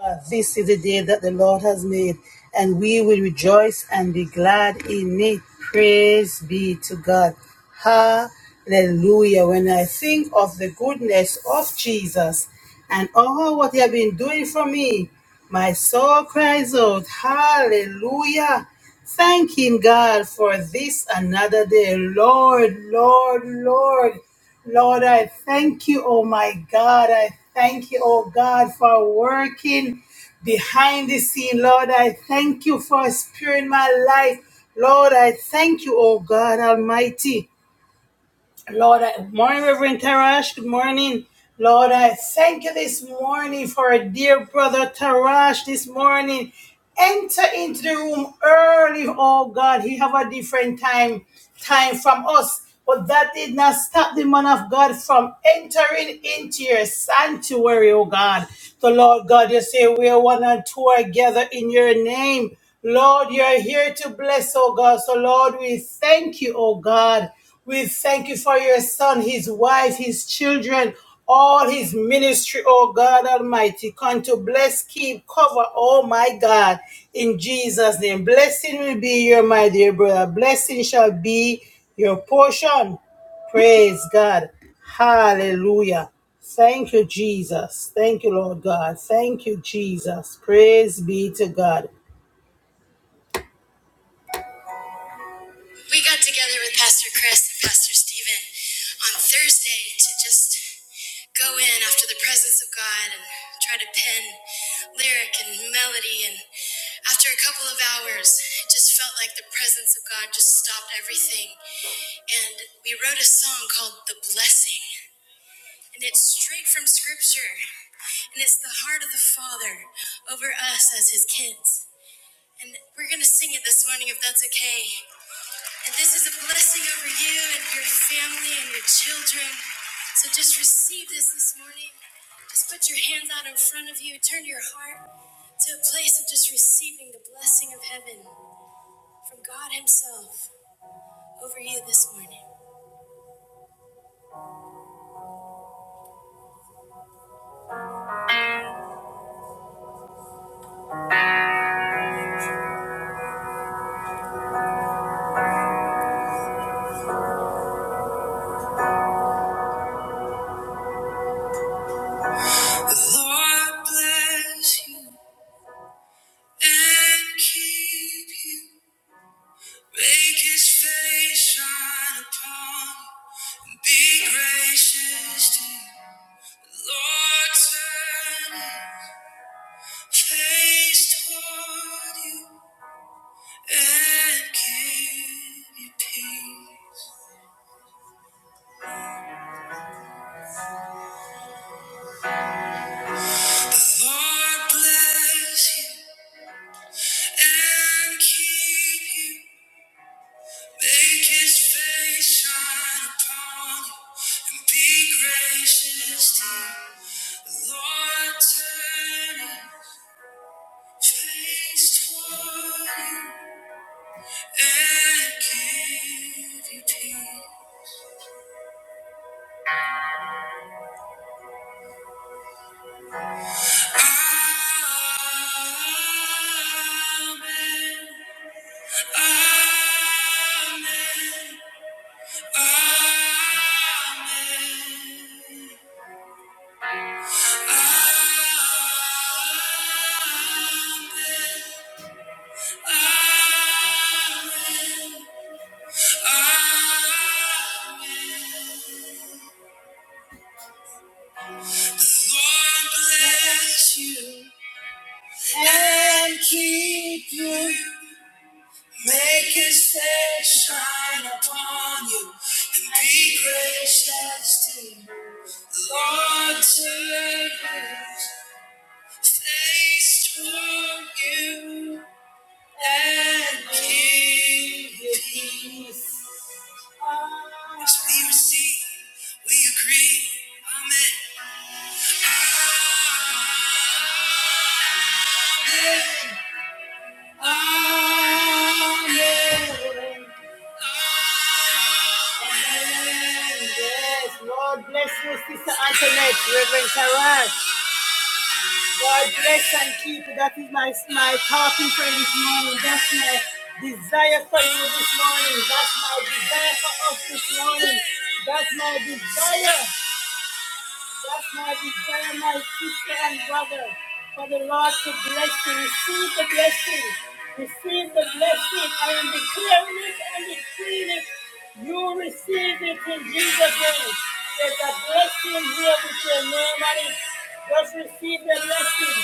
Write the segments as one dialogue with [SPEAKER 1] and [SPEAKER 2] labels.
[SPEAKER 1] Uh, This is the day that the Lord has made, and we will rejoice and be glad in it. Praise be to God. Hallelujah. When I think of the goodness of Jesus and all what he has been doing for me, my soul cries out, Hallelujah thanking God for this another day. Lord, Lord, Lord, Lord, I thank you, oh my God. I thank you, oh God, for working behind the scene. Lord, I thank you for sparing my life. Lord, I thank you, oh God Almighty. Lord, I, morning, Reverend Tarash. Good morning. Lord, I thank you this morning for our dear brother Tarash this morning. Enter into the room early, oh God. He have a different time, time from us. But that did not stop the man of God from entering into your sanctuary, oh God. So, Lord God, you say we are one and two are gathered in your name. Lord, you are here to bless, oh God. So Lord, we thank you, oh God. We thank you for your son, his wife, his children, all his ministry, oh God Almighty. Come to bless, keep, cover, oh my God, in Jesus' name. Blessing will be your, my dear brother. Blessing shall be your portion. Praise God. Hallelujah. Thank you, Jesus. Thank you, Lord God. Thank you, Jesus. Praise be to God. Lord bless you and keep you. Make his face shine upon you. Be gracious to you. Lord, turn his face toward you and give you peace. Lord, bless you and keep you. Make his face shine upon you and be gracious to you. Lord, turn Taste what you and give you peace. Amen. Amen. Amen. Amen. Amen. Amen. Lord bless you. and keep you. Make his face shine upon you and be gracious to you. Lord, turn his face toward you and give you peace. As we receive, we agree. Amen. Amen. Yes, Lord bless you, Sister Antoinette, Reverend Taras. God bless and keep you. That is my, my talking for this morning. That's my desire for you this morning. That's my desire for us this morning. That's my desire. Bless my desire, my sister and brother, for the Lord to bless you. Receive the blessing. Receive the blessing. I am declaring it and decreeing it. You receive it in Jesus' name. There's a blessing here with your name on it. Just receive the blessing.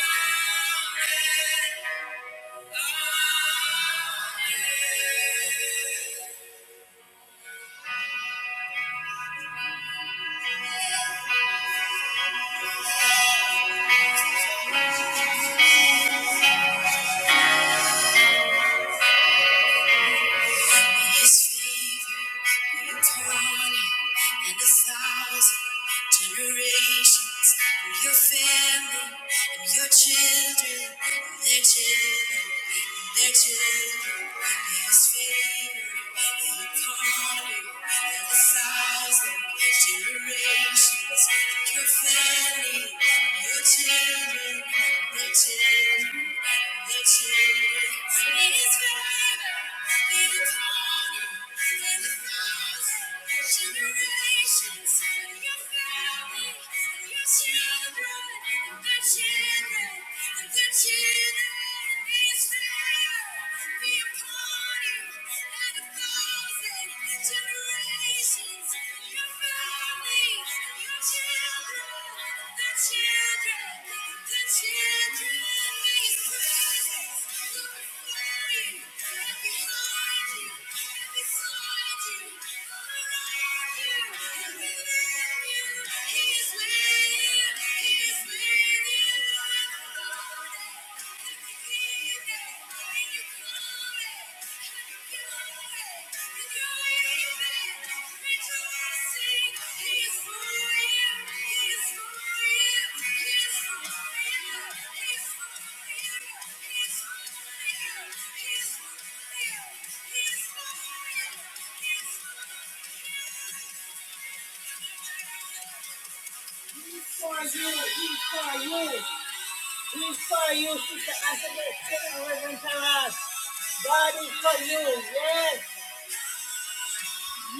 [SPEAKER 1] His favor be upon you and a thousand generations and your family and your children and their children and their children. His favor. Thank you. Thank you. you, you. He is with you. when you call it, for you, he's for you, he's for you, sister Antoinette, sing Reverend Taras. God is for you, yes,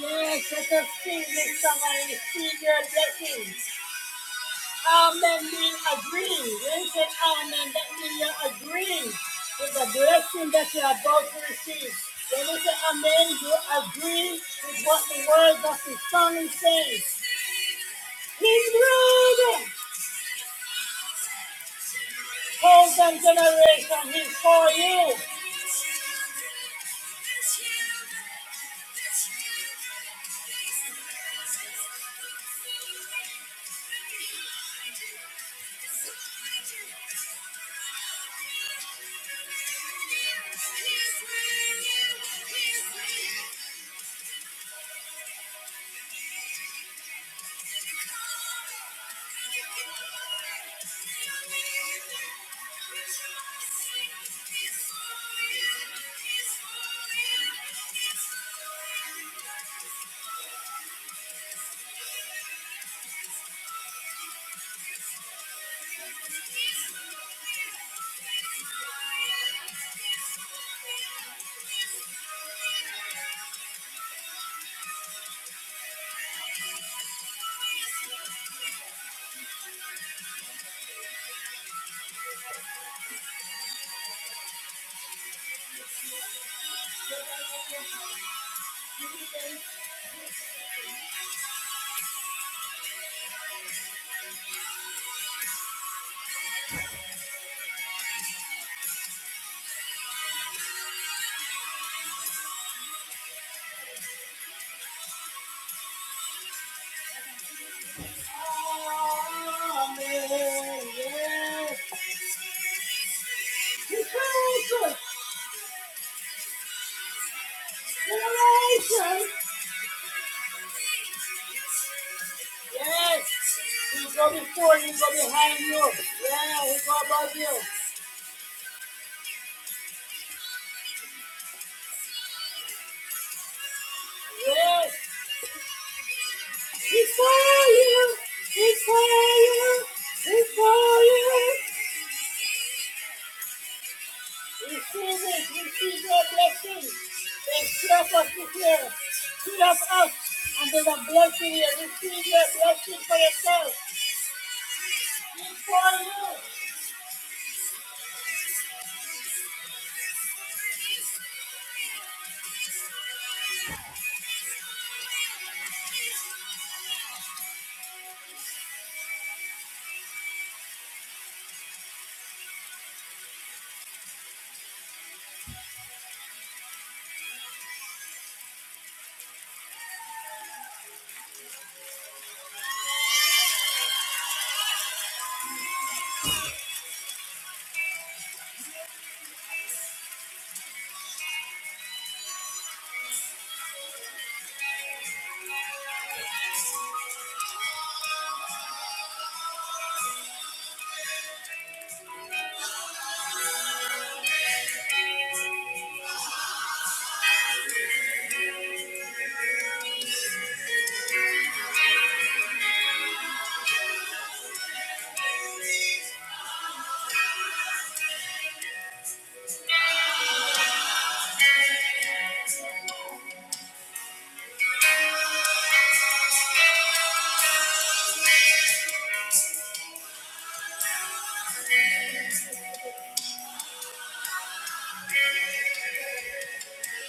[SPEAKER 1] yes, let us sing this song and receive your blessing. Amen means agree. When you say amen, that means you're agreeing with the blessing that you are about to receive. When you say amen, you agree with what the word of the song is He's good. Hold generation, he's for you. Amen. Yes. He's gracious. Generation. Yes. He go before, you. he go behind you. Yeah, he go above you. Yes. We for you, we for you, we for you. Receive it, receive your blessing. Take care of us this year. Feed us up, and there's a blessing here. Receive your blessing for yourself. We for you.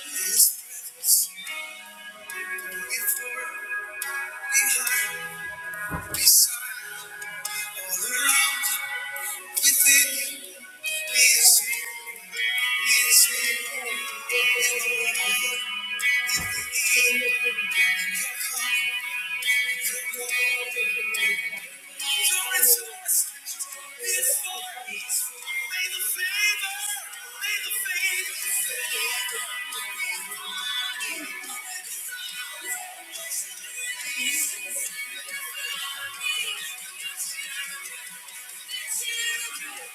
[SPEAKER 1] Before, behind, beside, all around, within you. He is here, he is here, he is here. Thank you.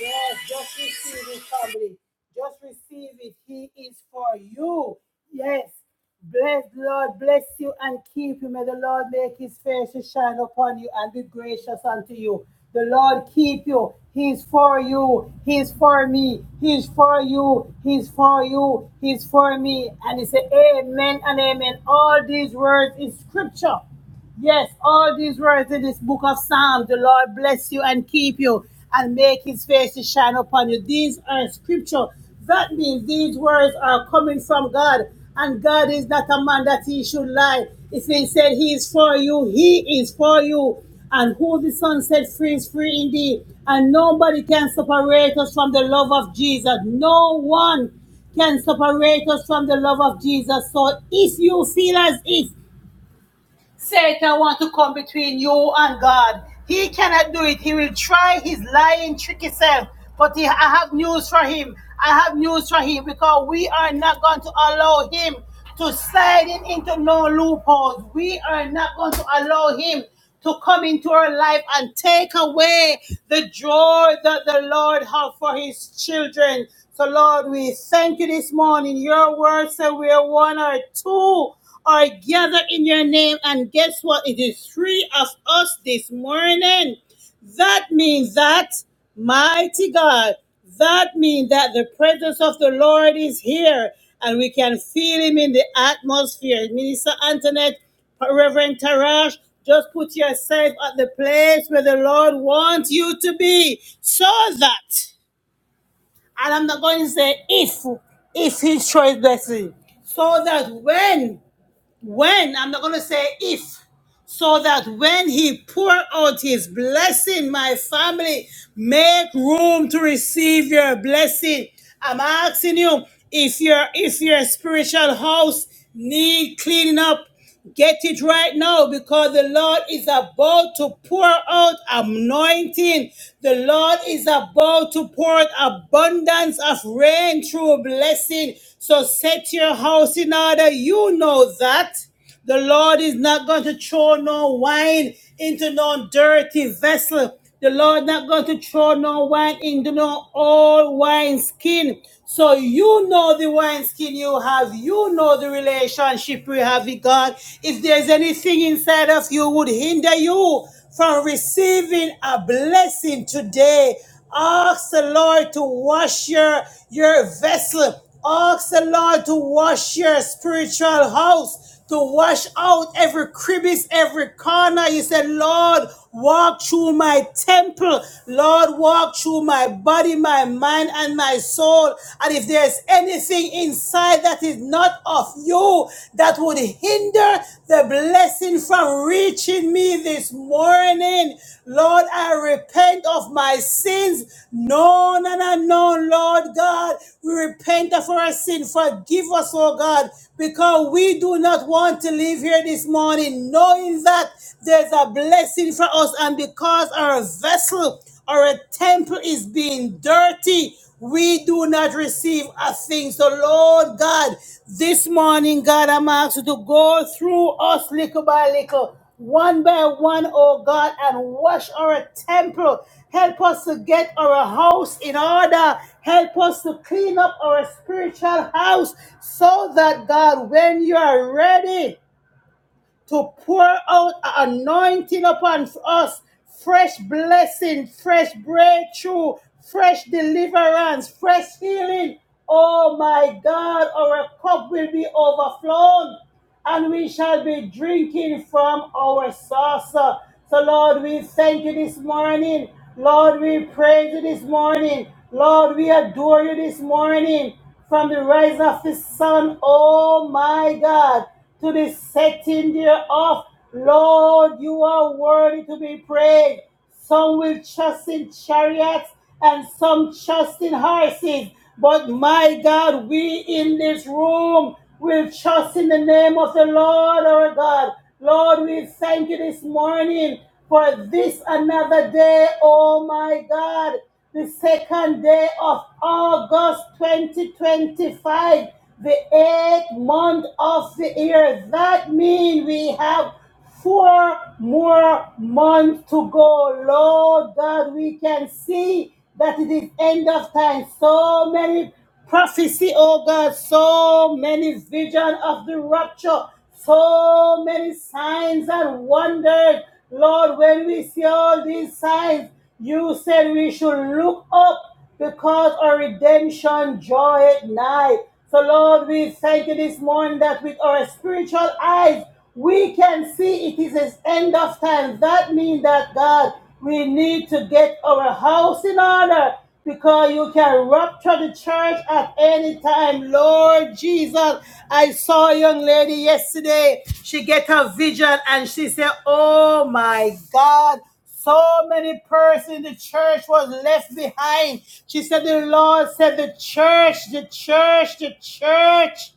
[SPEAKER 1] Yes, just receive it, family. Just receive it. He is for you. Yes. Bless the Lord, bless you and keep you. May the Lord make his face to shine upon you and be gracious unto you. The Lord keep you. He's for you. He's for me. He's for you. He's for you. He's for me. And he said, Amen and amen. All these words is scripture. Yes, all these words in this book of Psalms, the Lord bless you and keep you and make his face to shine upon you. These are scripture. That means these words are coming from God, and God is not a man that he should lie. If he said he is for you, he is for you. And who the Son set free is free indeed. And nobody can separate us from the love of Jesus. No one can separate us from the love of Jesus. So if you feel as if Satan wants to come between you and God. He cannot do it. He will try his lying, tricky self. But he, I have news for him. I have news for him because we are not going to allow him to slide in into no loopholes. We are not going to allow him to come into our life and take away the joy that the Lord has for his children. So, Lord, we thank you this morning. Your word said we are one or two are gathered in your name. And guess what? It is three of us this morning. That means that, mighty God, that means that the presence of the Lord is here and we can feel him in the atmosphere. Minister Antoinette, Reverend Tarash, just put yourself at the place where the Lord wants you to be so that, and I'm not going to say if, if he shows blessing, so that when when, I'm not going to say if, so that when he pour out his blessing, my family, make room to receive your blessing. I'm asking you if your if your spiritual house need cleaning up, get it right now because the Lord is about to pour out anointing. The Lord is about to pour out abundance of rain through blessing. So set your house in order. You know that. The Lord is not going to throw no wine into no dirty vessel. The Lord not going to throw no wine into no old wine skin. So you know the wine skin you have. You know the relationship you have with God. If there's anything inside of you would hinder you from receiving a blessing today. Ask the Lord to wash your, your vessel. Ask the Lord to wash your spiritual house, to wash out every crevice, every corner. You said, Lord, walk through my temple. Lord, walk through my body, my mind, and my soul. And if there's anything inside that is is not of you that would hinder the blessing from reaching me this morning. Lord, I repent of my sins, known and unknown, Lord God. We repent of our sin. Forgive us, oh God, because we do not want to leave here this morning knowing that there's a blessing for us and because our vessel our temple is being dirty. We do not receive a thing. So, Lord God, this morning, God, I'm asking you to go through us little by little, one by one, oh God, and wash our temple. Help us to get our house in order. Help us to clean up our spiritual house so that, God, when you are ready, to pour out an anointing upon us, fresh blessing, fresh breakthrough, fresh deliverance, fresh healing. Oh my God, our cup will be overflowed and we shall be drinking from our saucer. So, Lord, we thank you this morning. Lord, we praise you this morning. Lord, we adore you this morning. From the rise of the sun, oh my God, to the setting thereof, Lord, you are worthy to be praised. Some will trust in chariots and some trust in horses. But my God, we in this room will trust in the name of the Lord our God. Lord, we thank you this morning for this another day. Oh my God, the second day of August 2025, the eighth month of the year. That means we have four more months to go. Lord God, we can see that it is end of time. So many prophecy, oh God, so many vision of the rapture, so many signs and wonders. Lord, when we see all these signs, you said we should look up because our redemption joy at night. So, Lord, we thank you this morning that with our spiritual eyes, we can see it is the end of time. That means that, God, we need to get our house in order because you can rupture the church at any time. Lord Jesus, I saw a young lady yesterday. She get a vision and she said, oh, my God. So many persons in the church was left behind. She said, the Lord said, the church, the church, the church.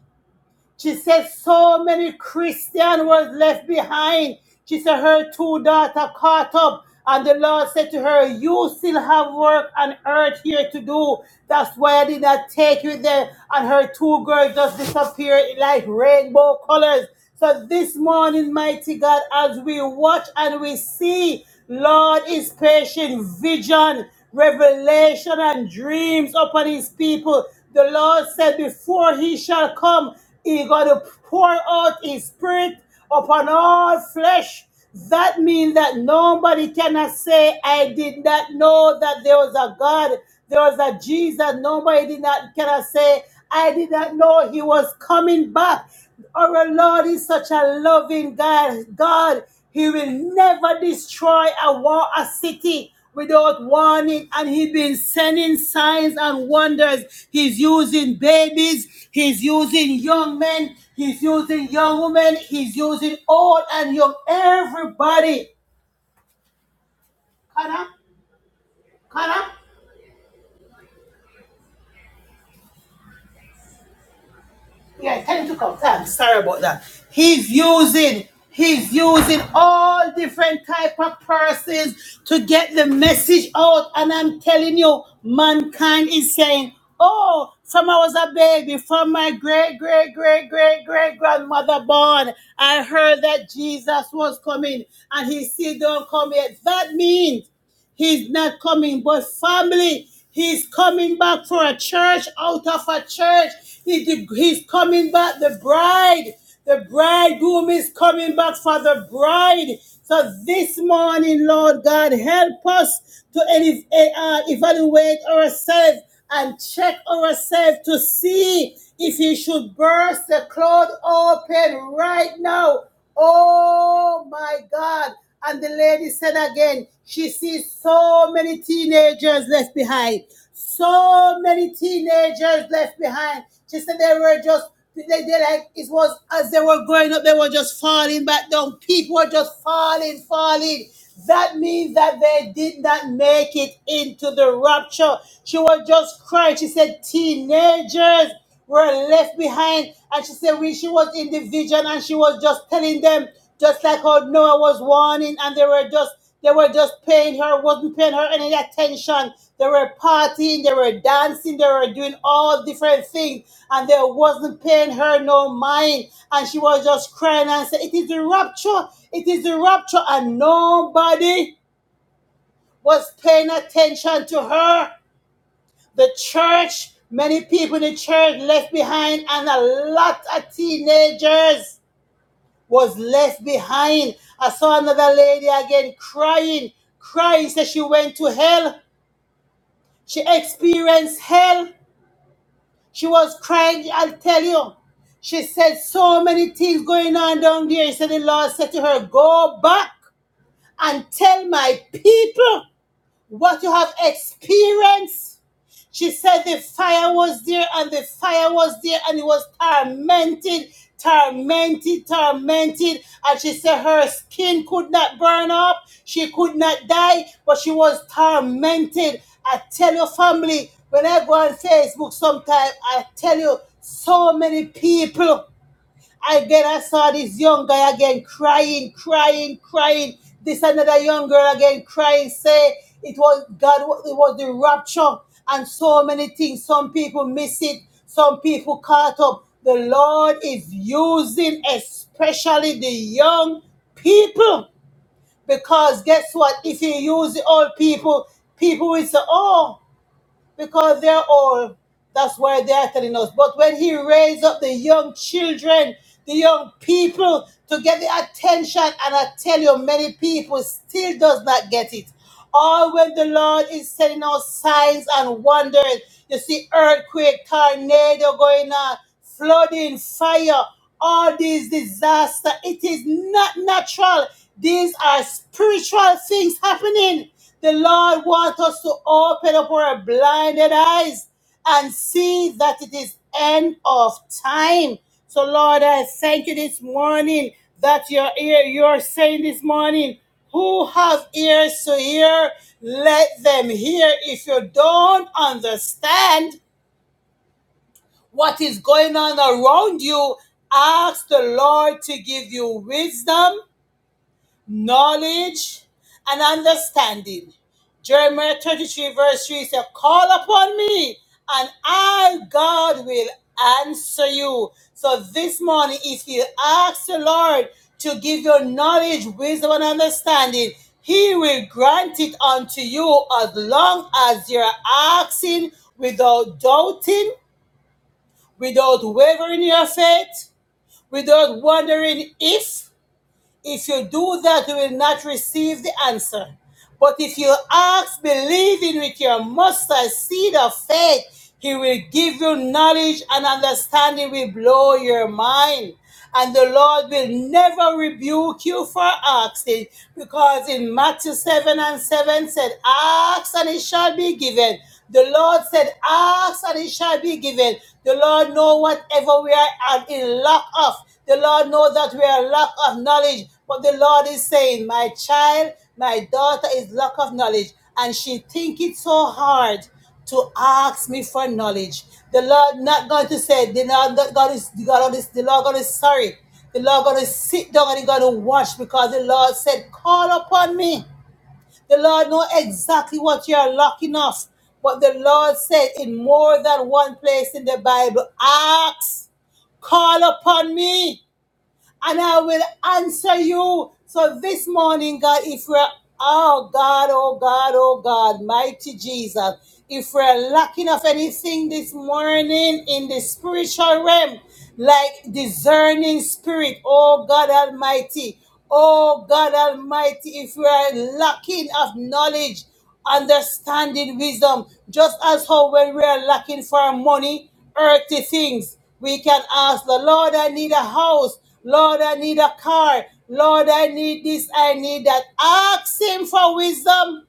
[SPEAKER 1] She said, so many Christian was left behind. She said, her two daughter caught up. And the Lord said to her, you still have work on earth here to do. That's why I did not take you there. And her two girls just disappeared like rainbow colors. So this morning, mighty God, as we watch and we see, Lord is patient, vision, revelation, and dreams upon his people. The Lord said, Before he shall come, he gonna pour out his spirit upon all flesh. That means that nobody cannot say, I did not know that there was a God. There was a Jesus nobody did not cannot say, I did not know he was coming back. Our Lord is such a loving God. God, He will never destroy a war, a city without warning. And He's been sending signs and wonders. He's using babies, He's using young men, He's using young women, He's using old and young, everybody. Come on, come on. Yeah, tell him to come. Thanks. Sorry about that. He's using he's using all different type of persons to get the message out. And I'm telling you, mankind is saying, Oh, from I was a baby, from my great, great, great, great, great grandmother born, I heard that Jesus was coming and he still don't come yet. That means He's not coming, but family, he's coming back for a church out of a church. He- He's coming back, the bride. The bridegroom is coming back for the bride. So this morning, Lord God, help us to ele- uh, evaluate ourselves and check ourselves to see if he should burst the cloud open right now Oh my God. And the lady said again, she sees so many teenagers left behind. So many teenagers left behind. She said they were just, they, they like, it was as they were growing up, they were just falling back down. People were just falling, falling. That means that they did not make it into the rapture. She was just crying. She said, teenagers were left behind. And she said when she was in the vision and she was just telling them, just like how Noah was warning, and they were just they were just paying her, wasn't paying her any attention. They were partying, they were dancing, they were doing all different things, and they wasn't paying her no mind. And she was just crying and said, It is the rapture, it is the rapture, and nobody was paying attention to her. The church, many people in the church left behind, and a lot of teenagers was left behind. I saw another lady again crying, crying. Said she went to hell. She experienced hell. She was crying. I'll tell you. She said so many things going on down there. So the Lord said to her, "Go back and tell my people what you have experienced." She said the fire was there and the fire was there and it was tormented, tormented, tormented. And she said her skin could not burn up, she could not die, but she was tormented. I tell your family, when I go on Facebook sometimes. I tell you so many people. Again, I saw this young guy again crying, crying, crying. This another young girl again crying, say it was God, it was the rapture, and so many things. Some people miss it, some people caught up. The Lord is using especially the young people because guess what? If you use the old people, people will say, Oh, because they're old. That's why they are telling us. But when he raised up the young children, the young people to get the attention, and I tell you, many people still does not get it. Or when the Lord is sending out signs and wonders, you see earthquake, tornado going on flooding, fire, all these disaster. It is not natural. These are spiritual things happening. The Lord wants us to open up our blinded eyes and see that it is end of time. So Lord, I thank you this morning that your ear you're saying this morning, who have ears to hear, let them hear. If you don't understand, what is going on around you, ask the Lord to give you wisdom, knowledge, and understanding. Jeremiah 33, verse 3 says, Call upon me, and I, God, will answer you. So this morning, if you ask the Lord to give you knowledge, wisdom, and understanding, he will grant it unto you as long as you're asking without doubting without wavering in your faith, without wondering if, if you do that, you will not receive the answer. But if you ask, believing with your mustard seed of faith, he will give you knowledge and understanding will blow your mind. And the Lord will never rebuke you for asking, because in Matthew 7 and 7 said, Ask and it shall be given. The Lord said, Ask and it shall be given. The Lord know whatever we are in lack of. The Lord knows that we are lack of knowledge, but the Lord is saying, My child, my daughter is lack of knowledge, and she think it so hard to ask me for knowledge. The Lord not going to say, the Lord not God is the God is the Lord going to sorry. The Lord going to sit down and he going to watch because the Lord said, Call upon me. The Lord know exactly what you are lacking of. But the Lord said in more than one place in the Bible, ask, call upon me and I will answer you. So this morning, God, if we're, oh God, oh God, oh God, mighty Jesus, if we're lacking of anything this morning in the spiritual realm, like discerning spirit, oh God Almighty, oh God Almighty, if we are lacking of knowledge, understanding, wisdom. Just as how when we are lacking for money, earthly things, we can ask the Lord, I need a house. Lord, I need a car. Lord, I need this. I need that. Ask Him for wisdom.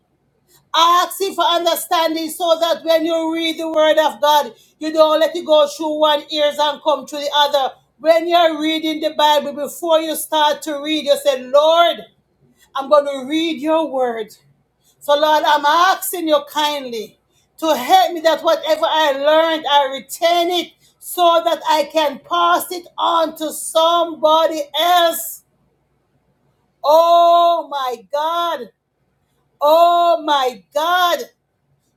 [SPEAKER 1] Ask Him for understanding so that when you read the Word of God, you don't let it go through one ears and come through the other. When you're reading the Bible, before you start to read, you say, Lord, I'm going to read your Word. So, Lord, I'm asking you kindly to help me that whatever I learned, I retain it so that I can pass it on to somebody else. Oh, my God. Oh, my God.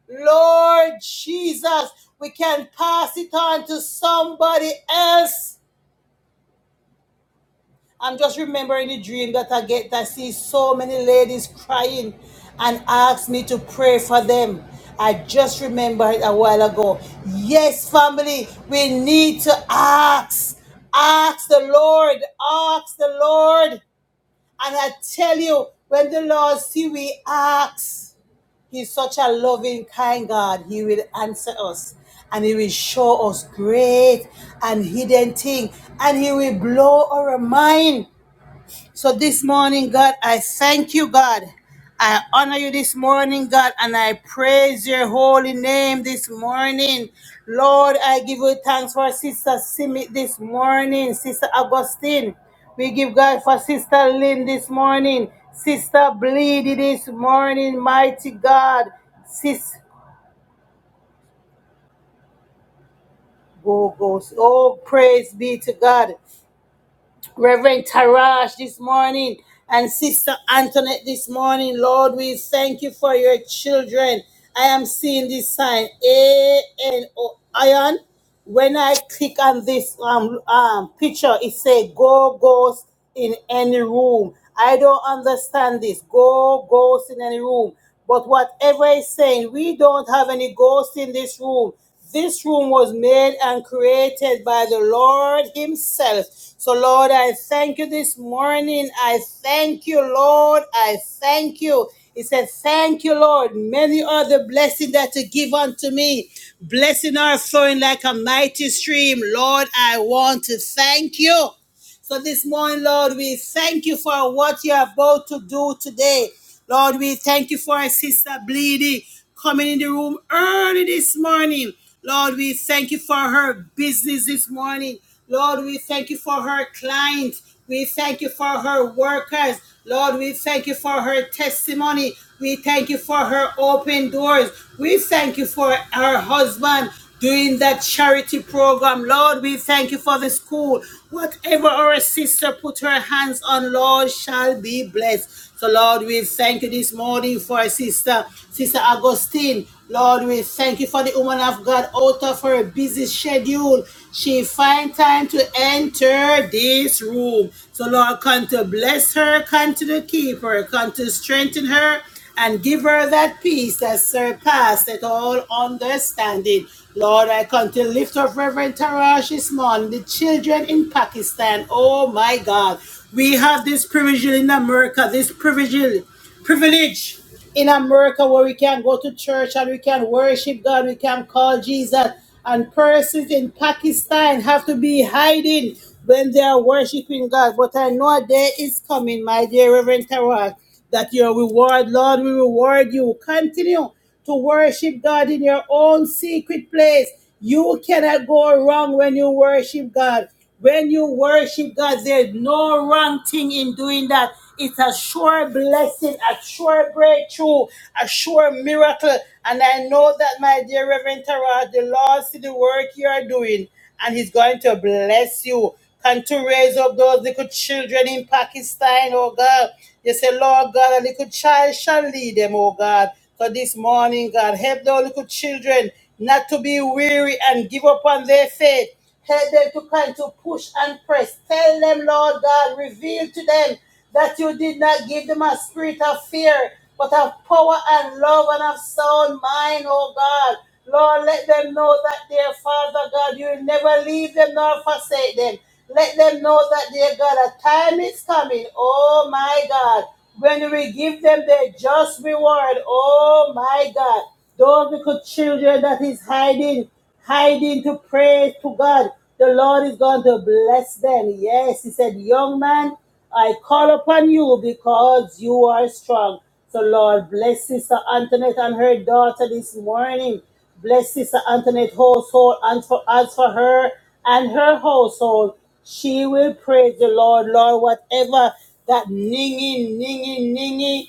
[SPEAKER 1] Lord Jesus, we can pass it on to somebody else. I'm just remembering the dream that I get that see so many ladies crying and ask me to pray for them. I just remembered a while ago. Yes, family, we need to ask. Ask the Lord. Ask the Lord. And I tell you, when the Lord see we ask, He's such a loving, kind God. He will answer us and He will show us great and hidden things, And He will blow our mind. So this morning, God, I thank you, God. I honor you this morning, God, and I praise your holy name this morning. Lord, I give you thanks for Sister Simi this morning, Sister Augustine. We give God for Sister Lynn this morning, Sister Bleedy this morning, mighty God. Sis, go, go. Oh, praise be to God. Reverend Tarash this morning and Sister Antoinette this morning. Lord, we thank you for your children. I am seeing this sign, A N O iron. When I click on this um, um, picture, it say "Go Ghost in any room." I don't understand this. Go Ghost in any room. But whatever it's saying, we don't have any ghosts in this room. This room was made and created by the Lord Himself. So, Lord, I thank you this morning. I thank you, Lord. I thank you. He said, Thank you, Lord. Many are the blessings that you give unto me. Blessing are flowing like a mighty stream. Lord, I want to thank you. So this morning, Lord, we thank you for what you're about to do today. Lord, we thank you for our sister Bleedy coming in the room early this morning. Lord, we thank you for her business this morning. Lord, we thank you for her clients. We thank you for her workers. Lord, we thank you for her testimony. We thank you for her open doors. We thank you for her husband doing that charity program. Lord, we thank you for the school. Whatever our sister put her hands on, Lord, shall be blessed. So, Lord, we thank you this morning for our sister, Sister Augustine. Lord, we thank you for the woman of God out of her busy schedule. She find time to enter this room. So, Lord, come to bless her, come to keep her, come to strengthen her and give her that peace that surpasseth all understanding. Lord, I come to lift up Reverend Tarash this morning, the children in Pakistan. Oh my God. We have this privilege in America, this privilege, privilege in America where we can go to church and we can worship God, we can call Jesus. And persons in Pakistan have to be hiding when they are worshiping God. But I know a day is coming, my dear Reverend Tarash that your reward, Lord, will reward you. Continue to worship God in your own secret place. You cannot go wrong when you worship God. When you worship God, there's no wrong thing in doing that. It's a sure blessing, a sure breakthrough, a sure miracle. And I know that, my dear Reverend Tara, the Lord see the work you are doing and he's going to bless you. Can to raise up those little children in Pakistan, oh God. You say, Lord God, a little child shall lead them, oh God. So this morning, God, help those little children not to be weary and give up on their faith. Help them to kind to push and press. Tell them, Lord God, reveal to them that you did not give them a spirit of fear, but of power and love and of sound mind, oh God. Lord, let them know that their Father God, you will never leave them nor forsake them. Let them know that dear God, a time is coming, oh my God, when we give them their just reward, oh my God. Those little children that is hiding hiding to praise to God. The Lord is going to bless them. Yes, he said, Young man, I call upon you because you are strong. So, Lord, bless Sister Antoinette and her daughter this morning. Bless Sister Antoinette's household, and for, as for her and her household, she will praise the Lord. Lord, whatever that ninging, ninging, ninging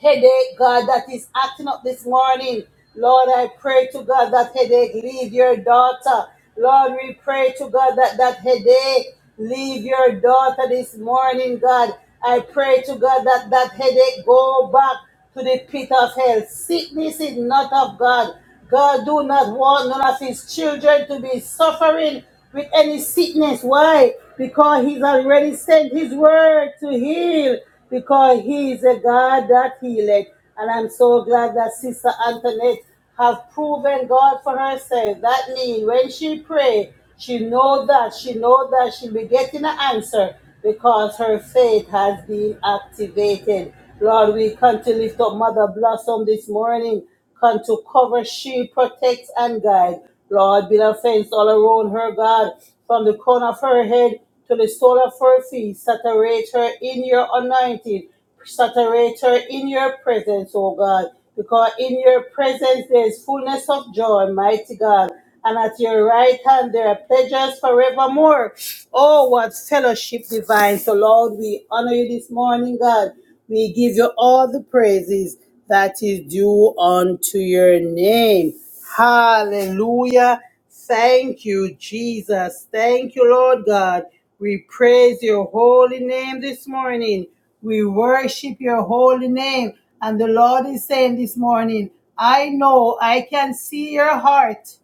[SPEAKER 1] headache, God, that is acting up this morning. Lord, I pray to God that headache leave your daughter. Lord, we pray to God that that headache leave your daughter this morning, God. I pray to God that that headache go back to the pit of hell. Sickness is not of God. God do not want none of his children to be suffering with any sickness. Why? Because he's already sent his word to heal. Because he is a God that healeth. And I'm so glad that Sister Antoinette has proven God for herself. That means when she pray, she know that, she know that she'll be getting an answer because her faith has been activated. Lord, we come to lift up Mother Blossom this morning. Come to cover, she protects and guide. Lord, build a fence all around her, God, from the corner of her head to the sole of her feet. Saturate her in your anointing saturate her in your presence, O God, because in your presence there is fullness of joy, mighty God. And at your right hand there are pleasures forevermore. Oh, what fellowship divine. So, Lord, we honor you this morning, God. We give you all the praises that is due unto your name. Hallelujah. Thank you, Jesus. Thank you, Lord God. We praise your holy name this morning. We worship your holy name. And the Lord is saying this morning, I know I can see your heart.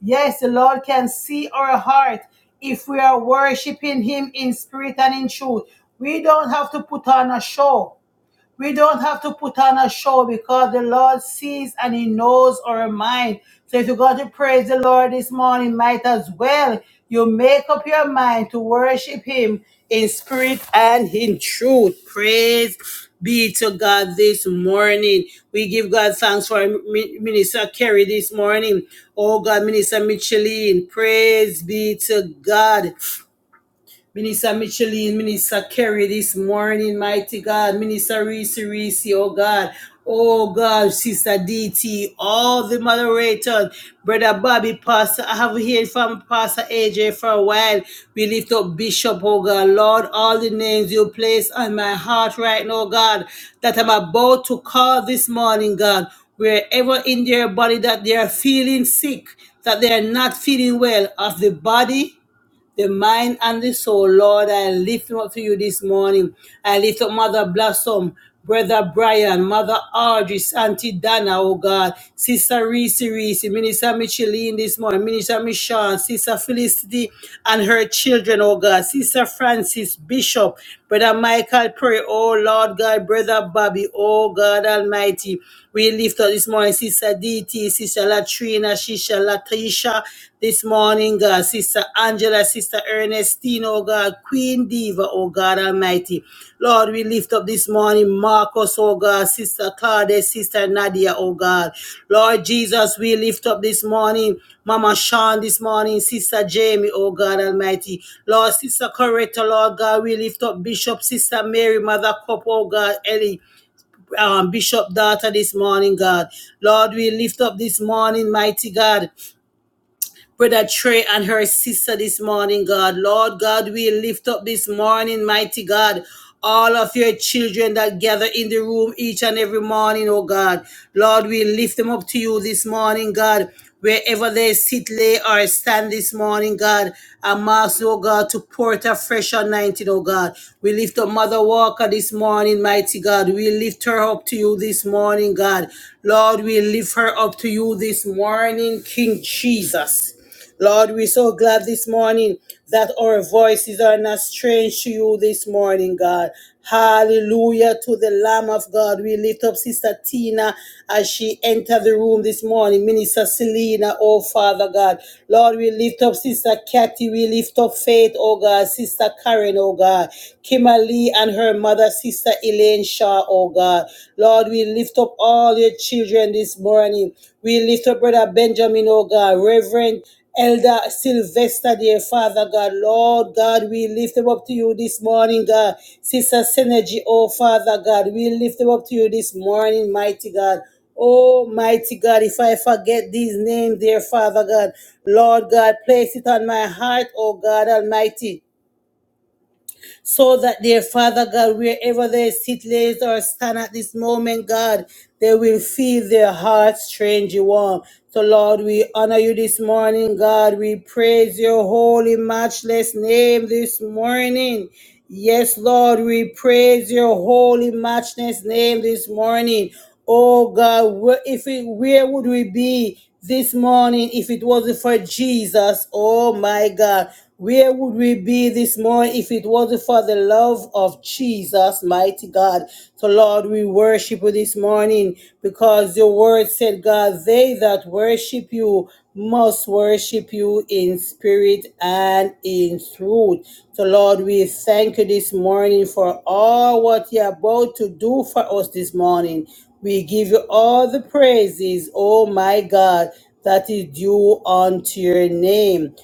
[SPEAKER 1] Yes, the Lord can see our heart if we are worshiping Him in spirit and in truth. We don't have to put on a show. We don't have to put on a show because the Lord sees and He knows our mind. So if you're going to praise the Lord this morning, might as well you make up your mind to worship Him in spirit and in truth. Praise be to God this morning. We give God thanks for Mi- Minister Kerry this morning. Oh God, Minister Micheline, praise be to God. Minister Micheline, Minister Kerry this morning, mighty God, Minister Reese Reese, oh God, oh God, Sister DT, all the moderators, Brother Bobby, Pastor, I have heard from Pastor AJ for a while. We lift up Bishop, oh God, Lord, all the names you place on my heart right now, God, that I'm about to call this morning, God, wherever in their body that they are feeling sick, that they are not feeling well of the body the mind and the soul. Lord, I lift them up to you this morning. I lift up Mother Blossom, Brother Brian, Mother Audrey, Auntie Dana, oh God, Sister Reese Reese, Minister Micheline this morning, Minister Michon, Sister Felicity and her children, oh God, Sister Francis Bishop, Brother Michael pray, oh Lord God, Brother Bobby, oh God Almighty. We lift up this morning Sister DT, Sister Latrina, Sister Latisha, this morning, God, Sister Angela, Sister Ernestine, oh God, Queen Diva, oh God Almighty. Lord, we lift up this morning Marcus, oh God, Sister Claudia, Sister Nadia, oh God. Lord Jesus, we lift up this morning. Mama Sean this morning, Sister Jamie, oh God Almighty. Lord, Sister Coretta, Lord God, we lift up Bishop, Sister Mary, Mother Cup, oh God, Ellie, um, Bishop daughter this morning, God. Lord, we lift up this morning, mighty God. Brother Trey and her sister this morning, God. Lord God, we lift up this morning, mighty God. All of your children that gather in the room each and every morning, oh God. Lord, we lift them up to you this morning, God. Wherever they sit, lay, or stand this morning, God. I'm asking, oh God, to pour it afresh anointing, oh God. We lift up Mother Walker this morning, mighty God. We lift her up to you this morning, God. Lord, Lord, we lift her up to you this morning, King Jesus. Lord, we're so glad this morning that our voices are not strange to you this morning, God. Hallelujah to the Lamb of God. We lift up Sister Tina as she entered the room this morning. Minister Selena, oh Father God. Lord, we lift up Sister Kathy. We lift up Faith, oh God. Sister Karen, oh God. Kimberly and her mother, Sister Elaine Shaw, oh God. Lord, we lift up all your children this morning. We lift up Brother Benjamin, oh God. Reverend Elder Sylvester, dear Father God, Lord God, we lift them up to you this morning, God. Sister Synergy, oh Father God, we lift them up to you this morning, mighty God. Oh mighty God, if I forget these names, dear Father God, Lord God, place it on my heart, oh God Almighty so that their Father God, wherever they sit, lays or stand at this moment, God, they will feel their hearts strangely warm. So, Lord, we honor you this morning, God. We praise your holy, matchless name this morning. Yes, Lord, we praise your holy, matchless name this morning. Oh God, where, if it, where would we be this morning if it wasn't for Jesus. Oh my God. Where would we be this morning if it wasn't for the love of Jesus, mighty God? So, Lord, we worship you this morning because your word said, God, they that worship you must worship you in spirit and in truth. So, Lord, we thank you this morning for all what you're about to do for us this morning. We give you all the praises, oh my God, that is due unto your name.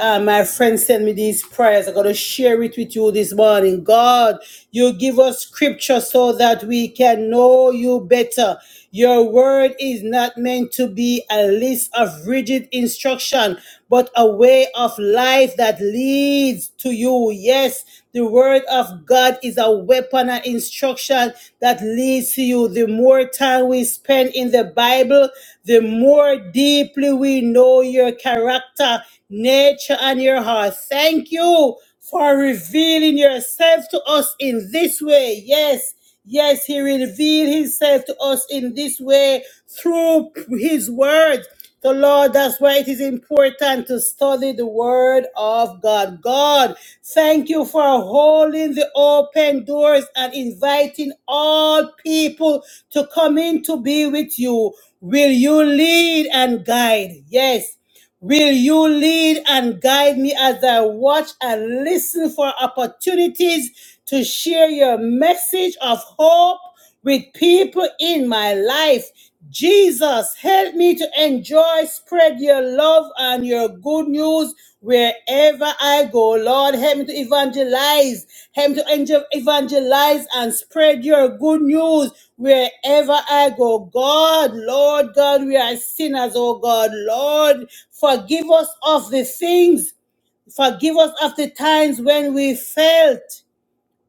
[SPEAKER 1] Uh, my friend sent me these prayers. I'm going to share it with you this morning. God, you give us scripture so that we can know you better. Your word is not meant to be a list of rigid instruction, but a way of life that leads to you. Yes, the word of God is a weapon and instruction that leads to you. The more time we spend in the Bible, the more deeply we know your character your nature and your heart. Thank you for revealing yourself to us in this way. Yes. Yes, he revealed himself to us in this way through his word. So, Lord, that's why it is important to study the word of God. God, thank you for holding the open doors and inviting all people to come in to be with you. Will you lead and guide? Yes. Will you lead and guide me as I watch and listen for opportunities to share your message of hope with people in my life? Jesus, help me to enjoy, spread your love and your good news Wherever I go, Lord, help me to evangelize. Help me to angel- evangelize and spread your good news wherever I go. God, Lord God, we are sinners, oh God. Lord, forgive us of the things. Forgive us of the times when we felt,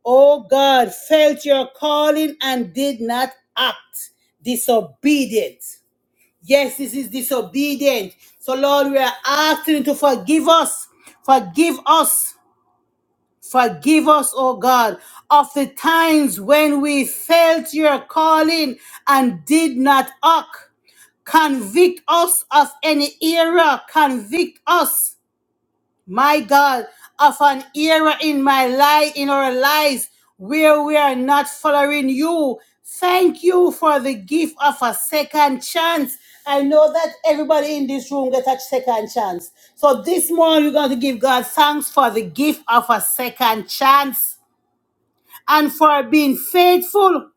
[SPEAKER 1] oh God, felt your calling and did not act disobedient. Yes, this is disobedient. So, Lord, we are asking you to forgive us. Forgive us. Forgive us, oh God, of the times when we felt your calling and did not act. Convict us of any error. Convict us my God, of an era in my life, in our lives, where we are not following you. Thank you for the gift of a second chance. I know that everybody in this room gets a second chance. So this morning, we're going to give God thanks for the gift of a second chance and for being faithful.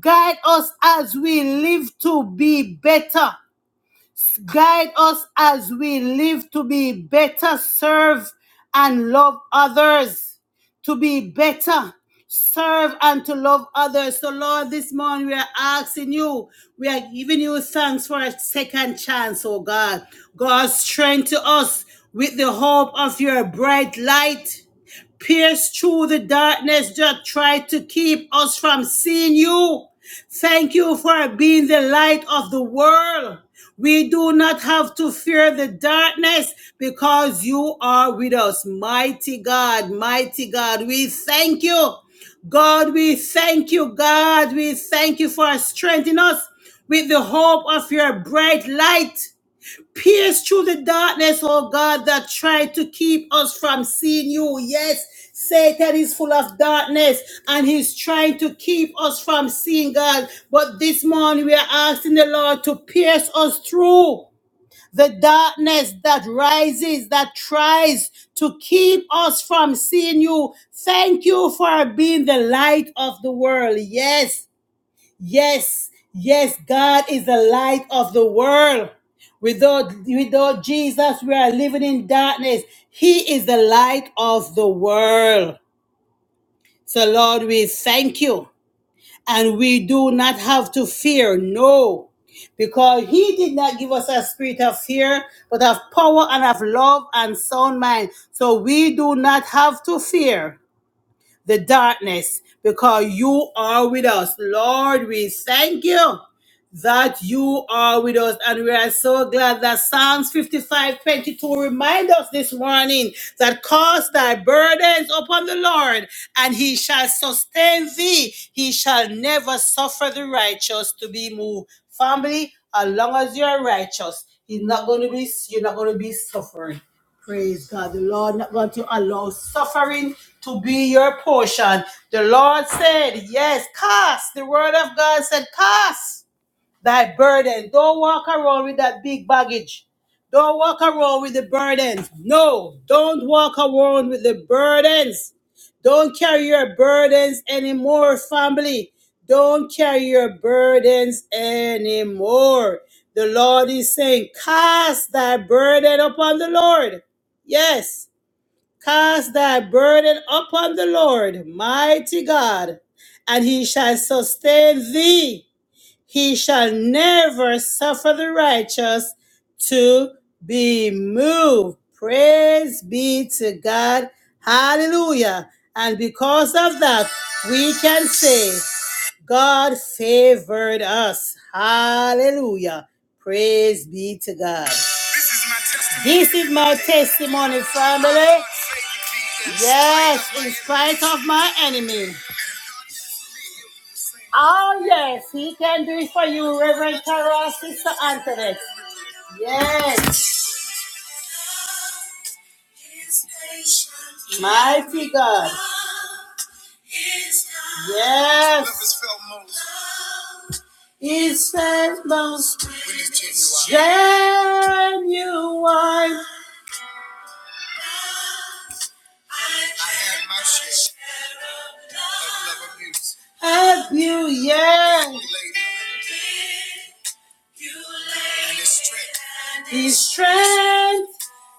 [SPEAKER 1] Guide us as we live to be better. Guide us as we live to be better, serve and love others. To be better, serve and to love others. So, Lord, this morning we are asking you, we are giving you thanks for a second chance, oh God. God, strengthen us with the hope of your bright light pierced through the darkness that tried to keep us from seeing you. Thank you for being the light of the world. We do not have to fear the darkness because you are with us. Mighty God, mighty God, we thank you. God, we thank you. God, we thank you for strengthening us with the hope of your bright light. Pierce through the darkness, oh God, that tried to keep us from seeing you. Yes, Satan is full of darkness and he's trying to keep us from seeing God. But this morning we are asking the Lord to pierce us through the darkness that rises, that tries to keep us from seeing you. Thank you for being the light of the world. Yes. Yes, yes, God is the light of the world. Without, without Jesus, we are living in darkness. He is the light of the world. So, Lord, we thank you. And we do not have to fear, no, because He did not give us a spirit of fear, but of power and of love and sound mind. So, we do not have to fear the darkness because you are with us. Lord, we thank you that you are with us. And we are so glad that Psalms 55:22 22 remind us this morning that cast thy burdens upon the Lord, and he shall sustain thee. He shall never suffer the righteous to be moved. Family, as long as you are righteous, he's not going to be, you're not going to be suffering. Praise God. The Lord not going to allow suffering to be your portion. The Lord said, yes, cast. The word of God said, cast thy burden. Don't walk around with that big baggage. Don't walk around with the burdens. No, don't walk around with the burdens. Don't carry your burdens anymore, family. Don't carry your burdens anymore. The Lord is saying, Cast thy burden upon the Lord. Yes, cast thy burden upon the Lord, mighty God, and he shall sustain thee. He shall never suffer the righteous to be moved. Praise be to God. Hallelujah. And because of that, we can say, God favored us. Hallelujah. Praise be to God. This is my testimony, family. Yes, in spite of my enemy. Oh, yes, he can do it for you, Reverend Carol, Sister Antoinette. Yes. Mighty God. Yes. He the most genuine of you, yes. His strength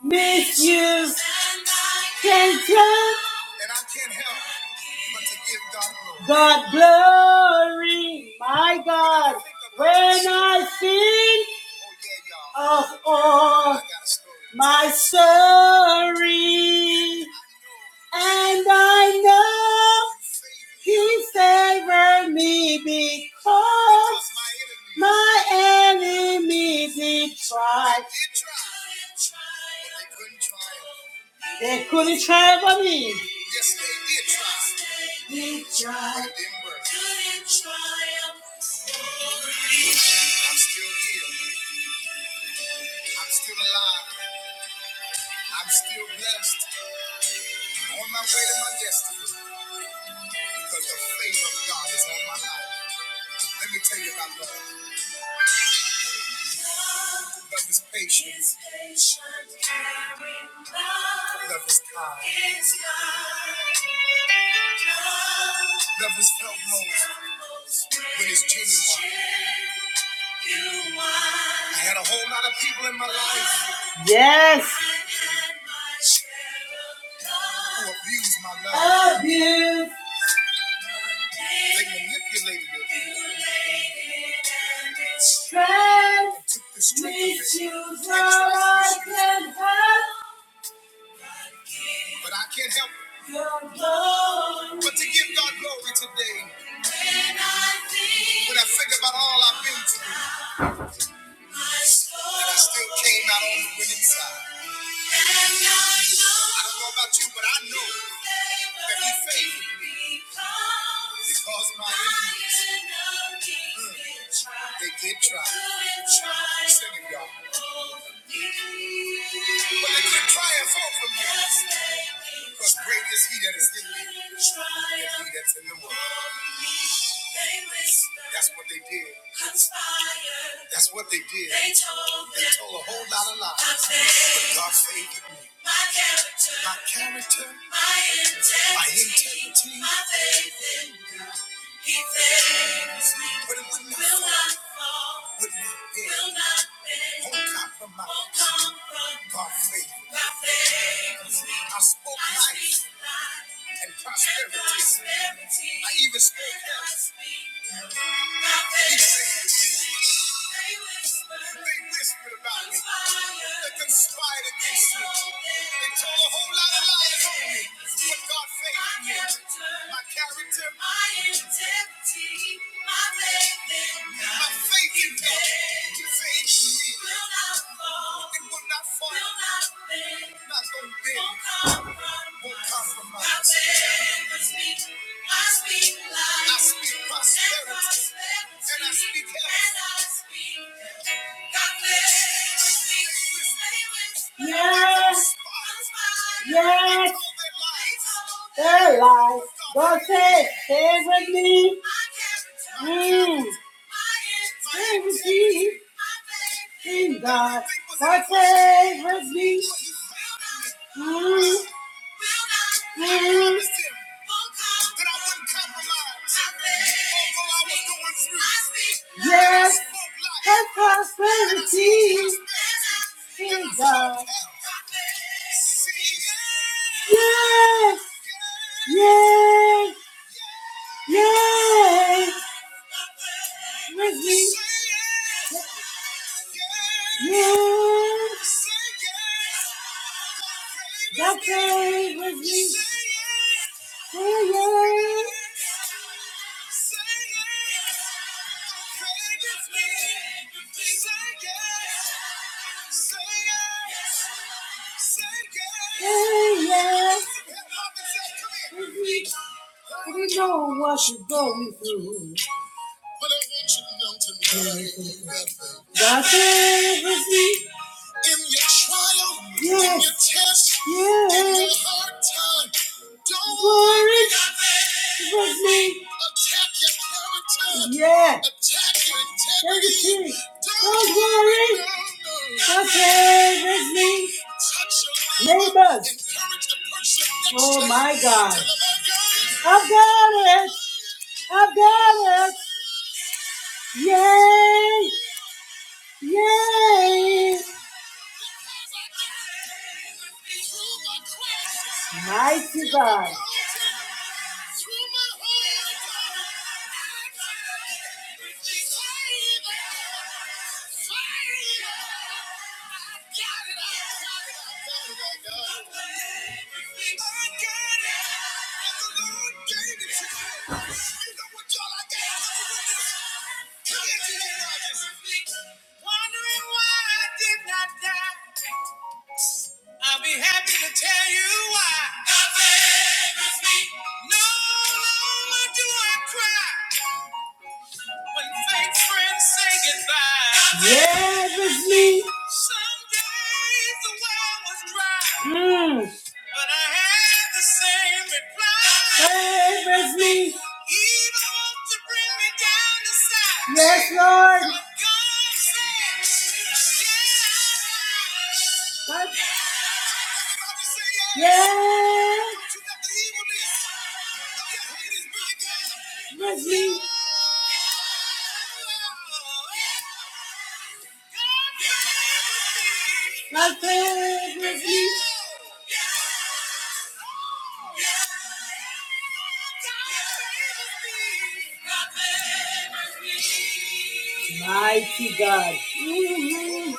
[SPEAKER 1] Misuse can And I can't help but to give God glory. God glory, my God, when I think of all my sorry, and I know he favored me because my enemies did try. They couldn't try for me. Yes, they Did try. They tried. I'm still here. I'm still alive. I'm still blessed. On my way to my destiny because the favor of God is on my life. Let me tell you about love. Love is patience. Love is kind. Love is felt most when it's genuine. I had a whole lot of people in my life. Yes. Who abused my love. Abuse. They manipulated it. and Took the strength of it. you from But I can't help but to give God glory today. When I think, when I think about all I've been through, and I still came out on the winning side. And I know, I don't know about you, but I know that He favored me because my enemies, mm, they did try. Sing it, y'all. But they could triumph over me. Because great is he that is in me than he that's in the world. That's what they did. That's what they did. They told a whole lot of lies. But God favored me. My character. my integrity. My faith in you. He saves me. But it would not will fall. not fall. Would not bend. Will not bend. Won't compromise. Won't compromise. God favors. God favors me. I spoke I life speak life and prosperity. and prosperity. I even spoke and I health. Speak they whispered about me. They conspired against me. They told a whole lot of lies on me. But God favored me. My character, my integrity, my faith in God, my faith in God, He favored me. It will Yes. Yes. Their life. God says, stay with me. Mm. Stay with me. In God, my faith me. Mm, mm. Yes, and prosperity. In God. Yes, yes, yes. With me. Yes. That day with me. Say yes. Say yes. We know what you're going through. But I want you to know tonight that day was me in your trial, yes. in your test, yes. in your hard time. Don't worry, with me. Attack your character. Yeah. Attack your integrity. Integrity. Don't, Don't worry. No, no. Okay, with me. Touch your neighbor. Neighbors. Encourage the person next Oh to you. my God. Tell them, I've got it. I've got it. I've got it. Yay! Yay! Mighty God. tell you why. God favors me. No longer do I cry. When Yes, it's me. Some days Mm. But Hey, it's me. Evil Lord. What? Yeah. Bless me. My goodness, you- Mighty God. Mm.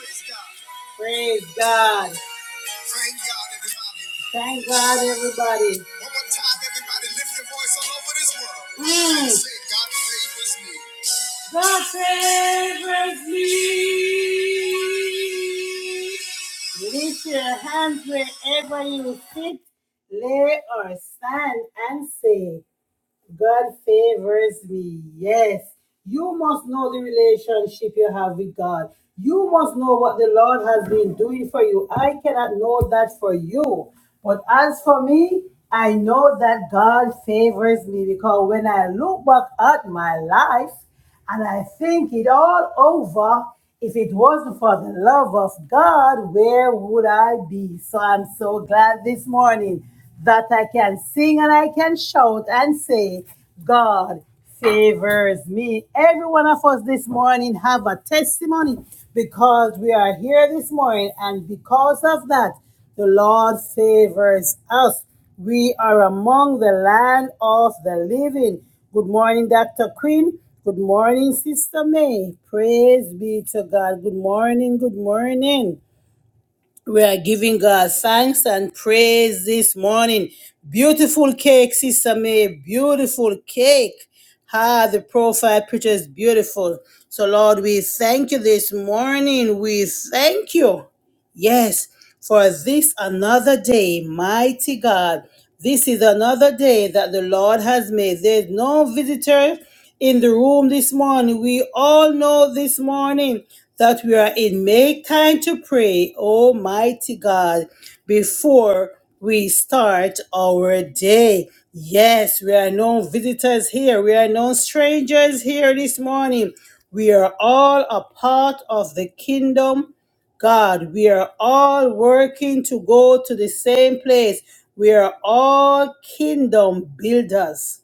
[SPEAKER 1] Praise God. Thank God, everybody. One more time, everybody, lift your voice all over this world. Mm. say, God favors me. God favors me. Lift your hands wherever you sit, lay or stand, and say, God favors me. Yes, you must know the relationship you have with God. You must know what the Lord has been doing for you. I cannot know that for you. But as for me, I know that God favors me because when I look back at my life, and I think it all over. If it wasn't for the love of God, where would I be? So I'm so glad this morning that I can sing and I can shout and say, God favors me. Every one of us this morning have a testimony because we are here this morning and because of that, the Lord favors us. We are among the land of the living. Good morning, Dr. Queen. Good morning, Sister May. Praise be to God. Good morning. Good morning. We are giving God thanks and praise this morning. Beautiful cake, Sister May. Beautiful cake. Ah, the profile picture is beautiful. So, Lord, we thank you this morning. We thank you. Yes, for this another day, mighty God, this is another day that the Lord has made. There's no visitor in the room this morning. We all know this morning that we are in make time to pray, Almighty God, before we start our day. Yes, we are no visitors here. We are no strangers here this morning. We are all a part of the kingdom God, we are all working to go to the same place. We are all kingdom builders.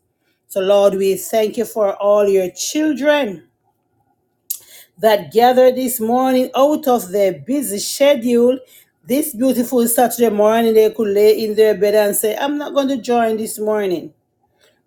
[SPEAKER 1] So, Lord, we thank you for all your children that gathered this morning out of their busy schedule. This beautiful Saturday morning, they could lay in their bed and say, I'm not going to join this morning.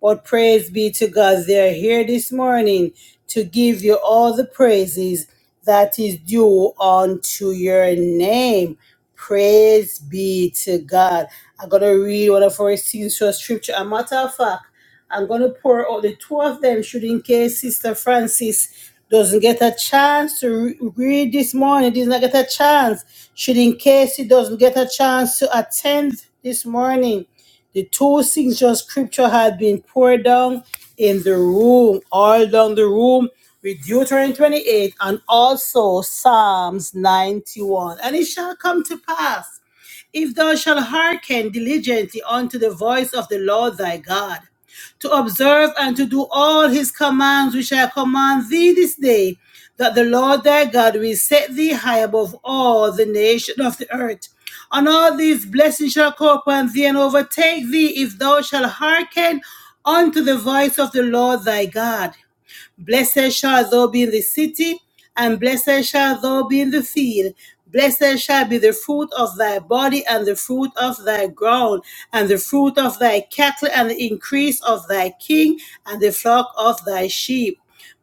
[SPEAKER 1] But praise be to God, they are here this morning to give you all the praises that is due unto your name. Praise be to God. I'm going to read one of our scenes to a scripture. A matter of fact, I'm going to pour out the two of them, should in case Sister Francis doesn't get a chance to re- read this morning, does not get a chance, should in case he doesn't get a chance to attend this morning. The two signature scripture had been poured down in the room, all down the room, with Deuteronomy 28 and also Psalms 91. And it shall come to pass if thou shalt hearken diligently unto the voice of the Lord thy God, to observe and to do all his commands which I command thee this day, that the Lord thy God will set thee high above all the nation of the earth. And all these blessings shall come upon thee and overtake thee if thou shalt hearken unto the voice of the Lord thy God. Blessed shall thou be in the city, and blessed shall thou be in the field. Blessed shall be the fruit of thy body, and the fruit of thy ground, and the fruit of thy cattle, and the increase of thy king, and the flock of thy sheep.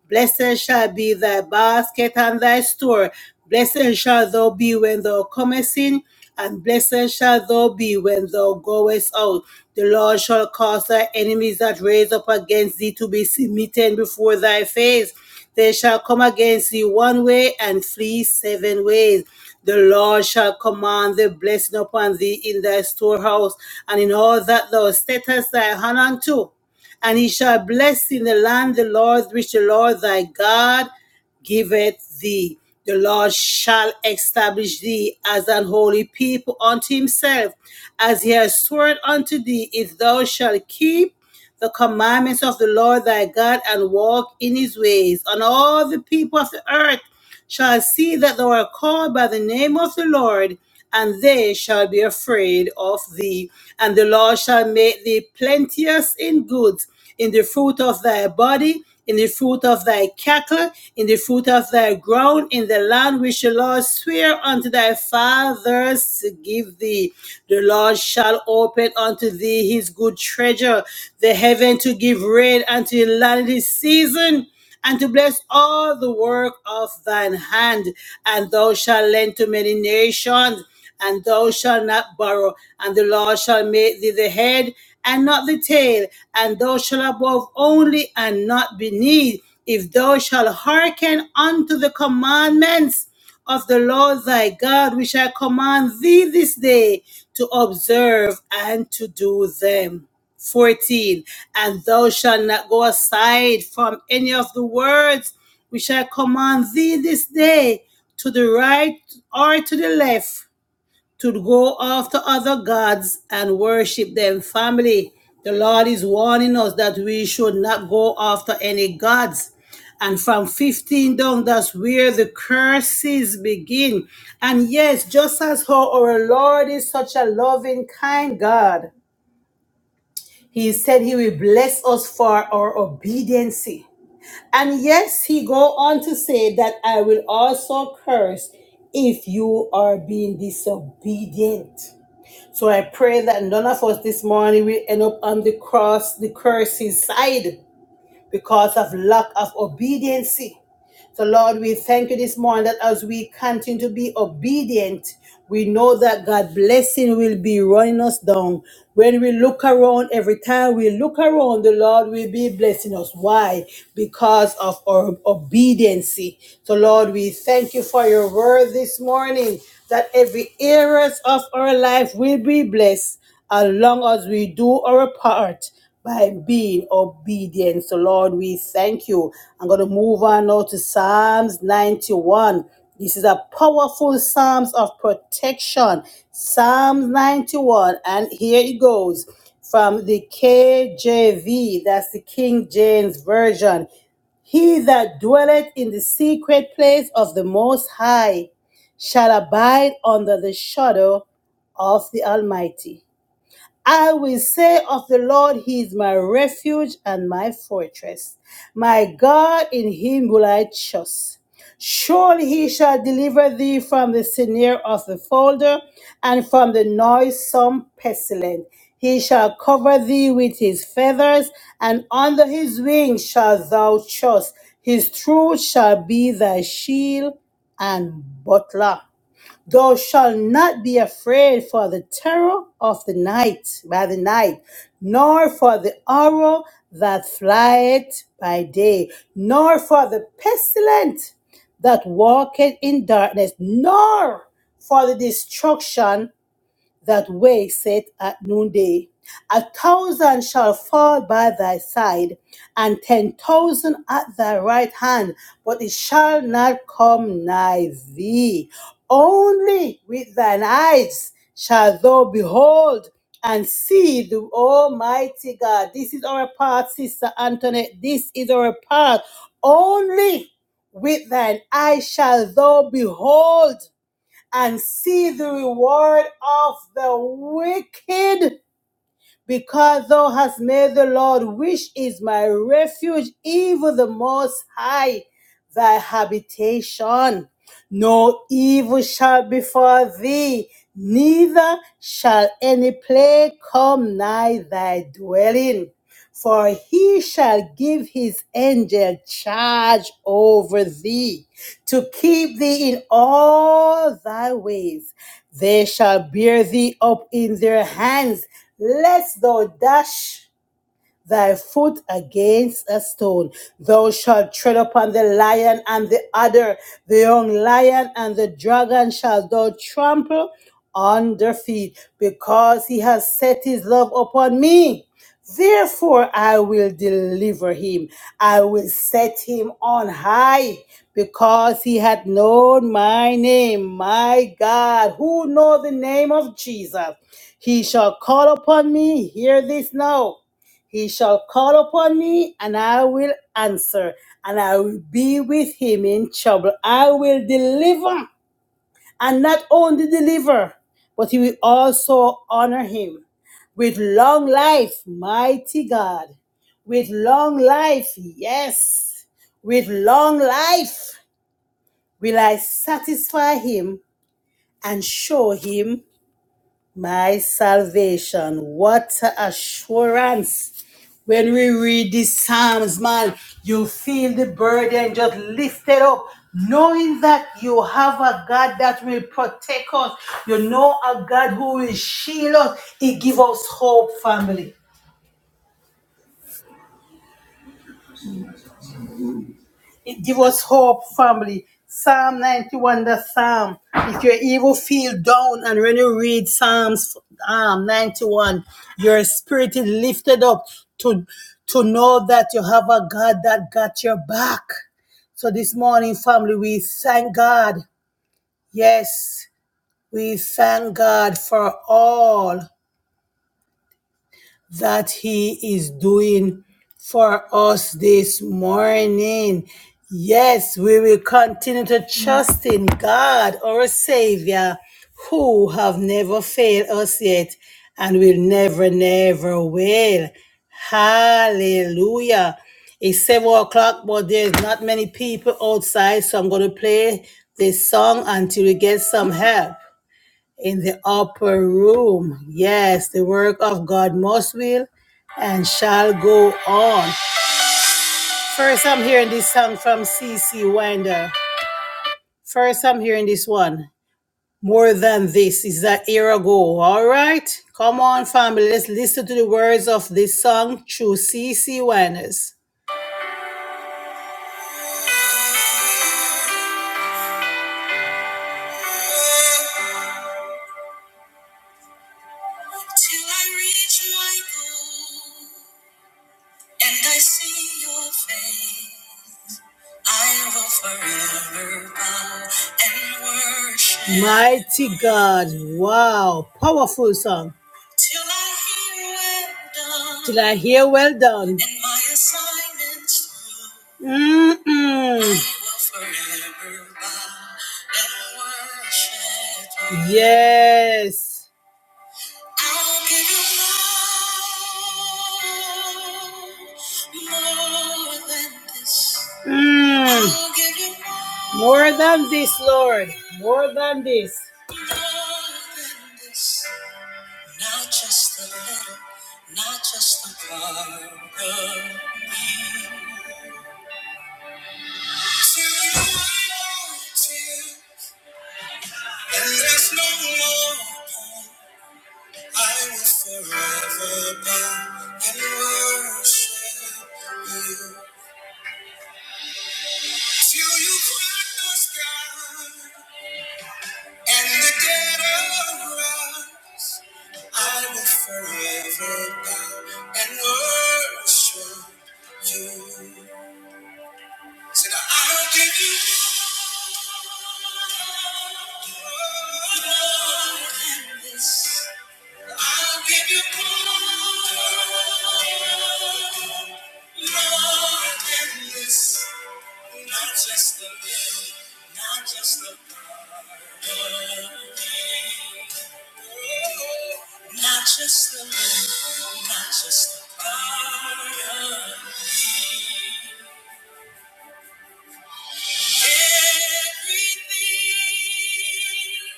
[SPEAKER 1] Blessed shall be thy basket and thy store. Blessed shall thou be when thou comest in, and blessed shall thou be when thou goest out. The Lord shall cause thy enemies that raise up against thee to be smitten before thy face. They shall come against thee one way and flee seven ways. The Lord shall command the blessing upon thee in thy storehouse and in all that thou settest thy hand unto and he shall bless in the land the Lord which the Lord thy God giveth thee. The Lord shall establish thee as an holy people unto himself, as he has sworn unto thee, if thou shalt keep the commandments of the Lord thy God and walk in his ways. And all the people of the earth shall see that thou art called by the name of the Lord, and they shall be afraid of thee. And the Lord shall make thee plenteous in goods in the fruit of thy body, in the fruit of thy cattle, in the fruit of thy ground, in the land which the Lord swear unto thy fathers to give thee. The Lord shall open unto thee his good treasure, the heaven to give rain unto the land in his season. And to bless all the work of thine hand, and thou shalt lend to many nations, and thou shalt not borrow, and the Lord shall make thee the head and not the tail, and thou shalt above only and not beneath, if thou shalt hearken unto the commandments of the Lord thy God, which I command thee this day to observe and to do them. 14 And thou shalt not go aside from any of the words which I command thee this day, to the right or to the left to go after other gods and worship them. Family, the Lord is warning us that we should not go after any gods. And from 15 down, that's where the curses begin. And yes, just as how our Lord is such a loving, kind God, He said He will bless us for our obedience. And yes, He go on to say that I will also curse if you are being disobedient. So I pray that none of us this morning will end up on the cross, the curse's side because of lack of obedience. So, Lord, we thank you this morning that as we continue to be obedient, we know that God's blessing will be running us down. When we look around, every time we look around, the Lord will be blessing us. Why? Because of our obedience. So, Lord, we thank you for your word this morning that every areas of our life will be blessed as long as we do our part by being obedient. So, Lord, we thank you. I'm going to move on now to Psalms 91. This is a powerful Psalms of protection. Psalms 91. And here it goes from the KJV, that's the King James Version. He that dwelleth in the secret place of the Most High shall abide under the shadow of the Almighty. I will say of the Lord, He is my refuge and my fortress. My God, in Him will I trust. Surely He shall deliver thee from the snare of the folder and from the noisome pestilence. He shall cover thee with His feathers, and under His wings shalt thou trust. His truth shall be thy shield and butler. Thou shalt not be afraid for the terror of the night by the night, nor for the arrow that flieth by day, nor for the pestilence that walketh in darkness, nor for the destruction that waketh at noonday. A thousand shall fall by thy side, and ten thousand at thy right hand, but it shall not come nigh thee. Only with thine eyes shall thou behold and see the Almighty God. This is our part, Sister Antoinette. This is our part. Only with thine eyes shall thou behold and see the reward of the wicked because thou hast made the Lord, which is my refuge, even the Most High, thy habitation. No evil shall befall thee, neither shall any plague come nigh thy dwelling. For he shall give his angel charge over thee to keep thee in all thy ways. They shall bear thee up in their hands, lest thou dash thy foot against a stone. Thou shalt tread upon the lion and the adder, the young lion and the dragon shalt thou trample under feet, because he has set his love upon me. Therefore, I will deliver him. I will set him on high because he hath known my name. My God, who know the name of Jesus? He shall call upon me. Hear this now. He shall call upon me, and I will answer, and I will be with him in trouble. I will deliver, and not only deliver, but he will also honor him. With long life, mighty God. With long life, yes. With long life will I satisfy him and show him my salvation. What a assurance. When we read these Psalms, man, you feel the burden just lifted up, knowing that you have a God that will protect us. You know a God who will shield us. He gives us hope, family. It give us hope, family. Psalm 91, the Psalm. If you evil feel down, and when you read Psalms um, 91, your spirit is lifted up to, to know that you have a God that got your back. So this morning, family, we thank God. Yes, we thank God for all that He is doing for us this morning. Yes, we will continue to trust in God, our Savior, who have never failed us yet and will never, never will. Hallelujah. It's seven o'clock, but there's not many people outside, so I'm going to play this song until we get some help in the upper room. Yes, the work of God must will and shall go on. First, I'm hearing this song from C. C. Winder. First, I'm hearing this one. More than this is a year ago. All right, come on, family. Let's listen to the words of this song through C. C Winders. Till I reach my goal and I see your face. I will forever bow and worship. Mighty God, wow, powerful song. Till I hear well done. Till I hear well done. And my assignments through. Mm-mm. I will forever bow and worship. Yes. I'll give you more, more than this. Mm. I'll give you more more than this, Lord. More than this. More than this. Not just a little, not just a part of me. To you, Lord, to you. And there's no more. I will forever bow and worship you. Till you crack the sky and the dead are alive. I will forever bow and worship you. Said I'll give you more than this. I'll give you more. Lord, endless, Not just the living, not just the part of me. Not just the living, not just the part of me. Everything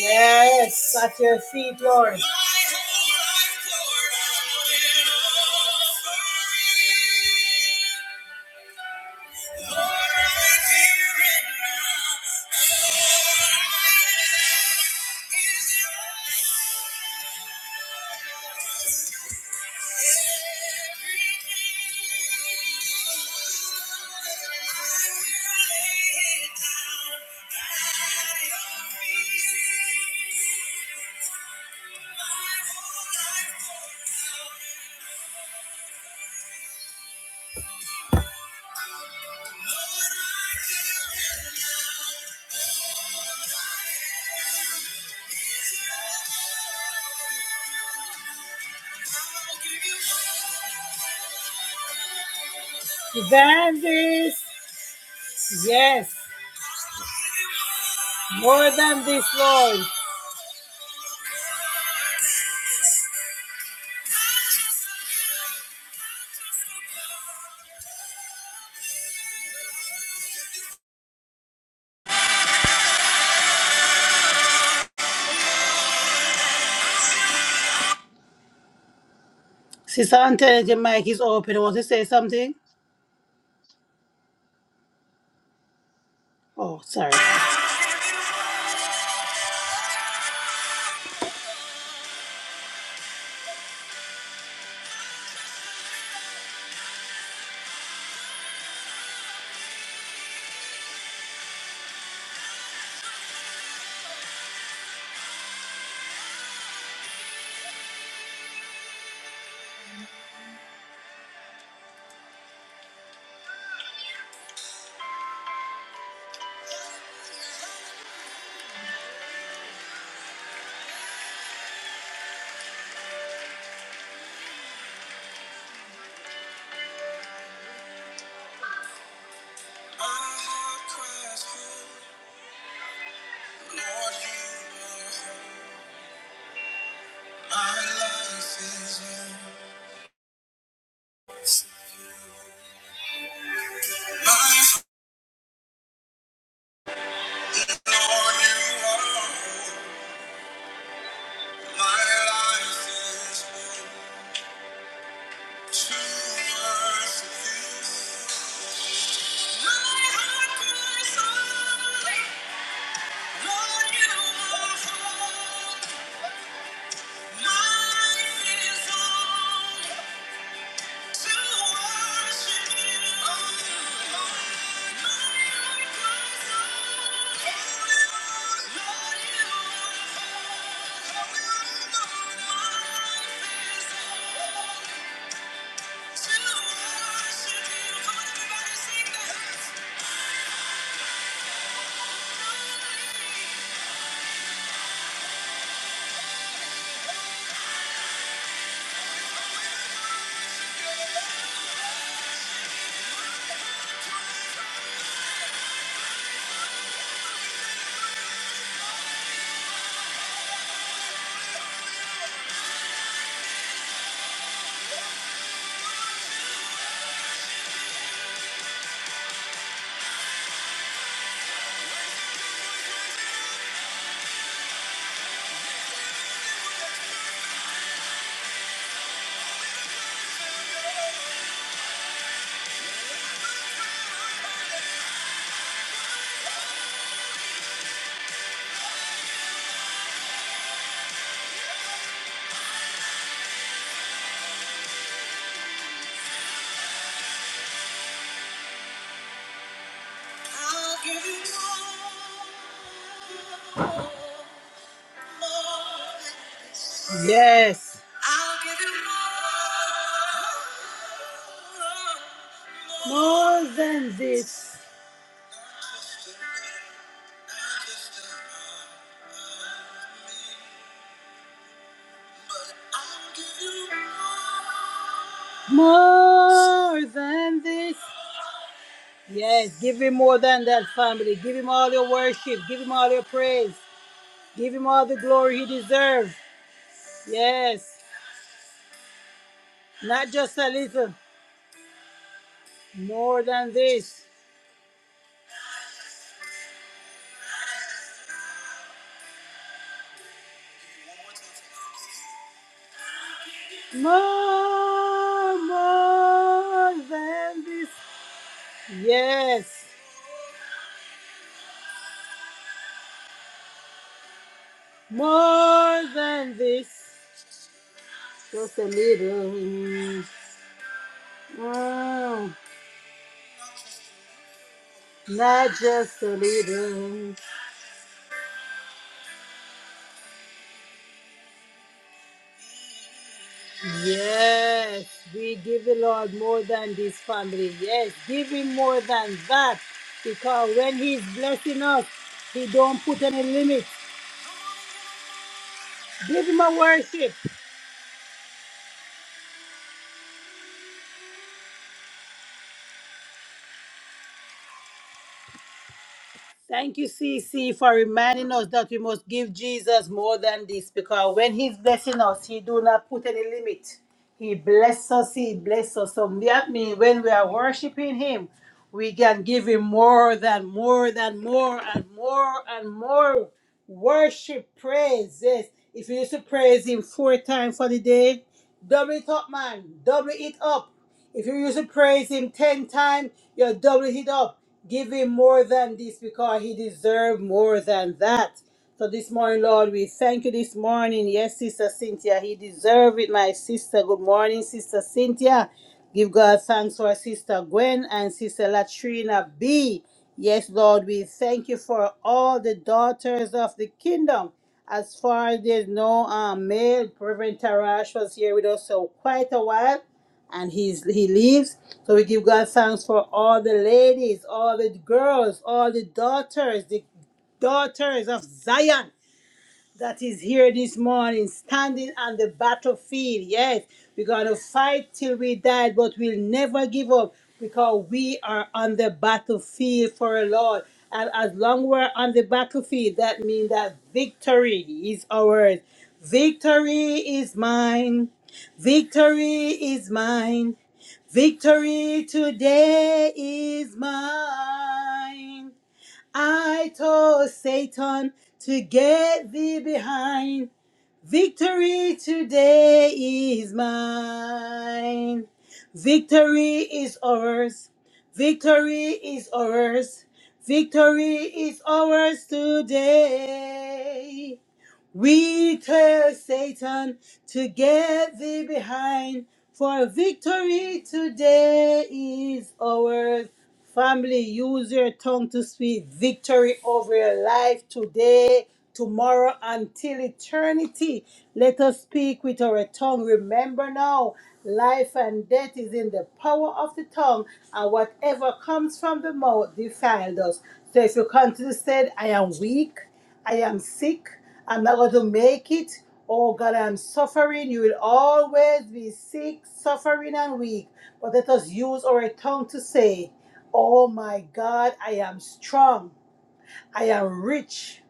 [SPEAKER 1] Yes, at your feet, Lord. Than this, yes, more than this, Lord. Sister Antoinette, your mic is open. Want to say something? Oh, sorry. Yes. I'll give you more. More than this. More than this. Yes, give him more than that, family. Give him all your worship. Give him all your praise. Give him all the glory he deserves. Yes, not just a little. More than this. More, more than this. Yes. More than this, just a little. Mm, not just a little. Yes, we give the Lord more than this family. Yes, give him more than that. Because when he's blessing us, he don't put any limit. Give him a worship. Thank you, C. C. for reminding us that we must give Jesus more than this because when He's blessing us, He do not put any limit. He bless us, He bless us. So that means when we are worshiping Him, we can give Him more than more than more and more and more worship, praise. Yes. If you used to praise Him four times for the day, double it up, man. Double it up. If you used to praise him ten times, you'll double it up. Give him more than this because he deserves more than that. So this morning, Lord, we thank you this morning. Yes, Sister Cynthia, he deserves it, my sister. Good morning, Sister Cynthia. Give God thanks for Sister Gwen and Sister Latrina B. Yes, Lord, we thank you for all the daughters of the kingdom. As far as there's no um, male, Reverend Tarash was here with us so quite a while and he's he leaves. So we give God thanks for all the ladies, all the girls, all the daughters, the daughters of Zion that is here this morning, standing on the battlefield. Yes, we're gonna fight till we die, but we'll never give up because we are on the battlefield for a Lord. And as long we're on the battlefield, that means that victory is ours. Victory is mine. Victory is mine. Victory today is mine. I told Satan to get thee behind. Victory today is mine. Victory is ours. Victory is ours. Victory is ours today. We tear Satan to get thee behind, for victory today is ours. Family, use your tongue to speak victory over your life today, tomorrow, until eternity. Let us speak with our tongue. Remember now, life and death is in the power of the tongue, and whatever comes from the mouth defiles us. So if you continue to say, I am weak. I am sick. I'm not going to make it. Oh God, I'm suffering. You will always be sick, suffering, and weak. But let us use our tongue to say, Oh my God, I am strong. I am rich.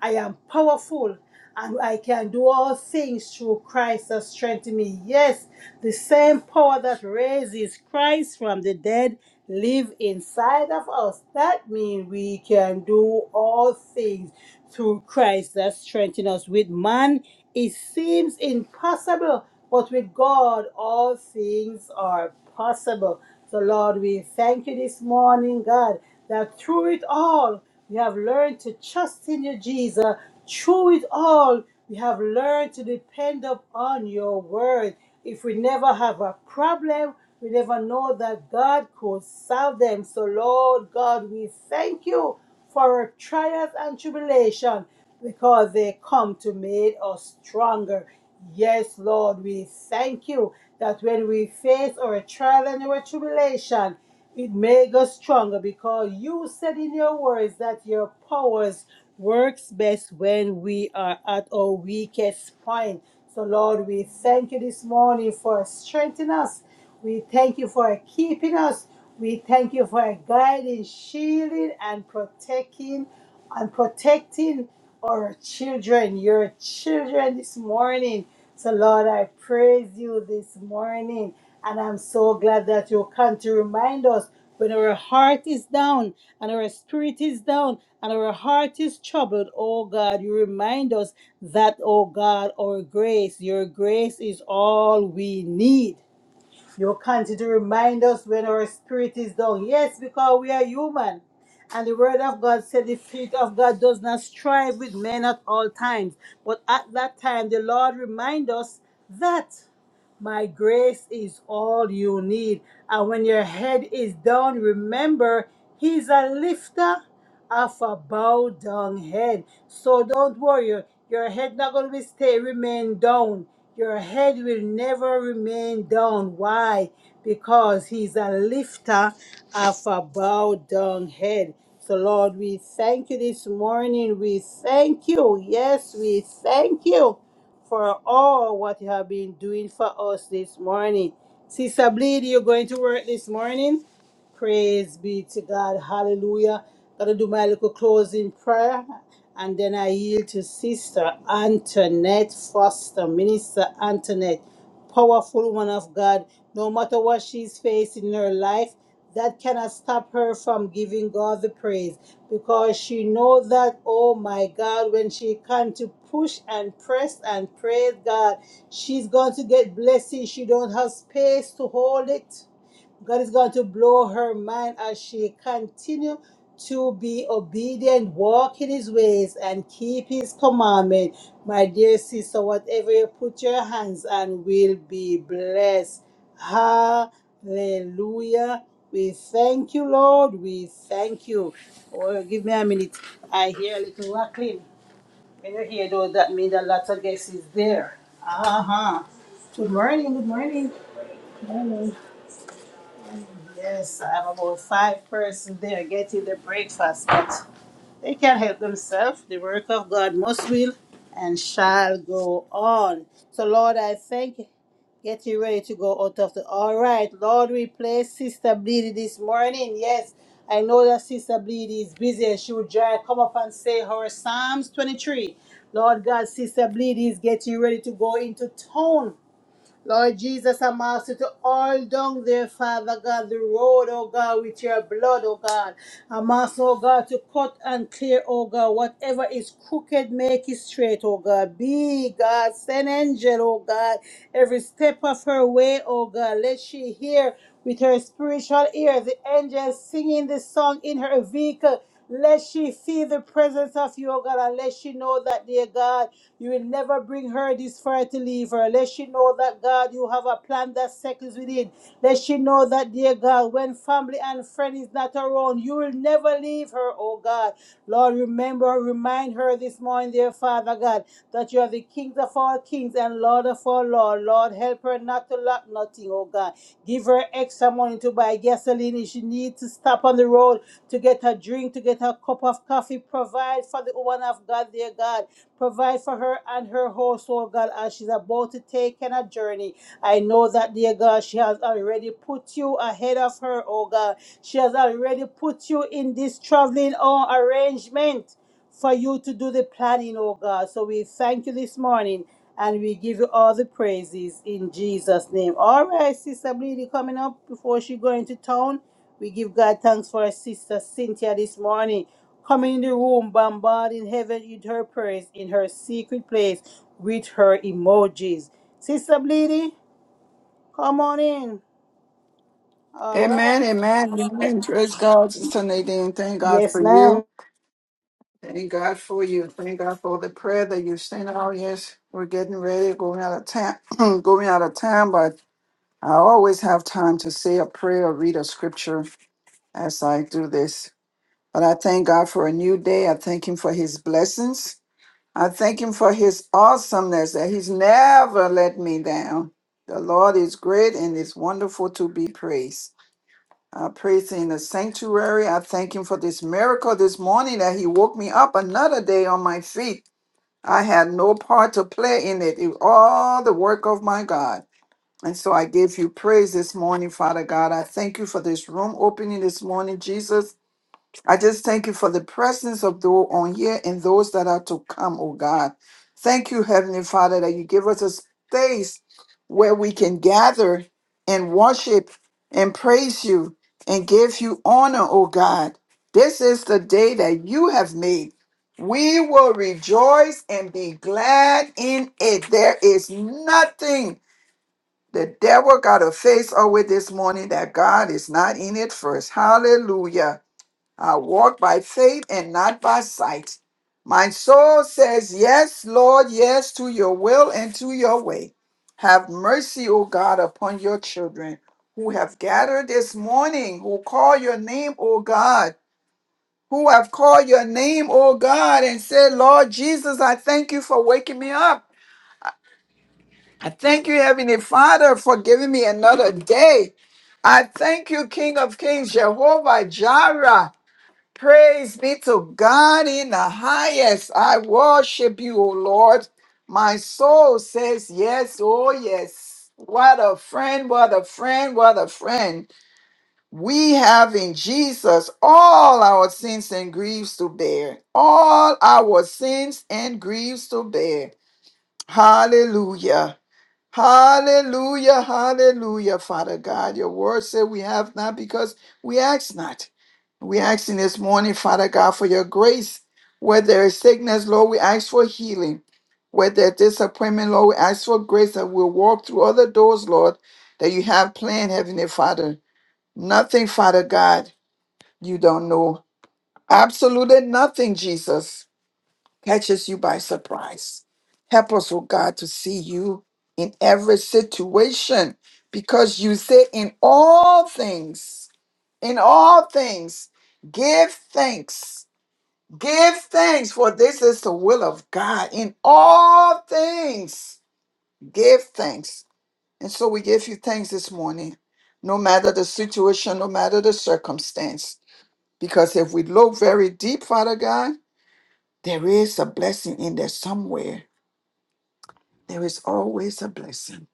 [SPEAKER 1] I am powerful. And I can do all things through Christ that strengthens me. Yes, the same power that raises Christ from the dead live inside of us. That means we can do all things through Christ that strengthens us. With man, it seems impossible, but with God, all things are possible. So, Lord, we thank you this morning, God, that through it all, we have learned to trust in you, Jesus. Through it all, we have learned to depend upon your word. If we never have a problem, we never know that God could solve them. So, Lord God, we thank you for our trials and tribulation because they come to make us stronger. Yes, Lord, we thank you that when we face our trial and our tribulation, it makes us stronger because you said in your words that your powers works best when we are at our weakest point. So, Lord, we thank you this morning for strengthening us. We thank you for keeping us. We thank you for guiding, shielding, and protecting and protecting our children, your children this morning. So, Lord, I praise you this morning. And I'm so glad that you come to remind us when our heart is down and our spirit is down and our heart is troubled. Oh God, you remind us that, oh God, our grace, your grace is all we need. You continue to remind us when our spirit is down. Yes, because we are human. And the word of God said the spirit of God does not strive with men at all times. But at that time, the Lord remind us that. My grace is all you need. And when your head is down, remember, He's a lifter of a bowed down head. So don't worry, your your head not going to stay remain down. Your head will never remain down. Why? Because He's a lifter of a bowed down head. So, Lord, we thank you this morning. We thank you. Yes, we thank you for all what you have been doing for us this morning. Sister Bleed, you going to work this morning? Praise be to God. Hallelujah. Gotta do my little closing prayer. And then I yield to Sister Antoinette Foster, Minister Antoinette, powerful woman of God. No matter what she's facing in her life, that cannot stop her from giving God the praise because she knows that, oh my God, when she comes to push and press and praise God, she's going to get blessings. She don't have space to hold it. God is going to blow her mind as she continue to be obedient, walk in his ways, and keep his commandment. My dear sister, whatever you put your hands on will be blessed. Hallelujah. We thank you, Lord. We thank you. Oh, give me a minute. I hear a little rattling. When you hear those, that means a lot of guests is there. Uh-huh. Good morning, good morning. Good morning. Yes, I have about five persons there getting the breakfast, but they can help themselves. The work of God must will and shall go on. So, Lord, I thank you. Get you ready to go out of the. All right, Lord, we play Sister Bleedy this morning. Yes, I know that Sister Bleedy is busy and she would try come up and say her Psalms 23. Lord God, Sister Bleedy is getting ready to go into town Lord Jesus, I'm asking you to all down there, Father God, the road, oh God, with your blood, oh God. I'm asking, oh God, to cut and clear, oh God, whatever is crooked, make it straight, oh God. Be God, send angel, oh God, every step of her way, oh God. Let she hear with her spiritual ears, the angels singing this song in her vehicle. Let she feel the presence of you, O God, and let she know that, dear God, you will never bring her this far to leave her. Let she know that, God, you have a plan that seconds within. Let she know that, dear God, when family and friend is not around, you will never leave her, O God. Lord, remember, remind her this morning, dear Father God, that you you are the King of all kings and Lord of all lords. Lord, help her not to lack nothing, oh God. Give her extra money to buy gasoline if she needs to stop on the road to get a drink, to get a cup of coffee. Provide for the woman of God, dear God. Provide for her and her household, God, as she's about to take on a journey. I know that, dear God, she has already put you ahead of her, oh God. She has already put you in this traveling oh, arrangement for you to do the planning, oh God. So we thank you this morning and we give you all the praises in Jesus' name. All right, Sister Bleedy coming up before she go into town. We give God thanks for our sister Cynthia this morning. Coming in the room, bombarding heaven with her prayers in her secret place with her emojis. Sister Bleedy, come on in. All right.
[SPEAKER 2] Amen, amen, amen. Praise God, Sister Nadine. Thank God
[SPEAKER 1] Yes,
[SPEAKER 2] for
[SPEAKER 1] ma'am.
[SPEAKER 2] you. Thank God for you. Thank God for the prayer that you sent out. Yes, we're getting ready, going out of time, going out of time, but I always have time to say a prayer or read a scripture as I do this. But I thank God for a new day. I thank Him for His blessings. I thank Him for His awesomeness that He's never let me down. The Lord is great and is wonderful to be praised. I praise him in the sanctuary. I thank him for this miracle this morning that he woke me up another day on my feet. I had no part to play in it. It was all the work of my God. And so I give you praise this morning, Father God. I thank you for this room opening this morning, Jesus. I just thank you for the presence of those on here and those that are to come, oh God. Thank you, Heavenly Father, that you give us a space where we can gather and worship and praise you and give you honor, oh God. This is the day that you have made. We will rejoice and be glad in it. There is nothing the devil got to face over this morning that God is not in it first. Hallelujah. I walk by faith and not by sight. My soul says, Yes, Lord, yes, to your will and to your way. Have mercy, O God, upon your children who have gathered this morning, who call your name, O God, who have called your name, O God, and said, Lord Jesus, I thank you for waking me up. I thank you, Heavenly Father, for giving me another day. I thank you, King of Kings, Jehovah Jireh. Praise be to God in the highest. I worship you, O Lord. My soul says yes, oh yes. What a friend, what a friend, what a friend. We have in Jesus all our sins and griefs to bear. All our sins and griefs to bear. Hallelujah. Hallelujah. Hallelujah. Father God, your word said we have not because we ask not. We asking this morning, Father God, for your grace. Where there is sickness, Lord, we ask for healing. Where there is disappointment, Lord, we ask for grace that we'll walk through other doors, Lord, that you have planned, Heavenly Father. Nothing, Father God, you don't know. Absolutely nothing, Jesus, catches you by surprise. Help us, oh God, to see you in every situation because you say in all things, in all things, give thanks Give thanks, for this is the will of God in all things. Give thanks. And so we give you thanks this morning, no matter the situation, no matter the circumstance. Because if we look very deep, Father God, there is a blessing in there somewhere. There is always a blessing.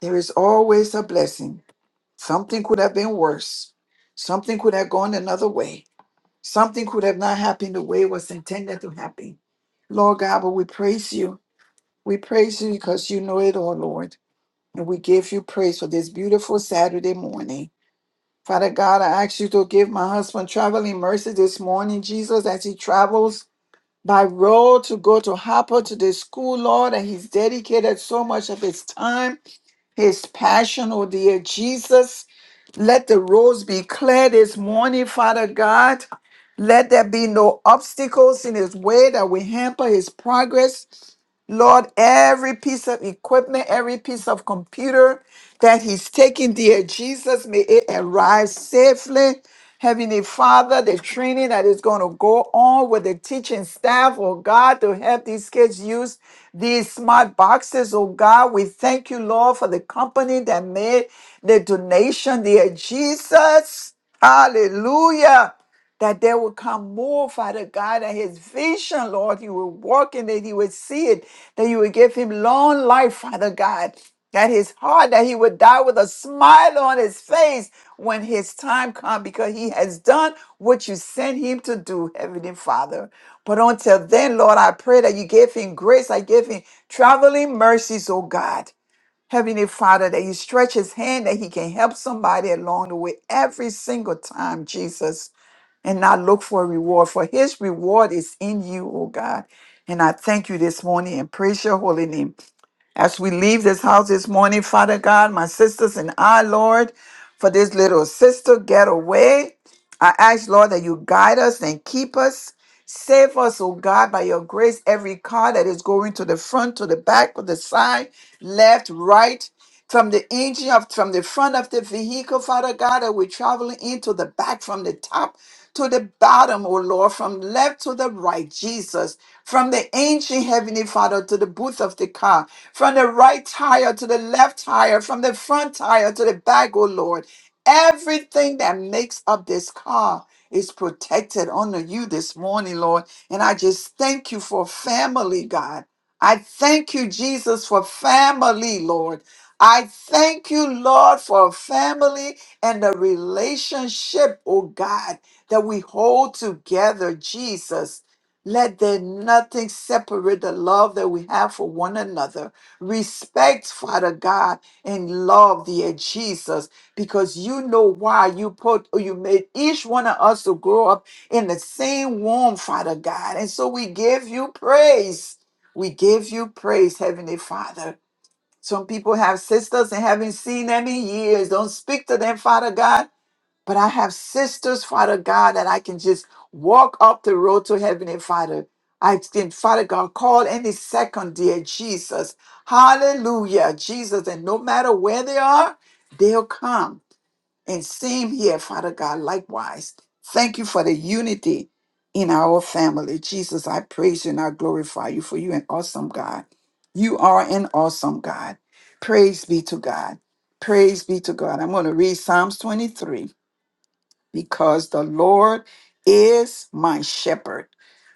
[SPEAKER 2] There is always a blessing. Something could have been worse. Something could have gone another way. Something could have not happened the way it was intended to happen. Lord God, but we praise you. We praise you because you know it all, Lord. And we give you praise for this beautiful Saturday morning. Father God, I ask you to give my husband traveling mercy this morning, Jesus, as he travels by road to go to Hopper to the school, Lord. And he's dedicated so much of his time, his passion, oh dear Jesus. Let the roads be clear this morning, Father God. Let there be no obstacles in his way that will hamper his progress. Lord, every piece of equipment, every piece of computer that he's taking, dear Jesus, may it arrive safely. Heavenly Father, the training that is going to go on with the teaching staff, oh God, to help these kids use these smart boxes, oh God. We thank you, Lord, for the company that made the donation, dear Jesus. Hallelujah that there will come more, Father God, and his vision, Lord, you will walk in it, he would see it, that you would give him long life, Father God, that his heart, that he would die with a smile on his face when his time comes, because he has done what you sent him to do, Heavenly Father. But until then, Lord, I pray that you give him grace, I give him traveling mercies, oh God. Heavenly Father, that you stretch his hand that he can help somebody along the way every single time, Jesus and not look for a reward, for his reward is in you, oh God. And I thank you this morning and praise your holy name. As we leave this house this morning, Father God, my sisters and I, Lord, for this little sister getaway, I ask, Lord, that you guide us and keep us. Save us, oh God, by your grace, every car that is going to the front, to the back, to the side, left, right, from the engine of from the front of the vehicle, Father God, that we're traveling into the back, from the top to the bottom, oh Lord, from left to the right, Jesus, from the ancient heavenly Father to the booth of the car from the right tire to the left tire, from the front tire to the back, oh Lord. Everything that makes up this car is protected under you this morning, Lord. And I just thank you for family, God. I thank you, Jesus, for family, Lord. I thank you, Lord, for family and the relationship, oh God, that we hold together, Jesus. Let there nothing separate the love that we have for one another. Respect, Father God, and love, dear Jesus, because you know why you put you made each one of us to grow up in the same womb, Father God. And so we give you praise. We give you praise, Heavenly Father. Some people have sisters and haven't seen them in years. Don't speak to them, Father God but I have sisters, Father God, that I can just walk up the road to heaven, and Father. I can, Father God, call any second, dear Jesus. Hallelujah, Jesus. And no matter where they are, they'll come. And same here, Father God, likewise. Thank you for the unity in our family. Jesus, I praise you and I glorify you for you, an awesome God. You are an awesome God. Praise be to God. Praise be to God. I'm going to read Psalms 23 because the Lord is my shepherd.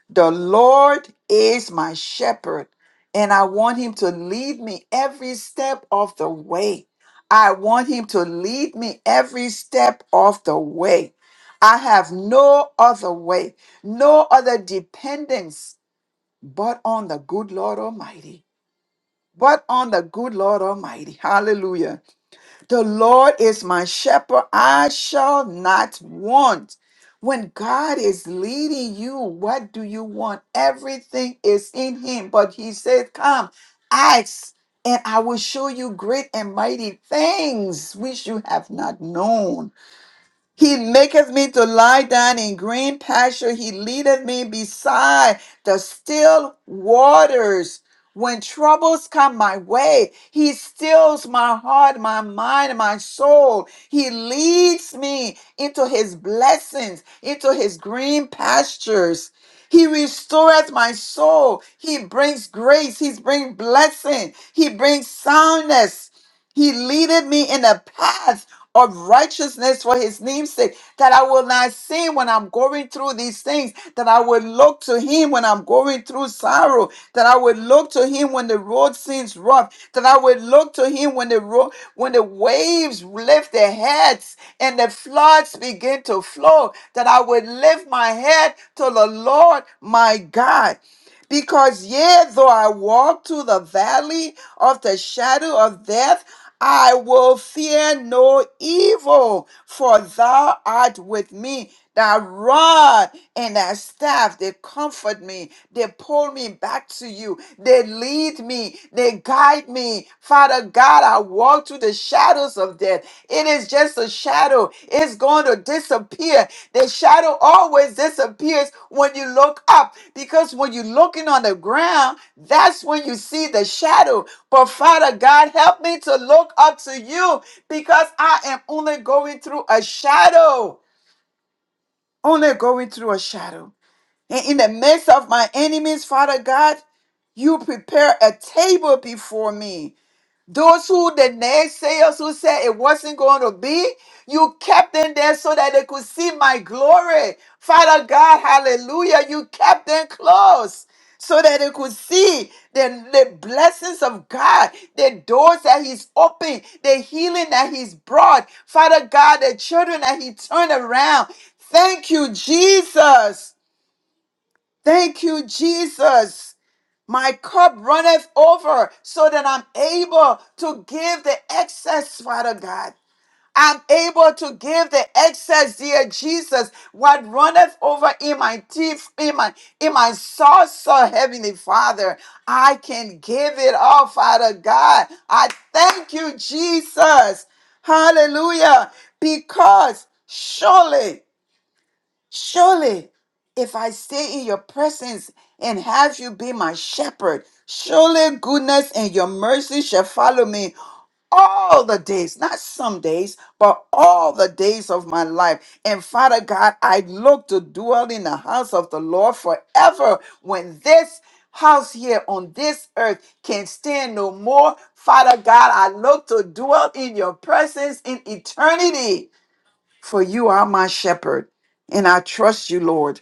[SPEAKER 2] The Lord is my shepherd, and I want him to lead me every step of the way. I want him to lead me every step of the way. I have no other way, no other dependence but on the good Lord Almighty. But on the good Lord Almighty. Hallelujah. The Lord is my shepherd, I shall not want. When God is leading you, what do you want? Everything is in Him. But He said, Come, ask, and I will show you great and mighty things which you have not known. He maketh me to lie down in green pasture. He leadeth me beside the still waters. When troubles come my way, he stills my heart, my mind, and my soul. He leads me into his blessings, into his green pastures. He restoreth my soul. He brings grace. He brings blessing. He brings soundness. He leadeth me in a path of righteousness for his name's sake, that I will not sin when I'm going through these things, that I will look to him when I'm going through sorrow, that I will look to him when the road seems rough, that I will look to him when the road when the waves lift their heads and the floods begin to flow, that I would lift my head to the Lord my God. Because yea, though I walk through the valley of the shadow of death, I will fear no evil, for thou art with me. Thy rod and thy staff, they comfort me. They pull me back to you. They lead me. They guide me. Father God, thou walk through the shadows of death, it is just a shadow. It's going to disappear. The shadow always disappears when you look up because when you're looking on the ground, that's when you see the shadow. But Father God, help me to look up to you because I am only going through a shadow, only going through a shadow. And in the midst of my enemies, Father God, you prepare a table before me those who the naysayers who said it wasn't going to be, you kept them there so that they could see my glory. Father God, hallelujah, you kept them close so that they could see the, the blessings of God, the doors that He's opened, the healing that He's brought. Father God, the children that He turned around. Thank you, Jesus. Thank you, Jesus. My cup runneth over so that I'm able to give the excess, Father God. I'm able to give the excess, dear Jesus, what runneth over in my teeth, in my in my saucer, Heavenly Father. I can give it all, Father God. I thank you, Jesus. Hallelujah. Because surely Surely, if I stay in your presence and have you be my shepherd, surely goodness and your mercy shall follow me all the days, not some days, but all the days of my life. And Father God, I look to dwell in the house of the Lord forever when this house here on this earth can stand no more. Father God, I look to dwell in your presence in eternity for you are my shepherd, and I trust you, Lord.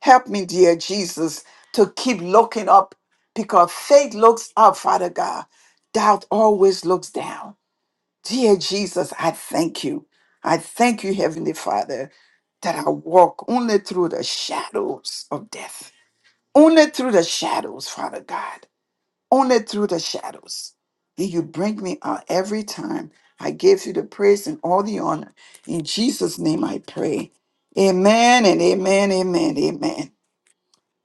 [SPEAKER 2] Help me, dear Jesus, to keep looking up because faith looks up, Father God. Doubt always looks down. Dear Jesus, I thank you. I thank you, Heavenly Father, that I walk only through the shadows of death, only through the shadows, Father God only through the shadows. And you bring me out every time. I give you the praise and all the honor. In Jesus' name I pray. Amen and amen, amen, amen.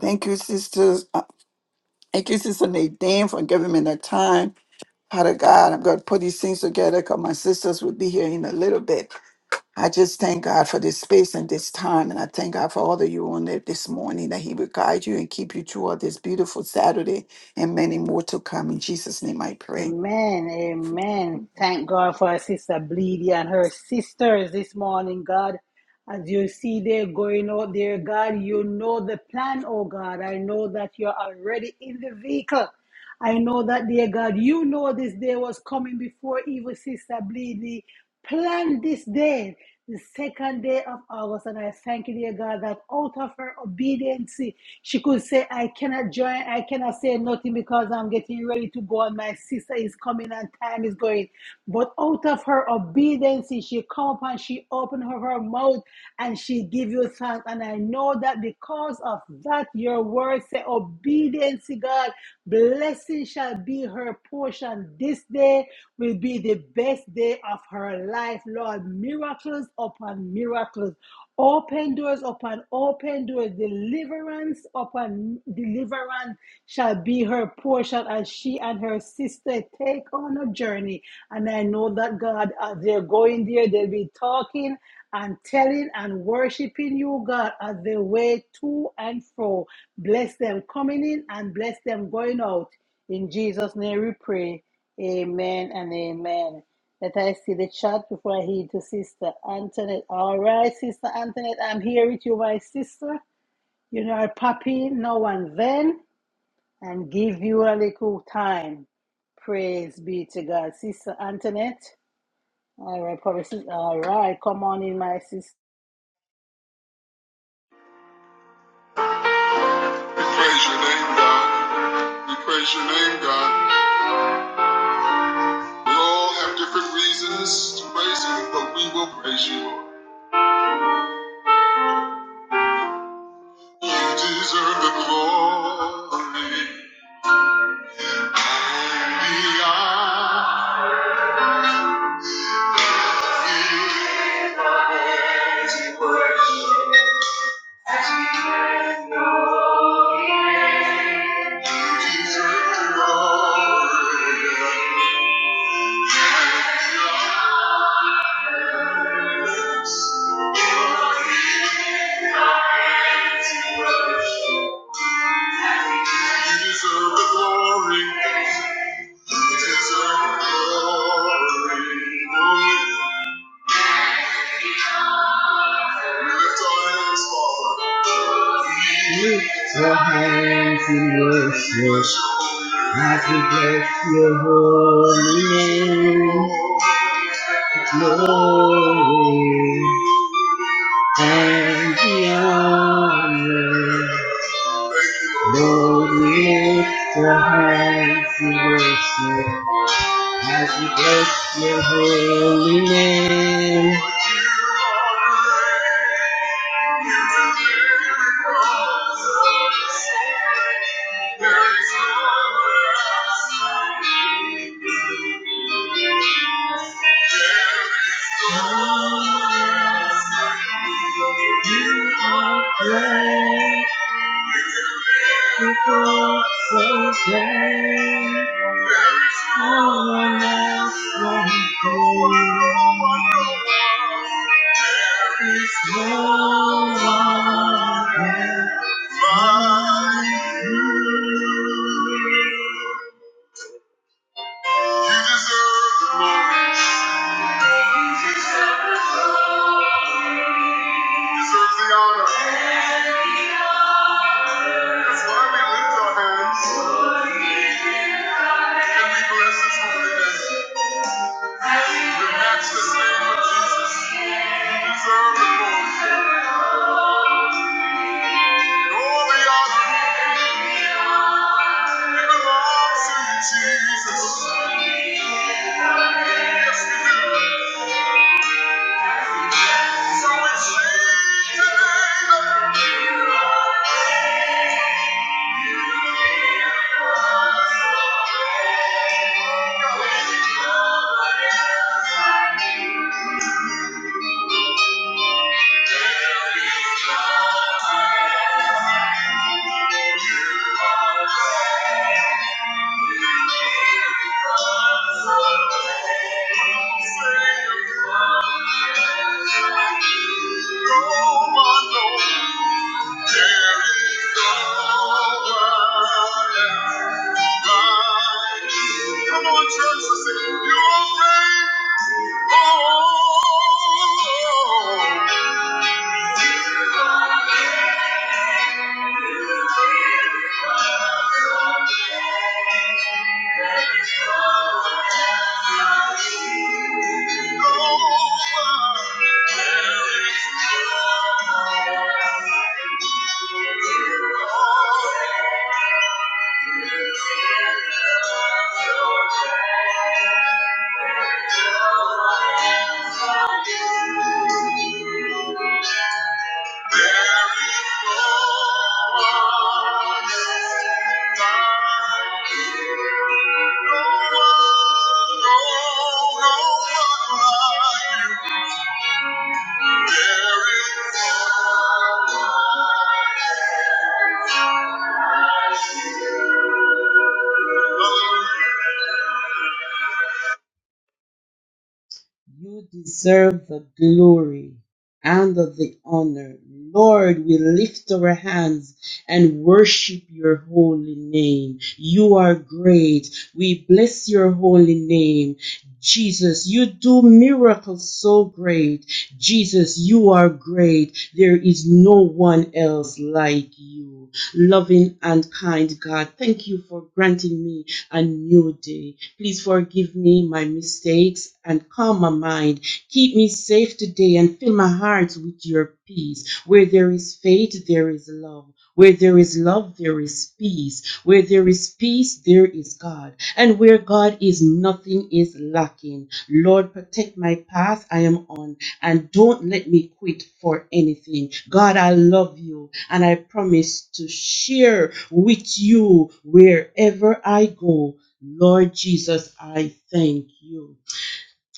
[SPEAKER 2] Thank you, sisters. Uh, Thank you, Sister Nadine, for giving me the time. Father God, I'm going to put these things together because my sisters will be here in a little bit. I just thank God for this space and this time. And I thank God for all of you on it this morning, that He will guide you and keep you throughout this beautiful Saturday and many more to come. In Jesus' name I pray.
[SPEAKER 1] Amen, amen. Thank God for our sister Bleedy and her sisters this morning, God. As you see they're going out there, God, you know the plan, oh God. I know that you're already in the vehicle. I know that, dear God, you know this day was coming before even sister Bleedy planned this day, the second day of August. And I thank you, dear God, that out of her obedience, she could say, I cannot join, I cannot say nothing because I'm getting ready to go, and my sister is coming and time is going. But out of her obedience, she come up and she opened her, her mouth and she she give you thanks. And I know that because of that, your word say, obedience, to God, blessing shall be her portion. This day will be the best day of her life, Lord. Miracles upon miracles. Open doors upon open doors, deliverance upon deliverance shall be her portion as she and her sister take on a journey. And I know that God, as they're going there, they'll be talking and telling and worshiping you, God, as they way to and fro. Bless them coming in and bless them going out. In Jesus' name we pray. Amen and amen. Let I see the chat before I head to Sister Antoinette. All right, Sister Antoinette, I'm here with you, my sister. You know, I pop in now and then and give you a little time. Praise be to God. Sister Antoinette. All right, probably. sis- All right, come on in, my sister.
[SPEAKER 3] Praise your name, God. We praise your name, God. We all have different reasons to praise you, but we will praise you, Lord. You deserve the glory and the honor. Praise and worship. Glory. you deserve the glory. Lift our hands, Father. Lift your hands in worship as we bless your holy name. Glory and the honor. Lord, lift the hands in worship as we bless your holy name. There is no you are great. You are so great. No one else can go. There's no one can find you. You deserve the glory. You deserve the glory. You deserve the honor. That's why we lift our hands and we bless His holy name. The matchless name of Jesus. You deserve the glory. And all the honor, it belongs to you, Jesus. Yes, we do. So it's Thank you. Thank you. Oh, there is no one else. Thank you. You deserve the glory and the honor. Lord, we lift our hands and worship your holy name. You are great. We bless your holy name. Jesus, you do miracles so great. Jesus, you are great. There is no one else like you. Loving and kind God, thank you for granting me a new day. Please forgive me my mistakes and calm my mind Keep me safe today and fill my heart with your peace. Where there is faith, there is love. Where there is love, there is peace. Where there is peace, there is God. And where God is, nothing is lacking. Lord, protect my path I am on and don't let me quit for anything. God, I love you and I promise to share with you wherever I go. Lord Jesus, I thank you.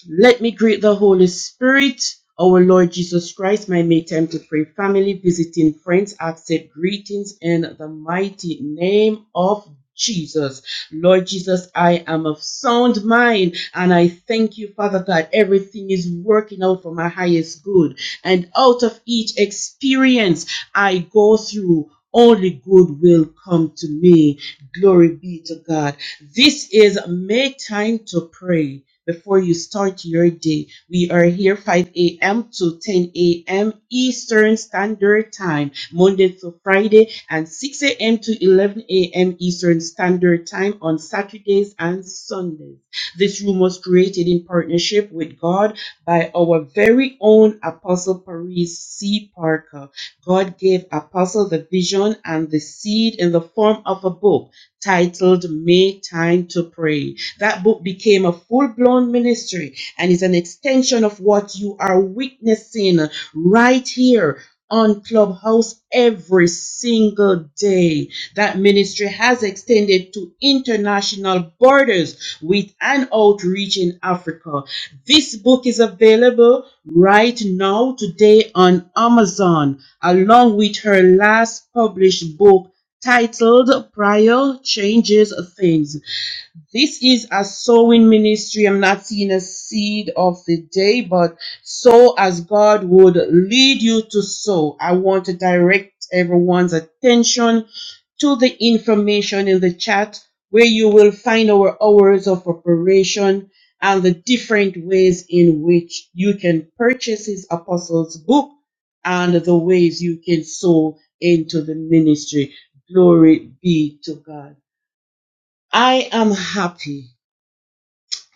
[SPEAKER 3] Let me greet the Holy Spirit, our Lord Jesus Christ, my make time to pray. Family, visiting friends, accept greetings in the mighty name of Jesus. Lord Jesus, I am of sound mind and I thank you, Father God. Everything is working out for my highest good. And out of each experience I go through, only good will come to me. Glory be to God. This is Make Time to Pray before you start your day. We are here 5 a.m. to 10 a.m. Eastern Standard Time, Monday to Friday, and 6 a.m. to 11 a.m. Eastern Standard Time on Saturdays and Sundays. This room was created in partnership with God by our very own Apostle Paris C. Parker. God gave Apostle the vision and the seed in the form of a book titled Make Time to Pray that book became a full blown ministry and is an extension of what you are witnessing right here on Clubhouse every single day. That ministry has extended to international borders with an outreach in Africa. This book is available right now today on Amazon, along with her last published book titled Prior Changes Things. This is a sowing ministry. I'm not seeing a seed of the day, but sow as God would lead you to sow. I want to direct everyone's attention to the information in the chat where you will find our hours of operation and the different ways in which you can purchase his apostles book and the ways you can sow into the ministry. Glory be to God. I am happy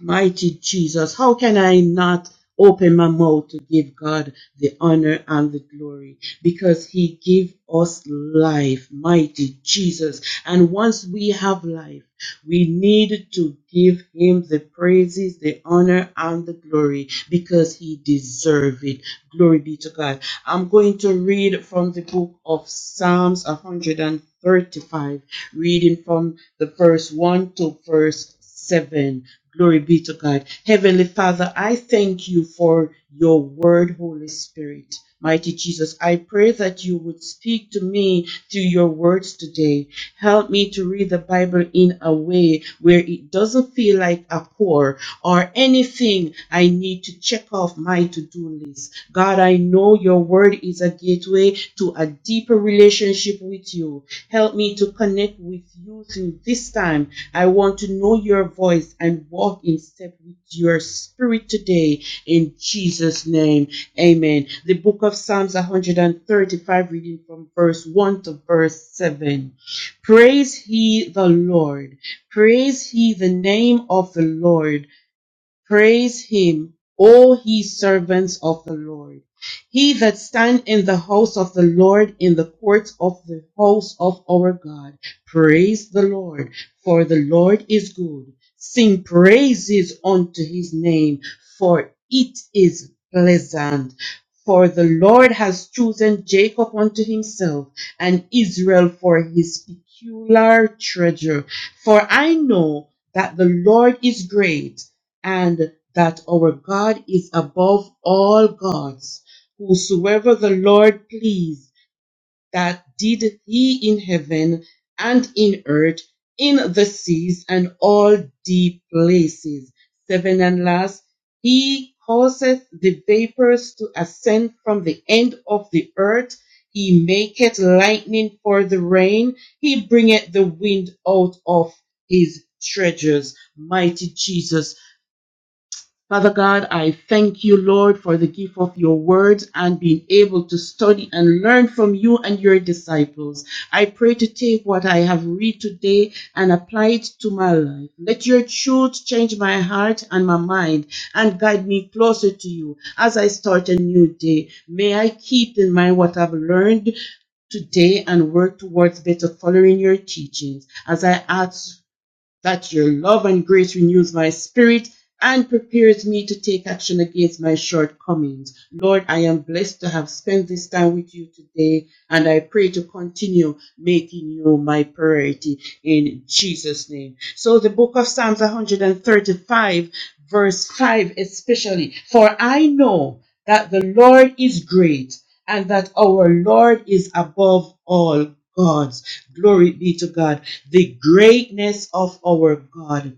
[SPEAKER 3] Mighty Jesus, how can I not open my mouth to give God the honor and the glory? Because He gave us life, mighty Jesus. And once we have life, we need to give Him the praises, the honor, and the glory because He deserves it. Glory be to God. I'm going to read from the book of Psalms 135, reading from the verse 1 to verse 7 Glory be to God. Heavenly Father, I thank you for your word, Holy Spirit. Mighty Jesus, I pray that you would speak to me through your words today. Help me to read the Bible in a way where it doesn't feel like a chore, or anything I need to check off my to do list. God, I know your word is a gateway to a deeper relationship with you. Help me to connect with you through this time. I want to know your voice and walk in step with your spirit today. In Jesus' name, amen. The book of Psalms 135, reading from verse 1 to verse 7. Praise he the Lord. Praise he the name of the Lord Praise him, O ye servants of the Lord. He that stand in the house of the Lord, in the courts of the house of our God. Praise the Lord, for the Lord is good. Sing praises unto his name, for it is pleasant. For the Lord has chosen Jacob unto himself, and Israel for his peculiar treasure. For I know that the Lord is great and that our God is above all gods, whosoever the Lord pleased, that did he in heaven and in earth, in the seas and all deep places. Seven and last, he causeth the vapors to ascend from the end of the earth. He maketh lightning for the rain. He bringeth the wind out of his treasures. Mighty Jesus, Father God, I thank you, Lord, for the gift of your Word and being able to study and learn from you and your disciples. I pray to take what I have read today and apply it to my life. Let your truth change my heart and my mind and guide me closer to you as I start a new day. May I keep in mind what I've learned today and work towards better following your teachings as I ask that your love and grace renews my spirit and prepares me to take action against my shortcomings. Lord, I am blessed to have spent this time with you today, and I pray to continue making you my priority in Jesus' name. So, the book of Psalms 135, verse 5, especially, for I know that the Lord is great and that our Lord is above all gods. Glory be to God. The greatness of our God.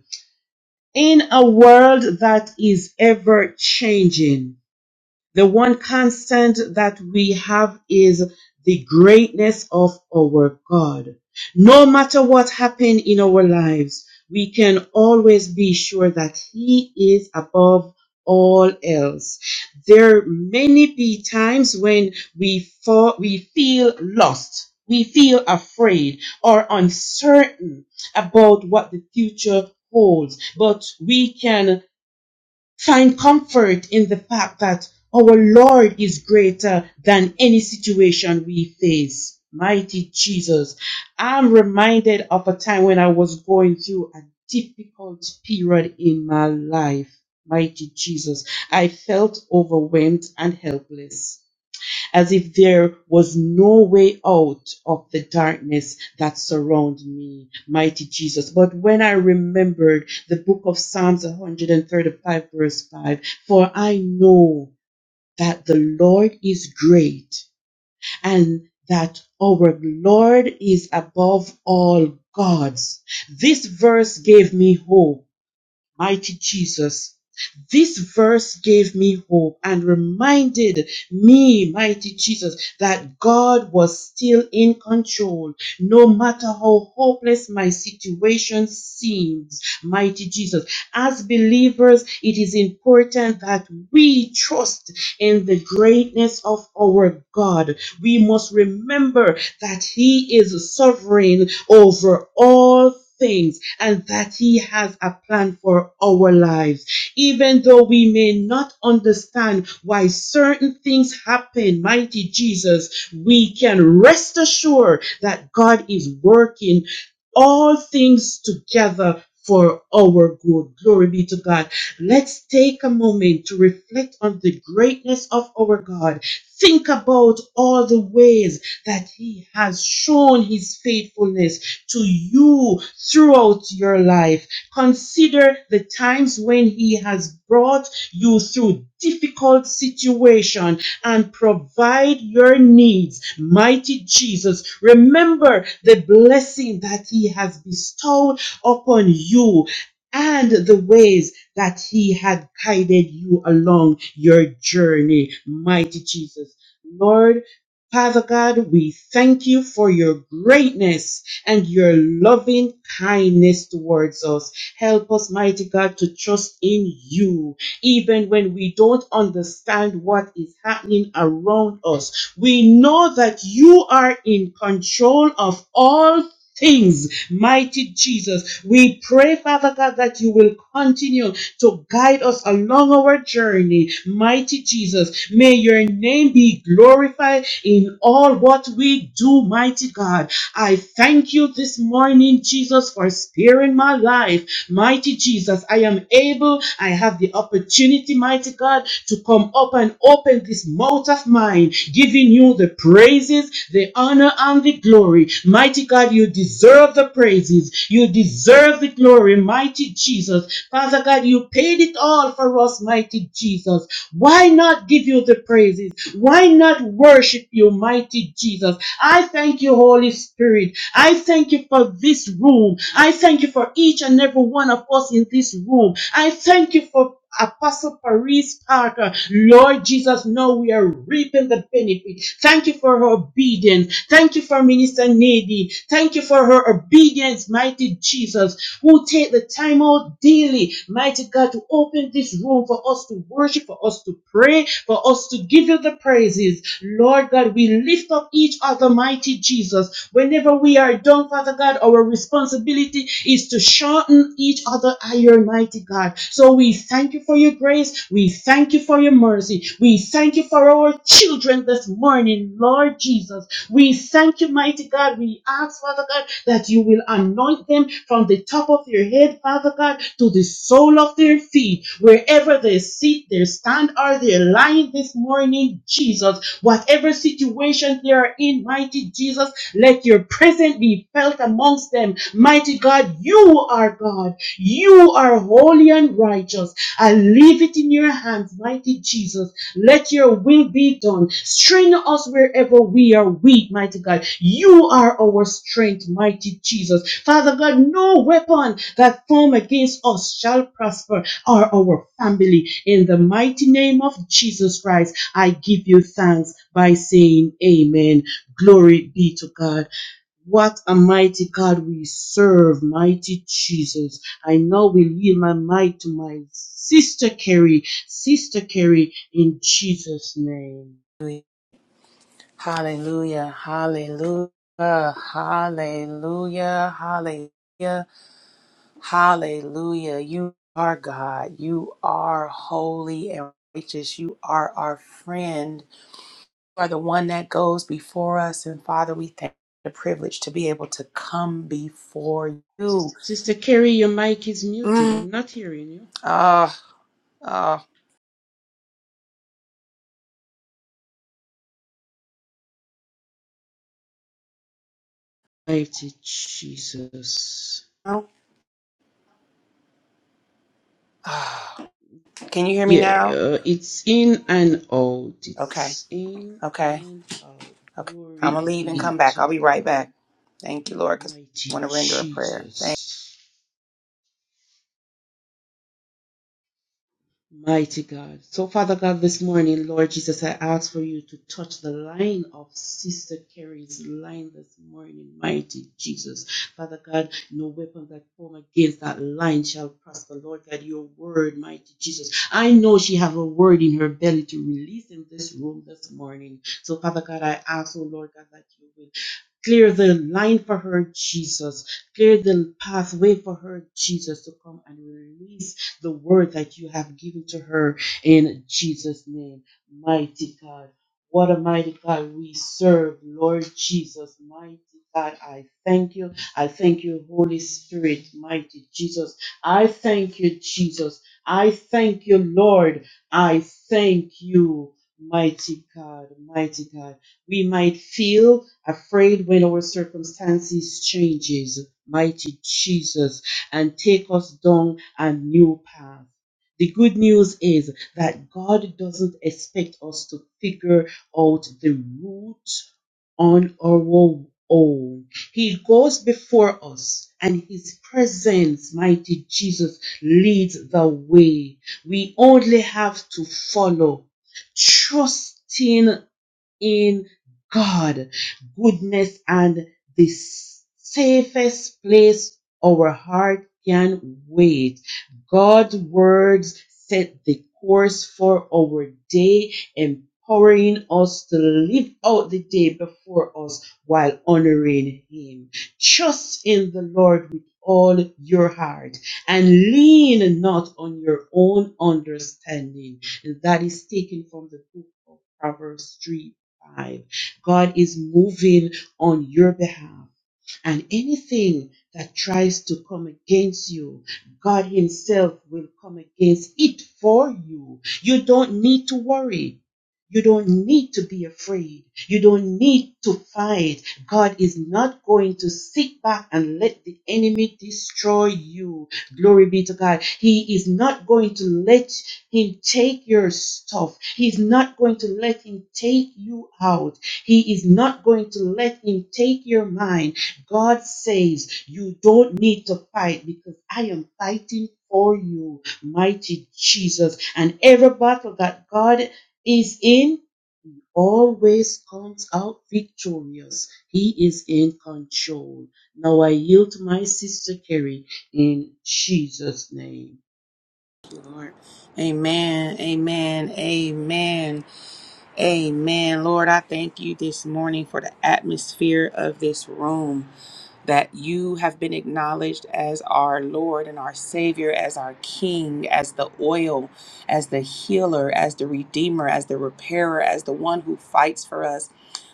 [SPEAKER 3] In a world that is ever changing, the one constant that we have is the greatness of our God. No matter what happens in our lives, we can always be sure that He is above all else. There may be times when we fall, we feel lost, we feel afraid or uncertain about what the future holds, but we can Find comfort in the fact that our Lord is greater than any situation we face. Mighty Jesus. I'm reminded of a time when I was going through a difficult period in my life. Mighty Jesus. I felt overwhelmed and helpless as if there was no way out of the darkness that surrounded me, mighty Jesus. But when I remembered the book of Psalms 135, verse 5, for I know that the Lord is great and that our Lord is above all gods. This verse gave me hope Mighty Jesus, this verse gave me hope and reminded me, mighty Jesus, that God was still in control, no matter how hopeless my situation seems, mighty Jesus. As believers, it is important that we trust in the greatness of our God. We must remember that He is sovereign over all things and that He has a plan for our lives. Even though we may not understand why certain things happen, mighty Jesus, we can rest assured that God is working all things together. For our good. Glory be to God. Let's take a moment to reflect on the greatness of our God. Think about all the ways that He has shown His faithfulness to you throughout your life. Consider the times when He has brought you through difficult situation and provide your needs. Mighty Jesus, remember the blessing that He has bestowed upon you and the ways that He had guided you along your journey. Mighty Jesus. Lord, Father God, we thank you for your greatness and your loving kindness towards us. Help us, mighty God, to trust in you, even when we don't understand what is happening around us. We know that you are in control of all things, mighty Jesus. We pray, Father God, that you will continue to guide us along our journey. Mighty Jesus, may your name be glorified in all what we do, mighty God. I thank you this morning, Jesus, for sparing my life. Mighty Jesus, I am able, I have the opportunity, mighty God, to come up and open this mouth of mine, giving you the praises, the honor, and the glory. Mighty God, you deserve the praises, you deserve the glory, mighty Jesus. Father God, you paid it all for us, mighty Jesus. Why not give you the praises? Why not worship you? you, mighty Jesus. I thank you, Holy Spirit. I thank you for this room. I thank you for each and every one of us in this room. I thank you for Apostle Paris Parker, Lord Jesus, now we are reaping the benefit. Thank you for her obedience. Thank you for Minister Nadine. Thank you for her obedience, mighty Jesus, who take the time out daily daily, mighty God, to open this room for us to worship, for us to pray, for us to give you the praises. Lord God, we lift up each other, mighty Jesus. Whenever we are done, Father God, our responsibility is to shorten each other iron, mighty God. So we thank you for your grace. We thank you for your mercy. We thank you for our children this morning, Lord Jesus. We thank you, mighty God. We ask, Father God, that you will anoint them from the top of their head, Father God, to the sole of their feet, wherever they sit, they stand, or they're lying this morning, Jesus. Whatever situation they are in, mighty Jesus, let your presence be felt amongst them. Mighty God, you are God. You are holy and righteous. I leave it in your hands, mighty Jesus. Let your will be done. Strengthen us wherever we are weak, mighty God. You are our strength, mighty Jesus. Father God, no weapon that form against us shall prosper or our family. In the mighty name of Jesus Christ, I give you thanks by saying amen. Glory be to God. What a mighty God we serve, mighty Jesus. I now will yield my might to my sister Carrie, sister Carrie, in Jesus' name.
[SPEAKER 4] Hallelujah, hallelujah, hallelujah, hallelujah, hallelujah. You are God. You are holy and righteous. You are our friend. You are the one that goes before us. And Father, we thank you for the privilege to be able to come before you.
[SPEAKER 3] Sister Carrie, your mic is muted.
[SPEAKER 4] Mm.
[SPEAKER 3] I'm not hearing you.
[SPEAKER 4] Ah, ah,
[SPEAKER 3] Mighty Jesus.
[SPEAKER 4] no. Ah. Can you hear me
[SPEAKER 3] Yeah,
[SPEAKER 4] now?
[SPEAKER 3] it's in and out.
[SPEAKER 4] Okay,
[SPEAKER 3] It's in
[SPEAKER 4] okay.
[SPEAKER 3] and out.
[SPEAKER 4] Okay. I'm
[SPEAKER 3] Glory
[SPEAKER 4] going to leave and come
[SPEAKER 3] be
[SPEAKER 4] back.
[SPEAKER 3] to
[SPEAKER 4] I'll be right
[SPEAKER 3] God.
[SPEAKER 4] back. Thank you, Lord, because I
[SPEAKER 3] Mighty
[SPEAKER 4] want to render a prayer. Thank
[SPEAKER 3] Jesus. Mighty God. So, Father God, this morning, Lord Jesus, I ask for you to touch the line of Sister Carrie's line this morning, mighty Jesus. Father God, no weapon that form against that line shall prosper. Lord God, your word, mighty Jesus. I know she have a word in her belly to release in this room this morning. So, Father God, I ask, oh Lord God, that you will clear the line for her, Jesus. Clear the pathway for her, Jesus, to come and release the word that you have given to her in Jesus' name. Mighty God, what a mighty God we serve, Lord Jesus. Mighty God, I thank you. I thank you, Holy Spirit, mighty Jesus. I thank you, Jesus. I thank you, Lord. I thank you. Mighty God, mighty God. We might feel afraid when our circumstances changes, mighty Jesus, and take us down and new path. The good news is that God doesn't expect us to figure out the route on our own. He goes before us, and His presence, mighty Jesus, leads the way. We only have to follow, trusting in God, goodness, and the safest place our heart can wait. God's words set the course for our day, empowering us to live out the day before us while honoring Him. Trust in the Lord with all your heart and lean not on your own understanding. And that is taken from the book of Proverbs 3 five. God is moving on your behalf. And anything that tries to come against you, God Himself will come against it for you. You don't need to worry. You don't need to be afraid. You don't need to fight. God is not going to sit back and let the enemy destroy you. Glory be to God. He is not going to let He'll take your stuff. He's not going to let him take you out. He is not going to let him take your mind. God says, You don't need to fight because I am fighting for you, mighty Jesus. And every battle that God is in always comes out victorious. He is in control. Now I yield to my sister Carrie in Jesus' name.
[SPEAKER 4] you, Lord. Amen. Amen. Amen. Amen. Lord, I thank you this morning for the atmosphere of this room. that you have been acknowledged as our Lord and our Savior, as our King, as the oil, as the healer, as the Redeemer, as the repairer, as the one who fights for us.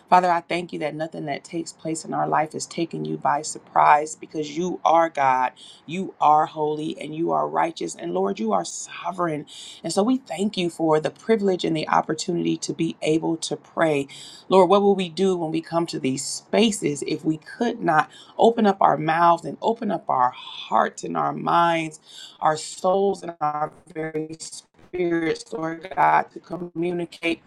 [SPEAKER 4] Father, I thank you that nothing that takes place in our life is taking you by surprise because you are God, you are holy, and you are righteous. And Lord, you are sovereign. And so we thank you for the privilege and the opportunity to be able to pray. Lord, what will we do when we come to these spaces if we could not? Open up our mouths and open up our hearts and our minds, our souls and our very spirits, Lord God, to communicate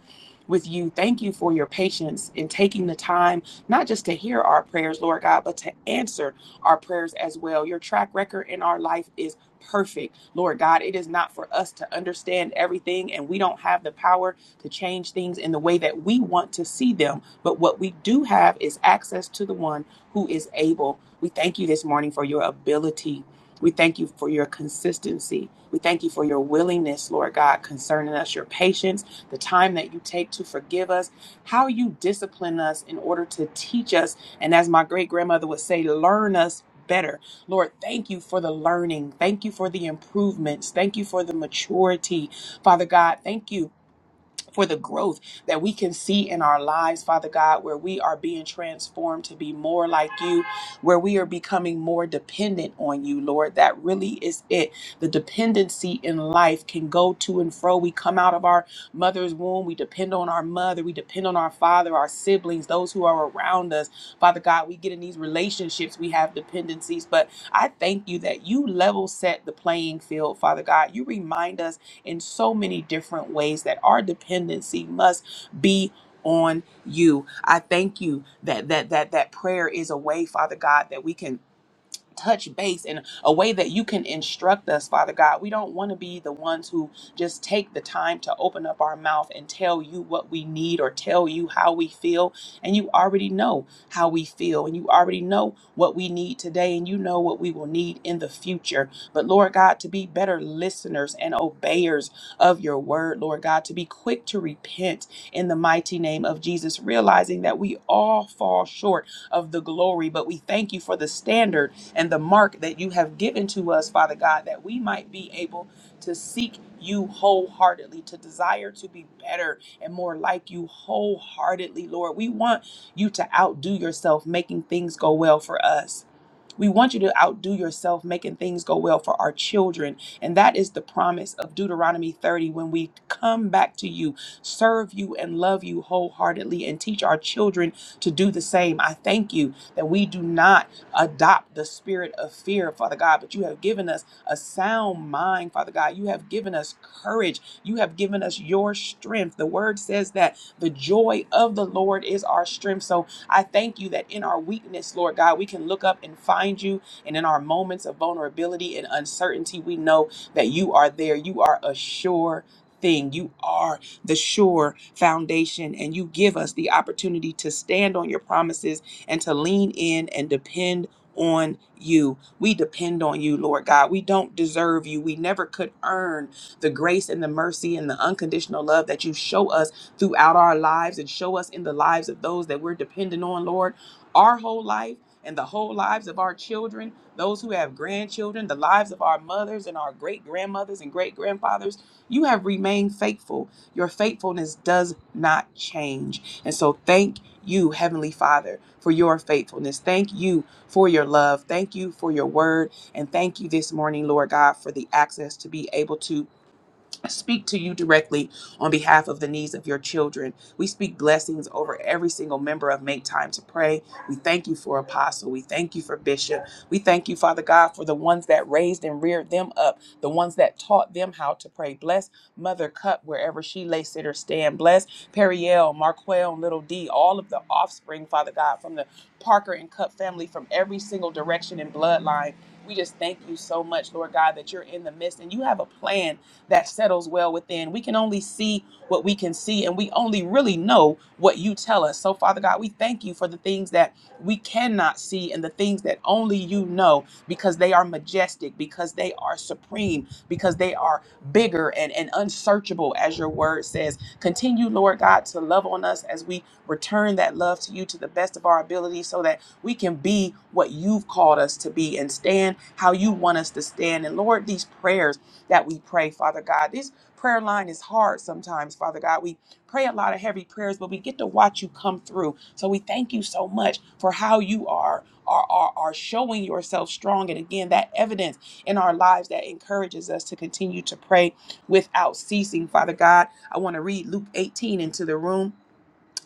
[SPEAKER 4] with you. Thank you for your patience in taking the time, not just to hear our prayers, Lord God, but to answer our prayers as well. Your track record in our life is perfect, Lord God. It is not for us to understand everything, and we don't have the power to change things in the way that we want to see them. But what we do have is access to the one who is able. We thank you this morning for your ability. We thank you for your consistency. We thank you for your willingness, Lord God, concerning us, your patience, the time that you take to forgive us, how you discipline us in order to teach us. And as my great grandmother would say, learn us better. Lord, thank you for the learning. Thank you for the improvements. Thank you for the maturity. Father God, thank you for the growth that we can see in our lives, Father God, where we are being transformed to be more like you, where we are becoming more dependent on you, Lord. That really is it. The dependency in life can go to and fro. We come out of our mother's womb, we depend on our mother, we depend on our father, our siblings, those who are around us. Father God, we get in these relationships, we have dependencies, but I thank you that you level set the playing field, Father God. You remind us in so many different ways that our dependency must be on you. I thank you that that that that prayer is a way, Father God, that we can touch base in a way that you can instruct us, Father God. We don't want to be the ones who just take the time to open up our mouth and tell you what we need or tell you how we feel. And you already know how we feel, and you already know what we need today, and you know what we will need in the future. But Lord God, to be better listeners and obeyers of your word, Lord God, to be quick to repent in the mighty name of Jesus, realizing that we all fall short of the glory, but we thank you for the standard and the mark that you have given to us, Father God, that we might be able to seek you wholeheartedly, to desire to be better and more like you wholeheartedly, Lord. We want you to outdo yourself, making things go well for us. We want you to outdo yourself, making things go well for our children. And that is the promise of Deuteronomy 30 when we come back to you, serve you, and love you wholeheartedly, and teach our children to do the same. I thank you that we do not adopt the spirit of fear, Father God, but you have given us a sound mind, Father God. You have given us courage. You have given us your strength. The word says that the joy of the Lord is our strength. So I thank you that in our weakness, Lord God, we can look up and find you. And in our moments of vulnerability and uncertainty, we know that you are there. You are a sure thing. You are the sure foundation. And you give us the opportunity to stand on your promises and to lean in and depend on you. We depend on you, Lord God. We don't deserve you. We never could earn the grace and the mercy and the unconditional love that you show us throughout our lives and show us in the lives of those that we're dependent on, Lord, our whole life and the whole lives of our children, those who have grandchildren, the lives of our mothers and our great grandmothers and great grandfathers. You have remained faithful. Your faithfulness does not change. And so thank you, Heavenly Father, for your faithfulness. Thank you for your love. Thank you for your word. And thank you this morning, Lord God, for the access to be able to speak to you directly on behalf of the needs of your children. We speak blessings over every single member of Make Time to Pray. We thank you for Apostle. We thank you for Bishop. We thank you, Father God, for the ones that raised and reared them up, the ones that taught them how to pray. Bless Mother Cup wherever she lay, sit, or stand. Bless Periel, Marquel, and Little D, all of the offspring, Father God, from the Parker and Cup family, from every single direction and bloodline. We just thank you so much, Lord God, that you're in the midst and you have a plan that settles well within. We can only see what we can see, and we only really know what you tell us. So, Father God, we thank you for the things that we cannot see and the things that only you know because they are majestic, because they are supreme, because they are bigger and, and unsearchable, as your word says. Continue, Lord God, to love on us as we return that love to you to the best of our ability so that we can be what you've called us to be and stand how you want us to stand. And Lord, these prayers that we pray, Father God. This prayer line is hard sometimes, Father God. We pray a lot of heavy prayers, but we get to watch you come through. So we thank you so much for how you are are, are, are showing yourself strong. And again, that evidence in our lives that encourages us to continue to pray without ceasing, Father God. I want to read Luke 18 into the room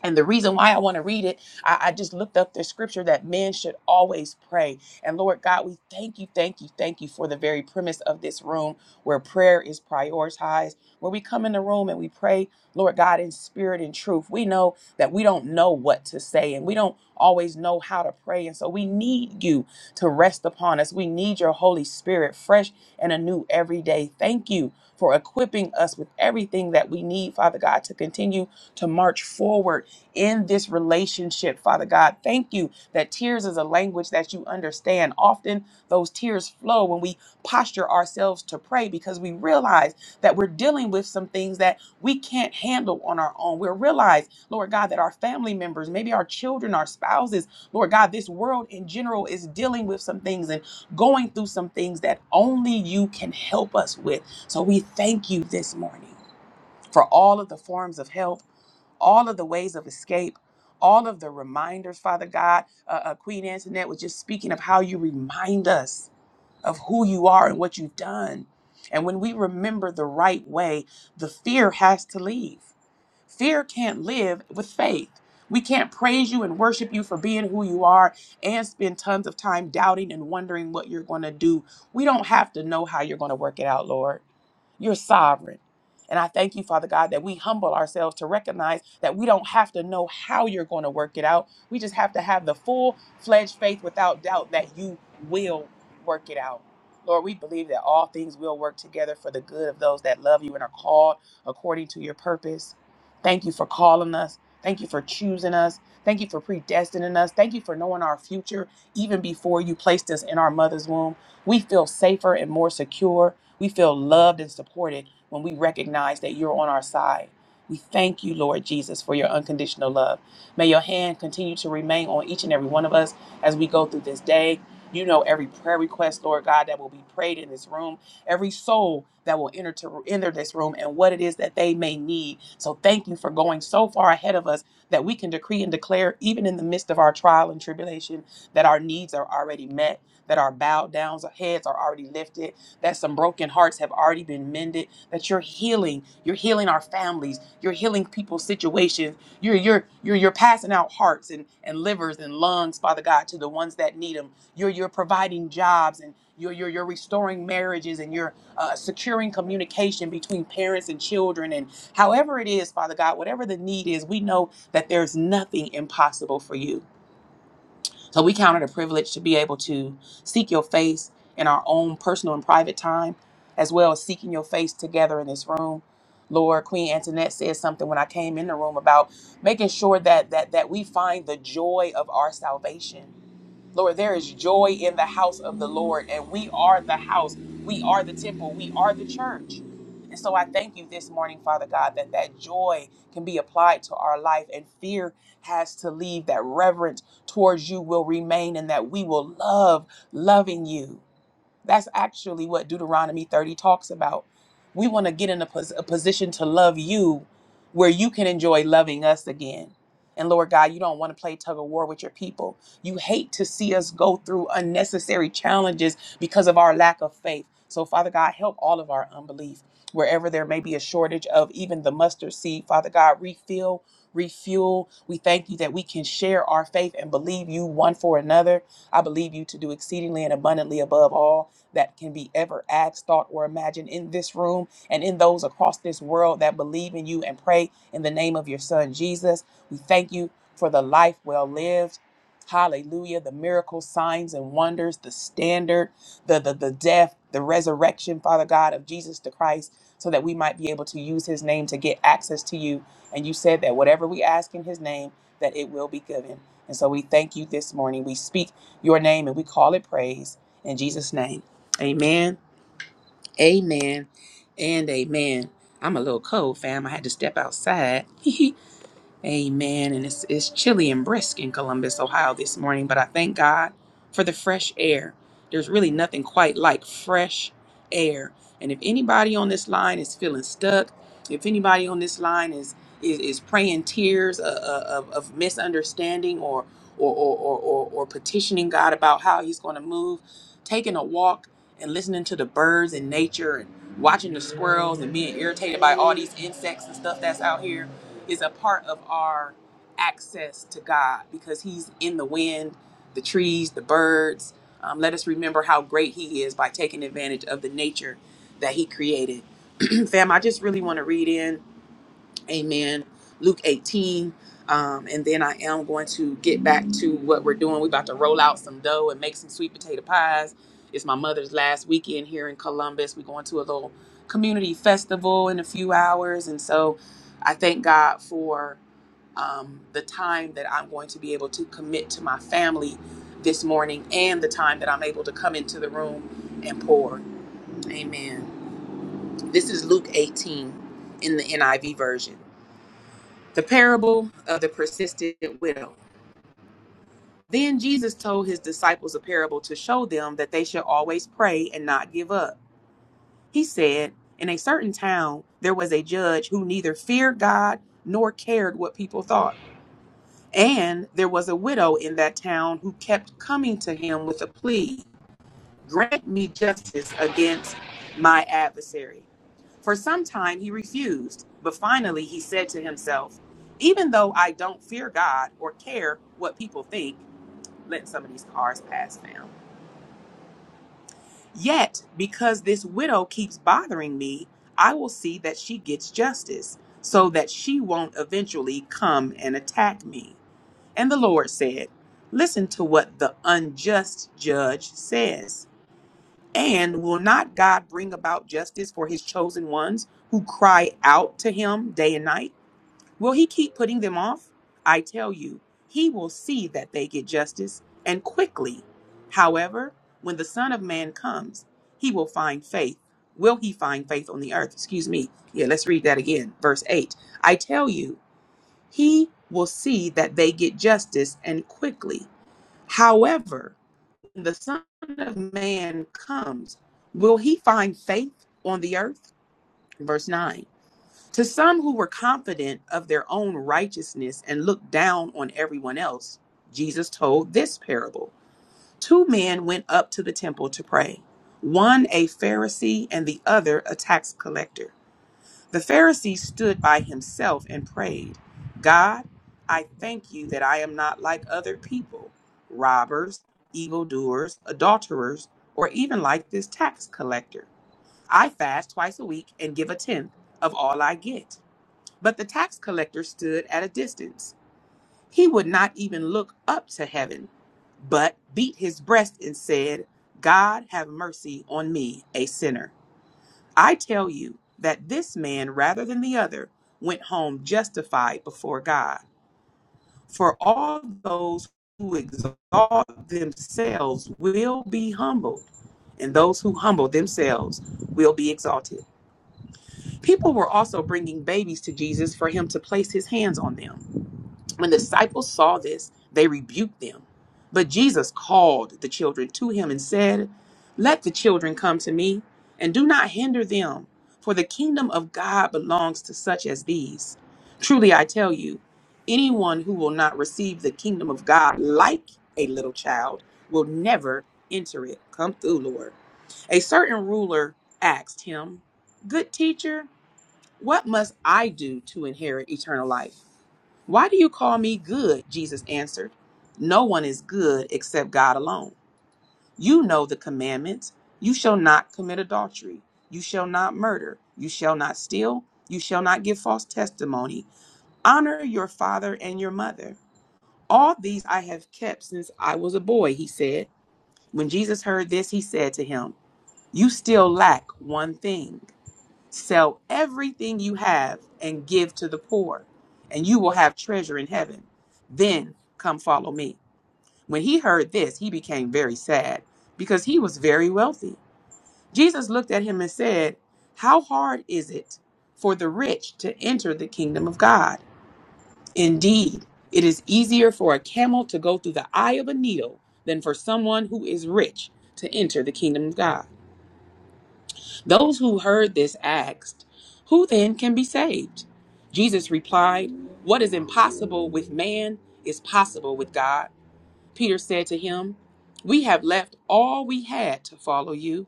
[SPEAKER 4] and the reason why I want to read it, I, I just looked up the scripture that men should always pray. And Lord God, we thank you, thank you, thank you for the very premise of this room where prayer is prioritized, where we come in the room and we pray, Lord God, in spirit and truth. We know that we don't know what to say and we don't always know how to pray. And so we need you to rest upon us. We need your Holy Spirit fresh and anew every day. Thank you for equipping us with everything that we need, Father God, to continue to march forward in this relationship, Father God. Thank you that tears is a language that you understand. Often those tears flow when we posture ourselves to pray because we realize that we're dealing with some things that we can't handle on our own. We realize, Lord God, that our family members, maybe our children, our spouses, Lord God, this world in general is dealing with some things and going through some things that only you can help us with. So we thank you this morning for all of the forms of help all of the ways of escape, all of the reminders, Father God. Uh, uh, Queen Antoinette was just speaking of how you remind us of who you are and what you've done. And when we remember the right way, the fear has to leave. Fear can't live with faith. We can't praise you and worship you for being who you are and spend tons of time doubting and wondering what you're going to do. We don't have to know how you're going to work it out, Lord. You're sovereign. And I thank you, Father God, that we humble ourselves to recognize that we don't have to know how you're going to work it out. We just have to have the full fledged faith without doubt that you will work it out. Lord, we believe that all things will work together for the good of those that love you and are called according to your purpose. Thank you for calling us. Thank you for choosing us. Thank you for predestining us. Thank you for knowing our future even before you placed us in our mother's womb. We feel safer and more secure we feel loved and supported when we recognize that you're on our side. We thank you, Lord Jesus, for your unconditional love. May your hand continue to remain on each and every one of us as we go through this day. You know every prayer request, Lord God, that will be prayed in this room, every soul that will enter to enter this room and what it is that they may need. So thank you for going so far ahead of us that we can decree and declare, even in the midst of our trial and tribulation, that our needs are already met, that our bowed downs, our heads are already lifted that some broken hearts have already been mended, that you're healing. You're healing our families. You're healing people's situations. You're you're you're you're passing out hearts and, and livers and lungs, Father God, to the ones that need them. You're you're providing jobs and you're you're, you're restoring marriages and you're uh, securing communication between parents and children and however it is, Father God, whatever the need is, we know that there's nothing impossible for you. So we count it a privilege to be able to seek your face in our own personal and private time, as well as seeking your face together in this room. Lord, Queen Antoinette said something when I came in the room about making sure that that that we find the joy of our salvation Lord, there is joy in the house of the Lord, and we are the house. We are the temple. We are the church. And so I thank you this morning, Father God, that that joy can be applied to our life and fear has to leave, that reverence towards you will remain, and that we will love loving you. That's actually what Deuteronomy 30 talks about. We want to get in a, pos- a position to love you where you can enjoy loving us again. And Lord God, you don't want to play tug of war with your people. You hate to see us go through unnecessary challenges because of our lack of faith. So, Father God, help all of our unbelief. Wherever there may be a shortage of even the mustard seed, Father God, refill, refuel. We thank you that we can share our faith and believe you one for another. I believe you to do exceedingly and abundantly above all that can be ever asked, thought, or imagined in this room and in those across this world that believe in you and pray in the name of your Son, Jesus. We thank you for the life well lived. Hallelujah. The miracles, signs, and wonders, the standard, the, the, the death, the resurrection, Father God, of Jesus the Christ, so that we might be able to use his name to get access to you. And you said that whatever we ask in his name, that it will be given. And so we thank you this morning. We speak your name and we call it praise. In Jesus' name. Amen. Amen. And amen. I'm a little cold, fam. I had to step outside. Amen. And it's, it's chilly and brisk in Columbus, Ohio this morning, but I thank God for the fresh air. There's really nothing quite like fresh air. And if anybody on this line is feeling stuck, if anybody on this line is is, is praying tears of, of, of misunderstanding or or, or, or, or or petitioning God about how He's going to move, taking a walk and listening to the birds and nature and watching the squirrels and being irritated by all these insects and stuff that's out here is a part of our access to God because He's in the wind, the trees, the birds. Um, let us remember how great He is by taking advantage of the nature that He created. Fam, I just really want to read in. Amen. Luke 18. Um, and then I am going to get back to what we're doing. We're about to roll out some dough and make some sweet potato pies. It's my mother's last weekend here in Columbus. We're going to a little community festival in a few hours. And so I thank God for um, the time that I'm going to be able to commit to my family this morning and the time that I'm able to come into the room and pour. Amen. This is Luke 18 in the NIV version. The parable of the persistent widow. Then Jesus told his disciples a parable to show them that they should always pray and not give up. He said, In a certain town there was a judge who neither feared God nor cared what people thought. And there was a widow in that town who kept coming to him with a plea. grant me justice against my adversary. For some time he refused, but finally he said to himself, Even though I don't fear God or care what people think, let some of these cars pass now. Yet, because this widow keeps bothering me, I will see that she gets justice, so that she won't eventually come and attack me. And the Lord said, Listen to what the unjust judge says. And will not God bring about justice for his chosen ones who cry out to him day and night? Will he keep putting them off? I tell you, he will see that they get justice and quickly. However, when the Son of Man comes, he will find faith. Will he find faith on the earth? Excuse me. Yeah, let's read that again. Verse 8. I tell you, he will see that they get justice and quickly. However, the Son of Man comes, will he find faith on the earth? Verse 9. To some who were confident of their own righteousness and looked down on everyone else, Jesus told this parable Two men went up to the temple to pray, one a Pharisee and the other a tax collector. The Pharisee stood by himself and prayed, God, I thank you that I am not like other people, robbers, evildoers, adulterers, or even like this tax collector. I fast twice a week and give a tenth of all I get. But the tax collector stood at a distance. He would not even look up to heaven, but beat his breast and said, God, have mercy on me, a sinner. I tell you that this man, rather than the other, went home justified before God. For all those who exalt themselves will be humbled, and those who humble themselves will be exalted. People were also bringing babies to Jesus for him to place his hands on them. When the disciples saw this, they rebuked them. But Jesus called the children to him and said, Let the children come to me, and do not hinder them, for the kingdom of God belongs to such as these. Truly I tell you, anyone who will not receive the kingdom of God like a little child will never enter it. Come through, Lord. A certain ruler asked him, Good teacher, what must I do to inherit eternal life? Why do you call me good? Jesus answered. No one is good except God alone. You know the commandments. You shall not commit adultery. You shall not murder. You shall not steal. You shall not give false testimony. Honor your father and your mother. All these I have kept since I was a boy, he said. When Jesus heard this, he said to him, You still lack one thing. Sell everything you have and give to the poor, and you will have treasure in heaven. Then come follow me. When he heard this, he became very sad because he was very wealthy. Jesus looked at him and said, How hard is it for the rich to enter the kingdom of God? Indeed, it is easier for a camel to go through the eye of a needle than for someone who is rich to enter the kingdom of God. Those who heard this asked, Who then can be saved? Jesus replied, What is impossible with man is possible with God. Peter said to him, We have left all we had to follow you.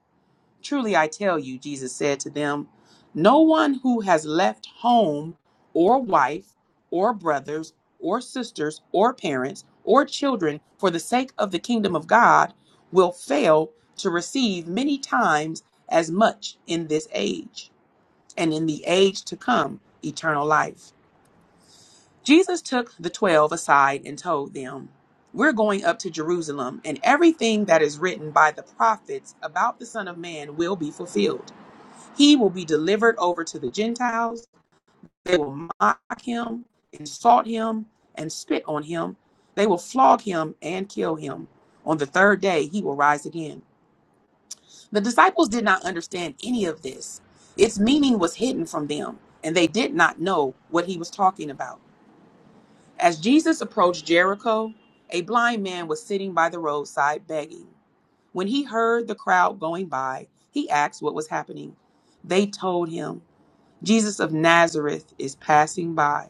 [SPEAKER 4] Truly I tell you, Jesus said to them, no one who has left home or wife or brothers or sisters or parents or children for the sake of the kingdom of God will fail to receive many times as much in this age and in the age to come eternal life. Jesus took the twelve aside and told them, We're going up to Jerusalem, and everything that is written by the prophets about the Son of Man will be fulfilled. He will be delivered over to the Gentiles. They will mock him, insult him, and spit on him. They will flog him and kill him. On the third day, he will rise again. The disciples did not understand any of this. Its meaning was hidden from them, and they did not know what he was talking about. As Jesus approached Jericho, a blind man was sitting by the roadside begging. When he heard the crowd going by, he asked what was happening. They told him. Jesus of Nazareth is passing by.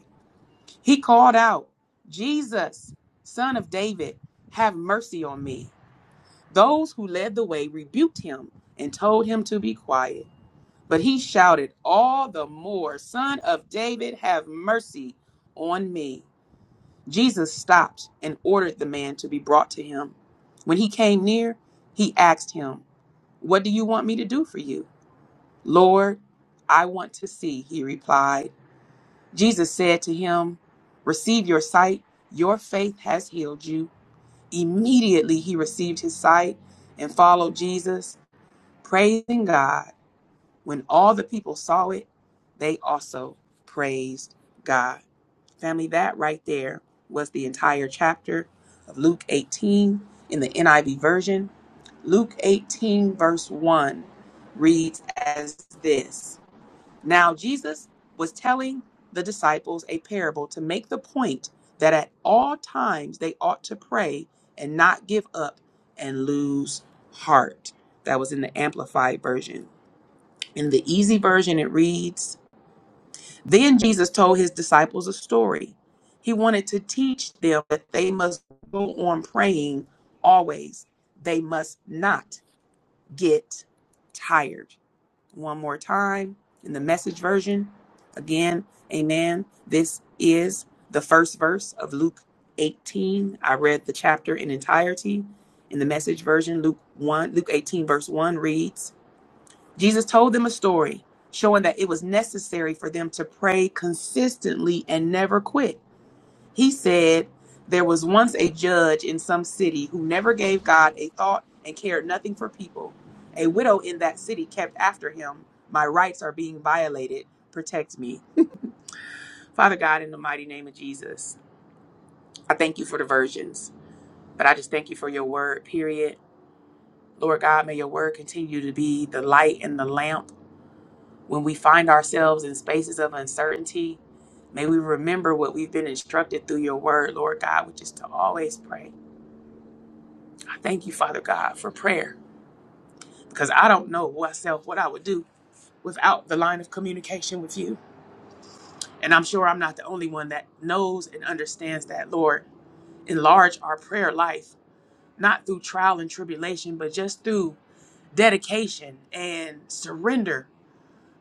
[SPEAKER 4] He called out, Jesus, son of David, have mercy on me. Those who led the way rebuked him and told him to be quiet. But he shouted all the more, Son of David, have mercy on me. Jesus stopped and ordered the man to be brought to him. When he came near, he asked him, What do you want me to do for you? Lord, I want to see, he replied. Jesus said to him, Receive your sight, your faith has healed you. Immediately he received his sight and followed Jesus, praising God. When all the people saw it, they also praised God. Family, that right there was the entire chapter of Luke 18 in the NIV version. Luke 18, verse 1 reads as this. Now, Jesus was telling the disciples a parable to make the point that at all times they ought to pray and not give up and lose heart. That was in the Amplified Version. In the Easy Version, it reads Then Jesus told his disciples a story. He wanted to teach them that they must go on praying always, they must not get tired one more time in the message version. Again, amen. This is the first verse of Luke 18. I read the chapter in entirety. In the message version, Luke 1, Luke 18, verse 1 reads, Jesus told them a story showing that it was necessary for them to pray consistently and never quit. He said, There was once a judge in some city who never gave God a thought and cared nothing for people. A widow in that city kept after him. My rights are being violated. Protect me. Father God, in the mighty name of Jesus, I thank you for the virgins, but I just thank you for your word, period. Lord God, may your word continue to be the light and the lamp when we find ourselves in spaces of uncertainty. May we remember what we've been instructed through your word, Lord God, which is to always pray Thank you, Father God, for prayer because I don't know myself what I would do without the line of communication with you. And I'm sure I'm not the only one that knows and understands that, Lord. Enlarge our prayer life, not through trial and tribulation, but just through dedication and surrender.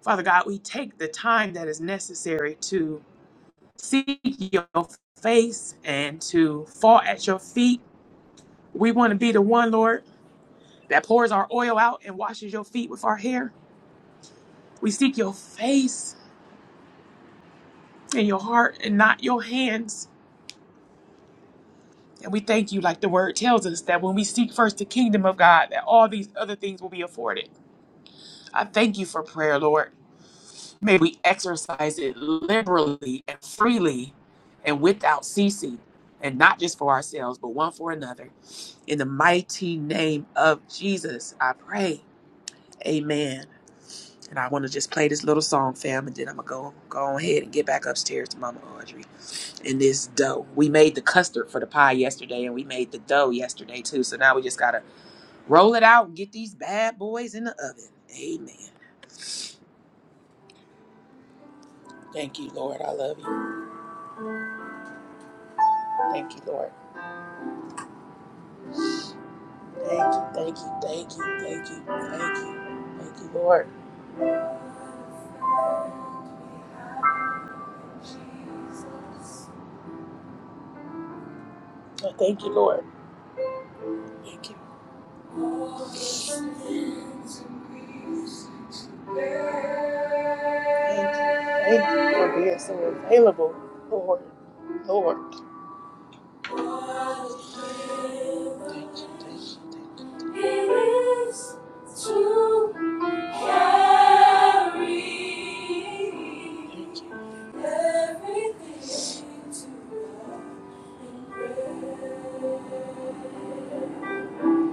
[SPEAKER 4] Father God, we take the time that is necessary to seek your face and to fall at your feet. We want to be the one, Lord, that pours our oil out and washes your feet with our hair. We seek your face and your heart and not your hands. And we thank you, like the word tells us, that when we seek first the kingdom of God, that all these other things will be afforded. I thank you for prayer, Lord. May we exercise it liberally and freely and without ceasing, and not just for ourselves, but one for another. In the mighty name of Jesus, I pray. Amen. And I want to just play this little song, fam, and then I'm going to go go ahead and get back upstairs to Mama Audrey. in this dough. We made the custard for the pie yesterday and we made the dough yesterday too. So now we just gotta roll it out and get these bad boys in the oven. Amen. Thank you, Lord. I love you. Thank you, Lord. Thank you, thank you, thank you, thank you, thank you. Thank you, Lord. Oh, thank you, Lord. Thank you. Thank you. Thank you for being Lord. Lord. Thank He lives to carry everything to God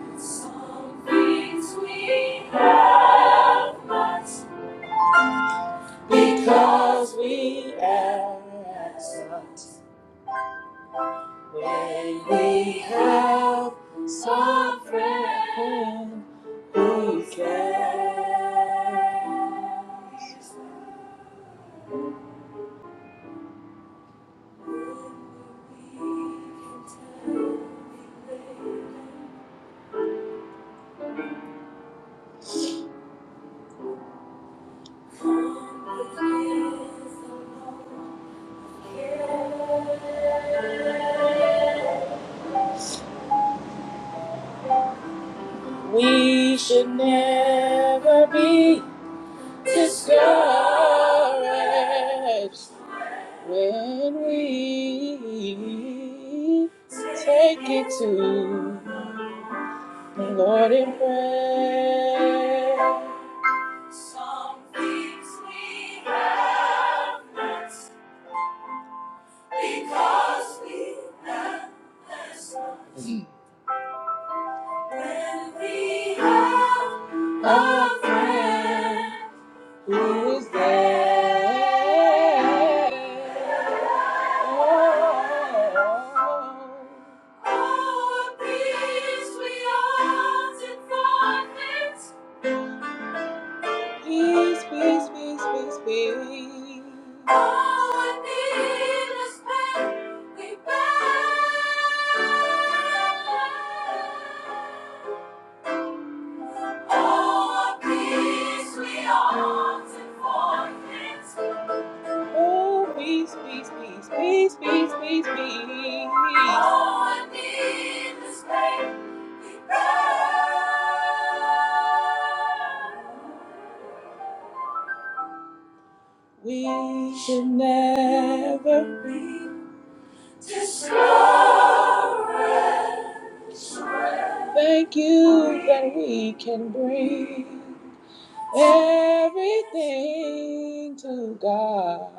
[SPEAKER 4] in Some things we have not because we ask not. When we have some friend We should never be discouraged when we take it to Lord in prayer. Some things we have not because we have less. When we have a friend who is there. Oh, Oh, peace we often forfeit. Peace, peace, peace, peace, peace. Our needless pain we bear. All our peace we often forget. Oh, peace, peace, peace, peace, peace, peace, peace. Our needless pain we bear. We should never be discouraged. Thank you that we can bring everything to God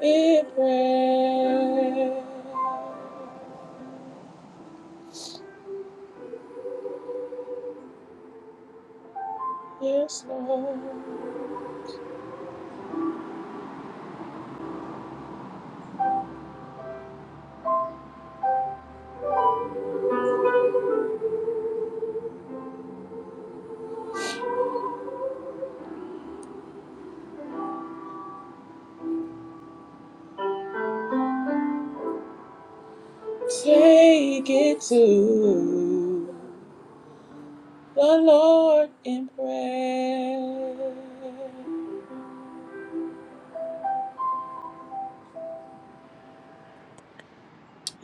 [SPEAKER 4] in prayer. Yes, Lord. Take it to the Lord in prayer.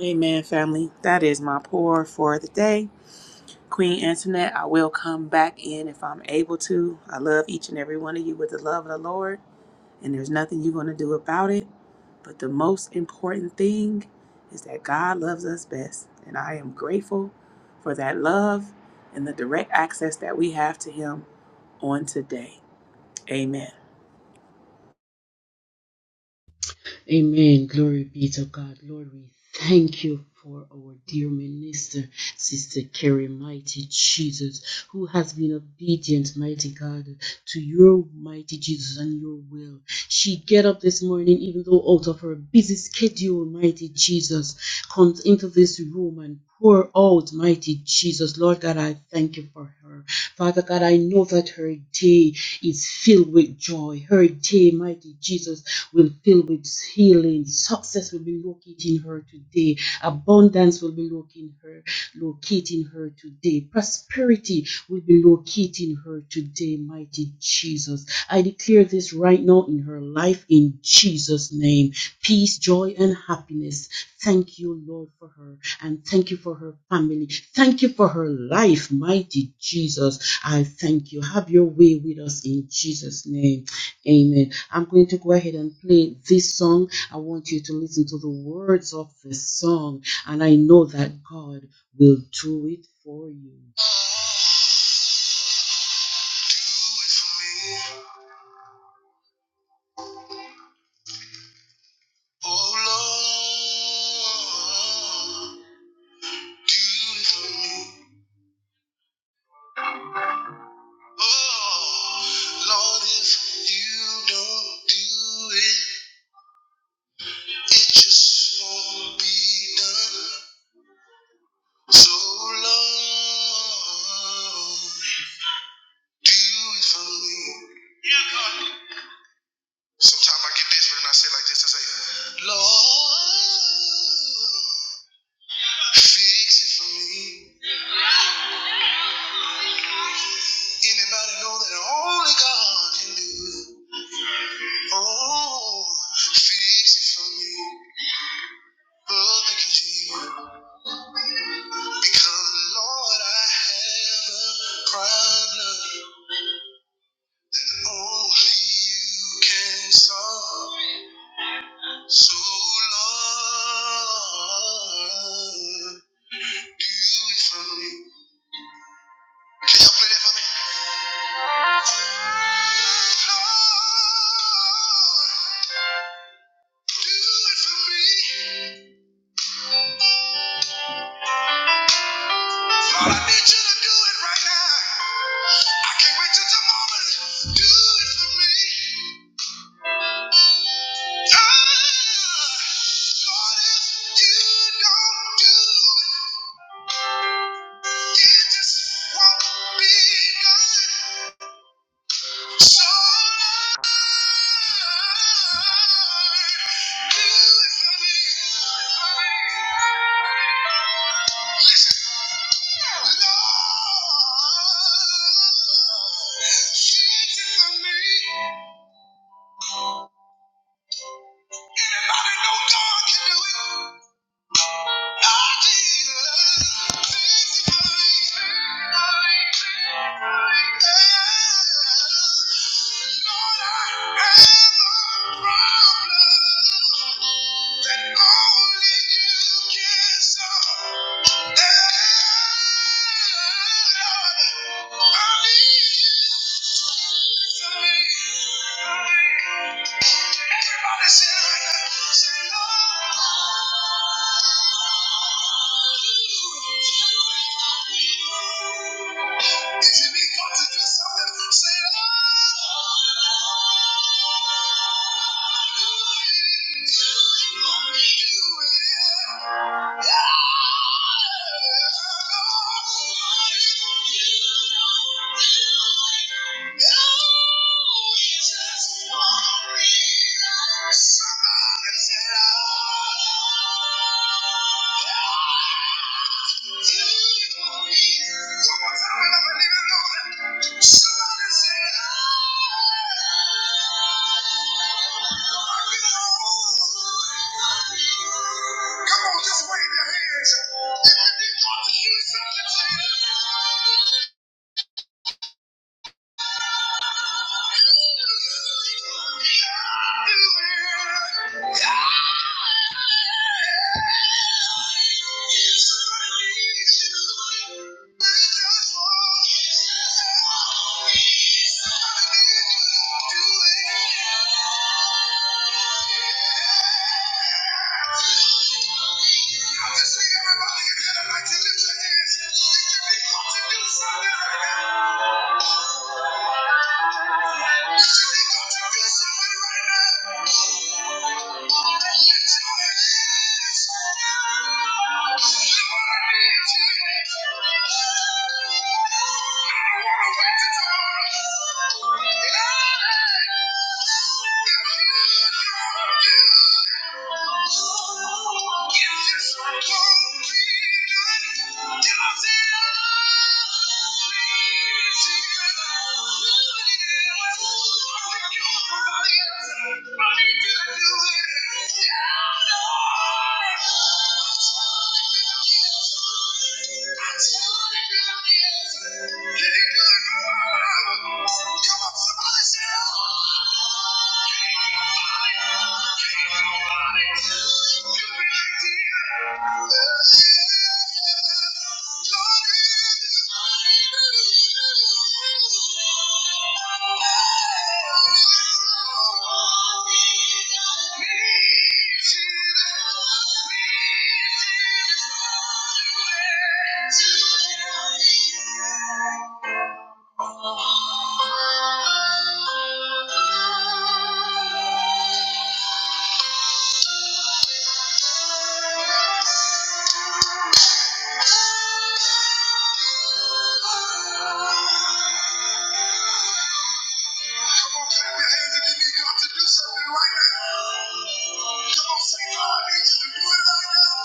[SPEAKER 4] Amen, family. That is my pour for the day. Queen Antoinette, I will come back in if I'm able to. I love each and every one of you with the love of the Lord, and there's nothing you're going to do about it. But the most important thing is that God loves us best, and I am grateful for that love and the direct access that we have to Him on today. Amen.
[SPEAKER 3] Amen. Glory be to God. Lord, we thank you for our dear minister, Sister Carrie, mighty Jesus, who has been obedient, mighty God, to your mighty Jesus and your will. She get up this morning, even though out of her busy schedule, mighty Jesus, comes into this room and pour out, mighty Jesus. Lord God, I thank you for her. Father God, I know that her day is filled with joy. Her day, mighty Jesus, will fill with healing. Success will be locating her today. Abundance will be locating her, locating her today. Prosperity will be locating her today, mighty Jesus. I declare this right now in her life in Jesus' name. Peace, joy, and happiness. Thank you, Lord, for her. And thank you for her family. Thank you for her life, mighty Jesus. I thank you. Have your way with us in Jesus' name. Amen. I'm going to go ahead and play this song. I want you to listen to the words of the song. And I know that God will do it for you. Do it for me. Oh Lord, do it for me. Oh Lord, if you don't do it, it just won't be done. So Lord, do it for me. Sometimes I get desperate and I say like this, I say, Lord, fix it for me. Anybody know that only God can do it? Oh, fix it for me. Oh, thank you, Jesus. Because, Lord, I have a problem that only you can solve. So, Lord, do it for me. Can y'all play that for me? Lord, do it for me. Lord, I need you to do it right now. I can't wait till tomorrow to do it for me. Ah, Lord, if you don't do it, it just won't be done. So Lord, do it for me. do it for me. Listen, Lord, shed it for me. Anybody know God can do it? That only you can solve. Everybody say, say, Lord. If you need God to do something, say, Lord. Somebody said, oh. Come on, just wave your hands. If you need God to do something, say it. Now let's meet everybody in here tonight to lift your hands. Yeah. Come on, somebody say, oh! Thank you. Thank you. Come on, clap your hands if you need God to do something right now. Come on, say, God, I need you to do it right now.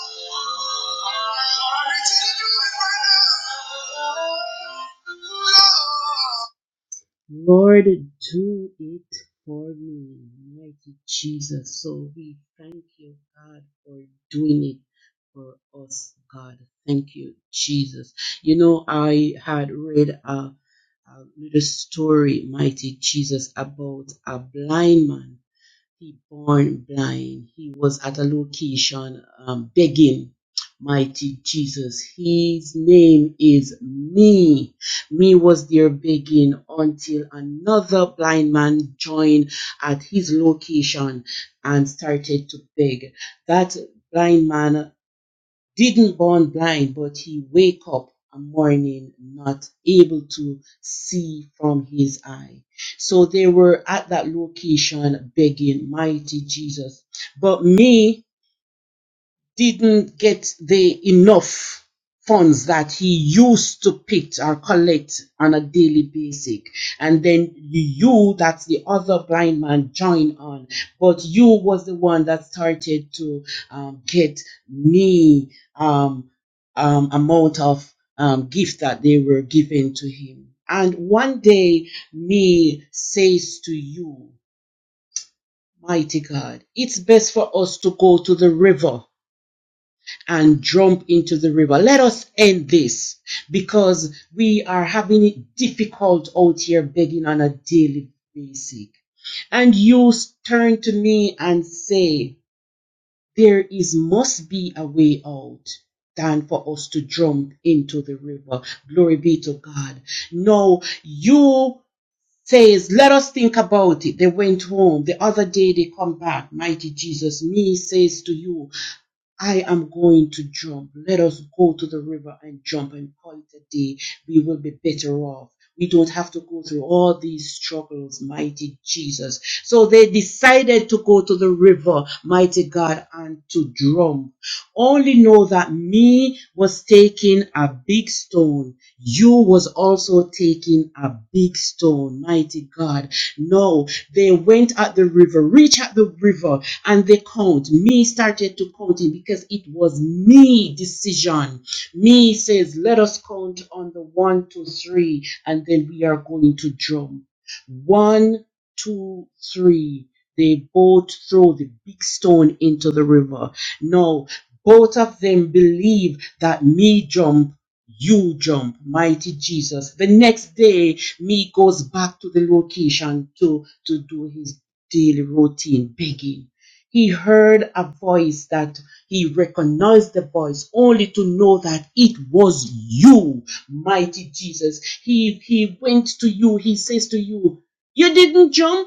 [SPEAKER 3] God, I need you to do it right now. God. Lord, do it for me, mighty Jesus. So we thank you, God, for doing it for us, God. Thank you, Jesus. You know, I had read a, a little story, mighty Jesus, about a blind man he born blind. He was at a location um, begging. Mighty Jesus, His name is Me. Me was there begging until another blind man joined at his location and started to beg. That blind man didn't born blind, but he wake up a morning not able to see from his eye. So they were at that location begging, mighty Jesus. But me, didn't get the enough funds that he used to pick or collect on a daily basis, and then you that's the other blind man joined on but you was the one that started to um, get me um, um, amount of um, gift that they were giving to him and one day me says to you mighty god it's best for us to go to the river and jump into the river. Let us end this because we are having it difficult out here begging on a daily basis. And you turn to me and say, there is must be a way out than for us to jump into the river. Glory be to God. No, you says, let us think about it. They went home. The other day they come back. Mighty Jesus, me says to you, I am going to jump. Let us go to the river and jump and call it a day. We will be better off. We don't have to go through all these struggles, mighty Jesus. So they decided to go to the river, mighty God, and to jump. Only know that me was taking a big stone you was also taking a big stone, mighty God. No, they went at the river, reach at the river, and they count. Me started to counting because it was me decision. Me says, let us count on the one, two, three, and then we are going to drum. One, two, three. They both throw the big stone into the river. No, both of them believe that me jump you jump, mighty Jesus. The next day, me goes back to the location to, to do his daily routine begging. He heard a voice that he recognized the voice only to know that it was you, mighty Jesus. He, he went to you. He says to you, you didn't jump.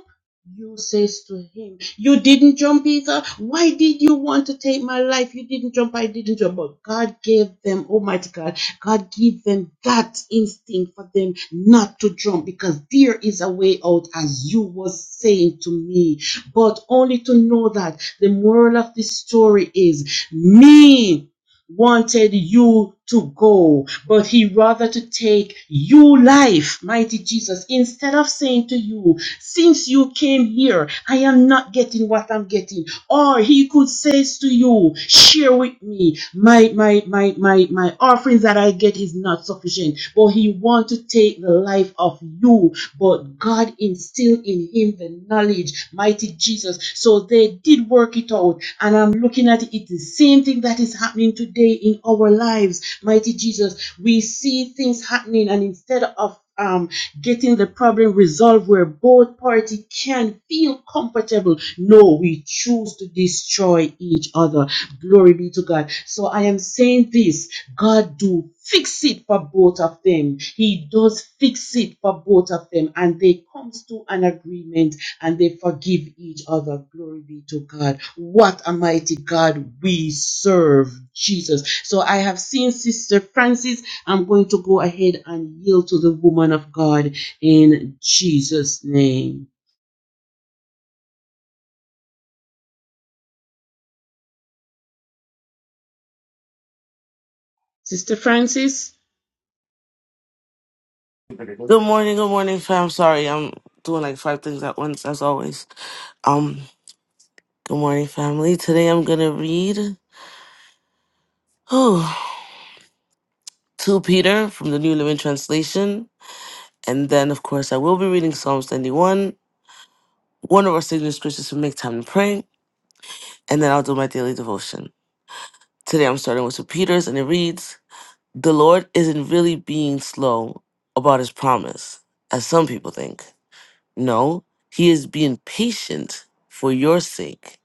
[SPEAKER 3] You says to him, You didn't jump either. Why did you want to take my life? You didn't jump, I didn't jump. But God gave them, Almighty God, God gave them that instinct for them not to jump because there is a way out, as you was saying to me. But only to know that the moral of this story is me wanted you to go, but he rather to take you life, mighty Jesus, instead of saying to you, since you came here, I am not getting what I'm getting. Or he could say to you, share with me. My my my my my offerings that I get is not sufficient. But he want to take the life of you. But God instilled in him the knowledge, mighty Jesus. So they did work it out. And I'm looking at it, it's the same thing that is happening today in our lives, mighty Jesus. We see things happening, and instead of um getting the problem resolved where both party can feel comfortable. No, we choose to destroy each other. Glory be to God. So I am saying this, God do fix it for both of them. He does fix it for both of them and they comes to an agreement and they forgive each other. Glory be to God. What a mighty God we serve, Jesus. So I have seen Sister Francis I'm going to go ahead and yield to the woman of God in Jesus' name. Sister Francis?
[SPEAKER 5] Good morning, good morning, fam. Sorry, I'm doing like five things at once, as always. Um, good morning, family. Today I'm gonna read oh, to Peter from the New Living Translation, and then of course I will be reading Psalms 91, one of our signature scriptures from Make Time to Pray, and then I'll do my daily devotion. Today I'm starting with St. Peter's, and it reads, "The Lord isn't really being slow about His promise, as some people think. No, He is being patient for your sake."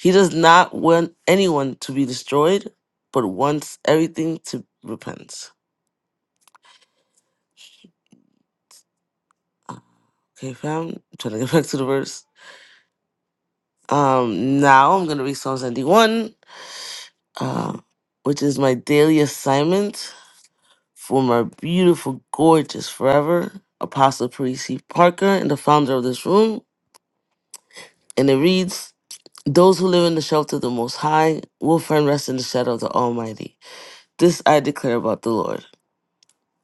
[SPEAKER 5] He does not want anyone to be destroyed, but wants everything to repent. Okay, fam. I'm trying to get back to the verse. Um, now I'm gonna read Psalm 71, uh, which is my daily assignment for my beautiful, gorgeous, forever apostle Parisi Parker and the founder of this room. And it reads, "Those who live in the shelter of the Most High will find rest in the shadow of the Almighty. This I declare about the Lord.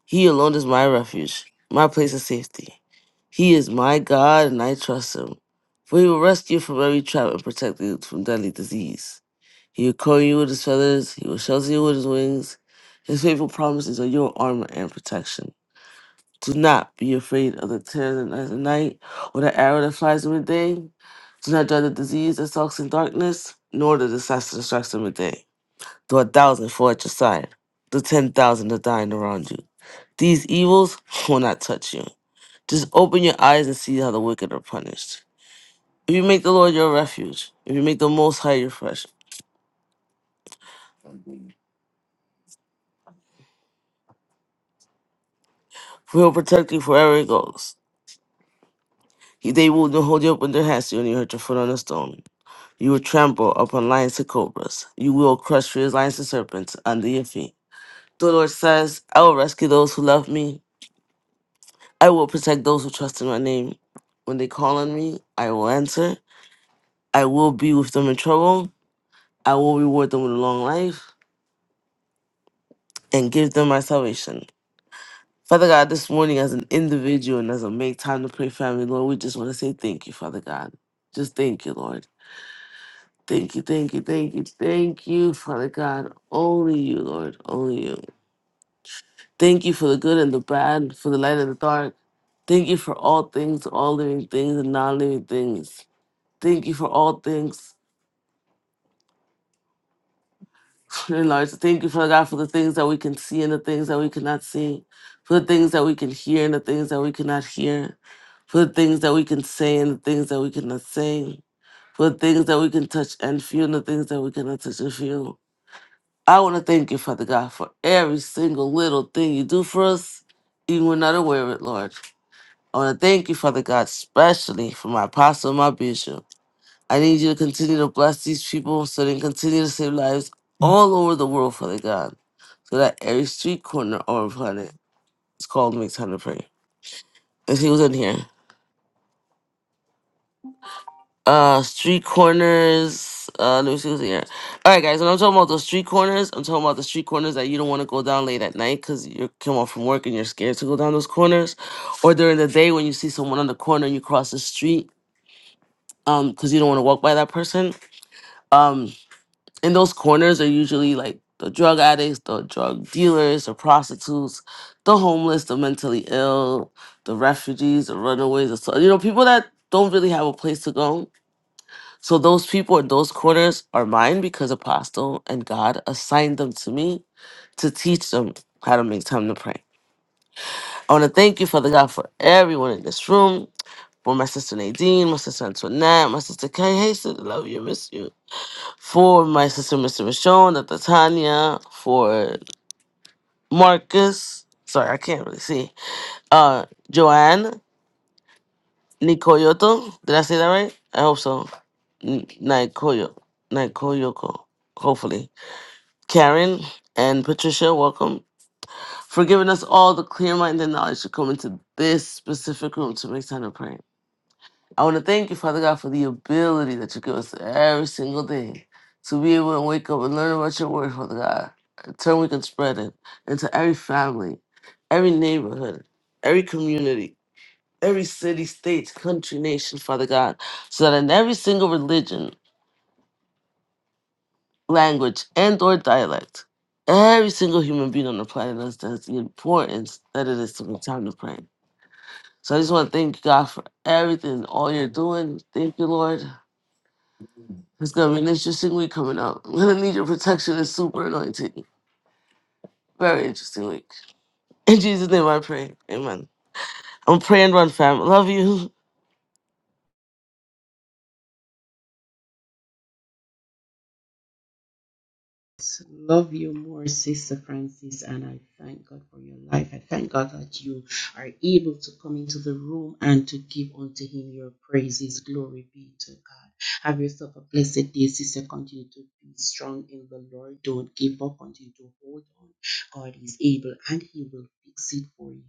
[SPEAKER 5] He alone is my refuge, my place of safety. He is my God, and I trust him. For he will rescue you from every trap and protect you from deadly disease. He will cover you with his feathers, he will shelter you with his wings. His faithful promises are your armor and protection. Do not be afraid of the terror that lies at night, or the arrow that flies in the day. Do not dread the disease that stalks in darkness, nor the disaster that strikes in the day to a thousand fall at your side, to ten thousand are dying around you. These evils will not touch you. Just open your eyes and see how the wicked are punished. If you make the Lord your refuge, if you make the Most High your refuge, for He'll protect you wherever it goes. He, they will not hold you up in their hands when you hurt your foot on a stone. You will trample upon lions and cobras. You will crush fierce lions and serpents under your feet. The Lord says, I will rescue those who love me. I will protect those who trust in my name. When they call on me, I will answer. I will be with them in trouble. I will reward them with a long life and give them my salvation. Father God, this morning as an individual and as a make time to pray family, Lord, we just want to say thank you, Father God. Just thank you, Lord. Thank you, thank you, thank you, thank you, Father God. Only you, Lord, only you. Thank you for the good and the bad, for the light and the dark. Thank you for all things, all living things and non living things. Thank you for all things. Dear Lord, thank you, Father God, for the things that we can see and the things that we cannot see, for the things that we can hear and the things that we cannot hear, for the things that we can say and the things that we cannot say, for the things that we can touch and feel and the things that we cannot touch and feel. I want to thank you, Father God, for every single little thing you do for us, even when not aware of it, Lord. I want to thank you, Father God, especially for my apostle and my bishop. I need you to continue to bless these people so they can continue to save lives all over the world, Father God so that every street corner on the planet is called "make Time to Pray. Let's see who's in here. Uh, street corners. Uh, let me see who's in here. All right, guys. When I'm talking about those street corners, I'm talking about the street corners that you don't want to go down late at night because you come off from work and you're scared to go down those corners, or during the day when you see someone on the corner and you cross the street um because you don't want to walk by that person. Um, And those corners are usually like the drug addicts, the drug dealers, the prostitutes, the homeless, the mentally ill, the refugees, the runaways, the so you know, people that don't really have a place to go. So those people in those corners are mine because Apostle and God assigned them to me to teach them how to make time to pray. I want to thank you, Father God, for everyone in this room, for my sister Nadine, my sister Antoinette, my sister Kay. Hey, sister, love you, miss you for my sister, Mr. Michonne, Dr. Tanya, for Marcus. Sorry, I can't really see. Uh, Joanne, Nikoyoto. Did I say that right? I hope so. N- Nikoyo, Nikoyoko. Hopefully, Karen and Patricia, welcome for giving us all the clear mind and knowledge to come into this specific room to make time to pray. I want to thank you, Father God, for the ability that you give us every single day to be able to wake up and learn about your word, Father God. In turn, we can spread it into every family, every neighborhood, every community, every city, state, country, nation, Father God, so that in every single religion, language, and or dialect, every single human being on the planet understands the importance that it is to make time to pray. So I just want to thank you, God, for everything, all you're doing. Thank you, Lord. It's gonna be an interesting week coming up. I'm gonna need your protection and super anointing. Very interesting week. In Jesus' name I pray. Amen. I'm praying run fam. Love you.
[SPEAKER 3] Love you more, Sister Francis, and I thank God for your life. I thank God that you are able to come into the room and to give unto Him your praises. Glory be to God. Have yourself a blessed day, Sister. Continue to be strong in the Lord. Don't give up. Continue to hold on. God is able and He will fix it for you.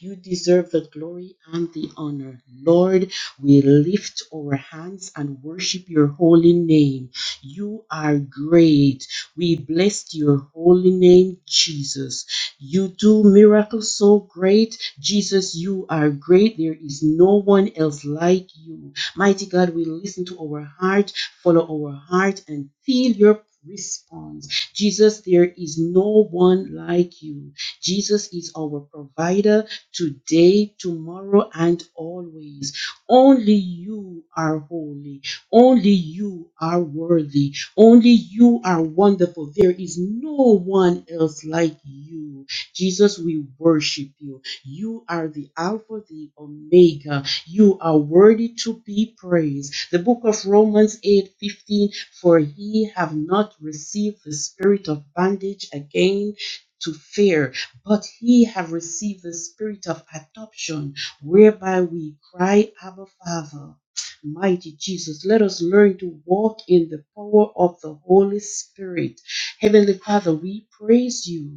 [SPEAKER 3] You deserve the glory and the honor. Lord, we lift our hands and worship your holy name. You are great. We bless your holy name, Jesus. You do miracles so great. Jesus, you are great. There is no one else like you. Mighty God, we listen to our heart, follow our heart, and feel your response. Jesus, there is no one like you. Jesus is our provider today, tomorrow, and always. Only you are holy. Only you are worthy. Only you are wonderful. There is no one else like you. Jesus, we worship you. You are the Alpha, the Omega. You are worthy to be praised. The book of Romans eight fifteen. for he have not received the spirit of bondage again to fear, but he have received the spirit of adoption, whereby we cry, Abba Father. Mighty Jesus, let us learn to walk in the power of the Holy Spirit. Heavenly Father, we praise you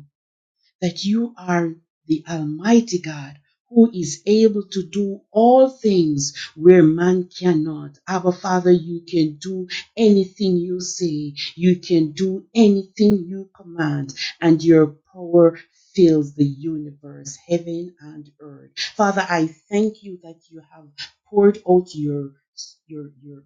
[SPEAKER 3] that you are the Almighty God who is able to do all things where man cannot. Abba, Father, you can do anything you say, you can do anything you command, and your power fills the universe, heaven and earth. Father, I thank you that you have poured out your your your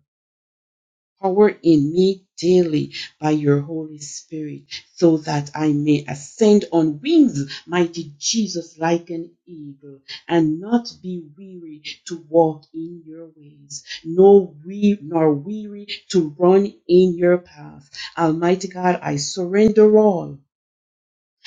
[SPEAKER 3] Power in me daily by your Holy Spirit, so that I may ascend on wings, mighty Jesus, like an eagle, and not be weary to walk in your ways, nor, we, nor weary to run in your path. Almighty God, I surrender all.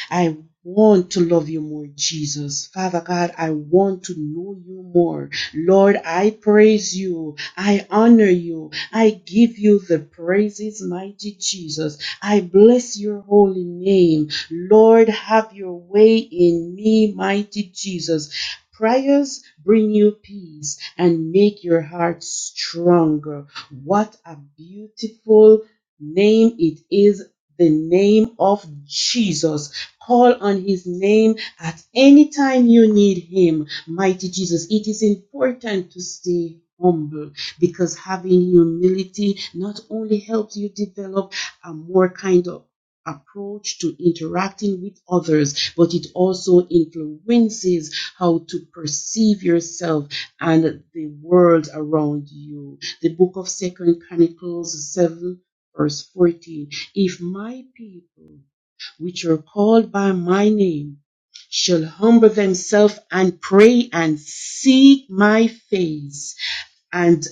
[SPEAKER 3] I want to love you more, Jesus. Father God, I want to know you more. Lord, I praise you. I honor you. I give you the praises, mighty Jesus. I bless your holy name. Lord, have your way in me, mighty Jesus. Prayers bring you peace and make your heart stronger. What a beautiful name it is, the name of Jesus. Call on his name at any time you need him. Mighty Jesus, it is important to stay humble because having humility not only helps you develop a more kind of approach to interacting with others, but it also influences how to perceive yourself and the world around you. The book of Second Chronicles 7 verse 14. If my people which are called by my name, shall humble themselves and pray and seek my face and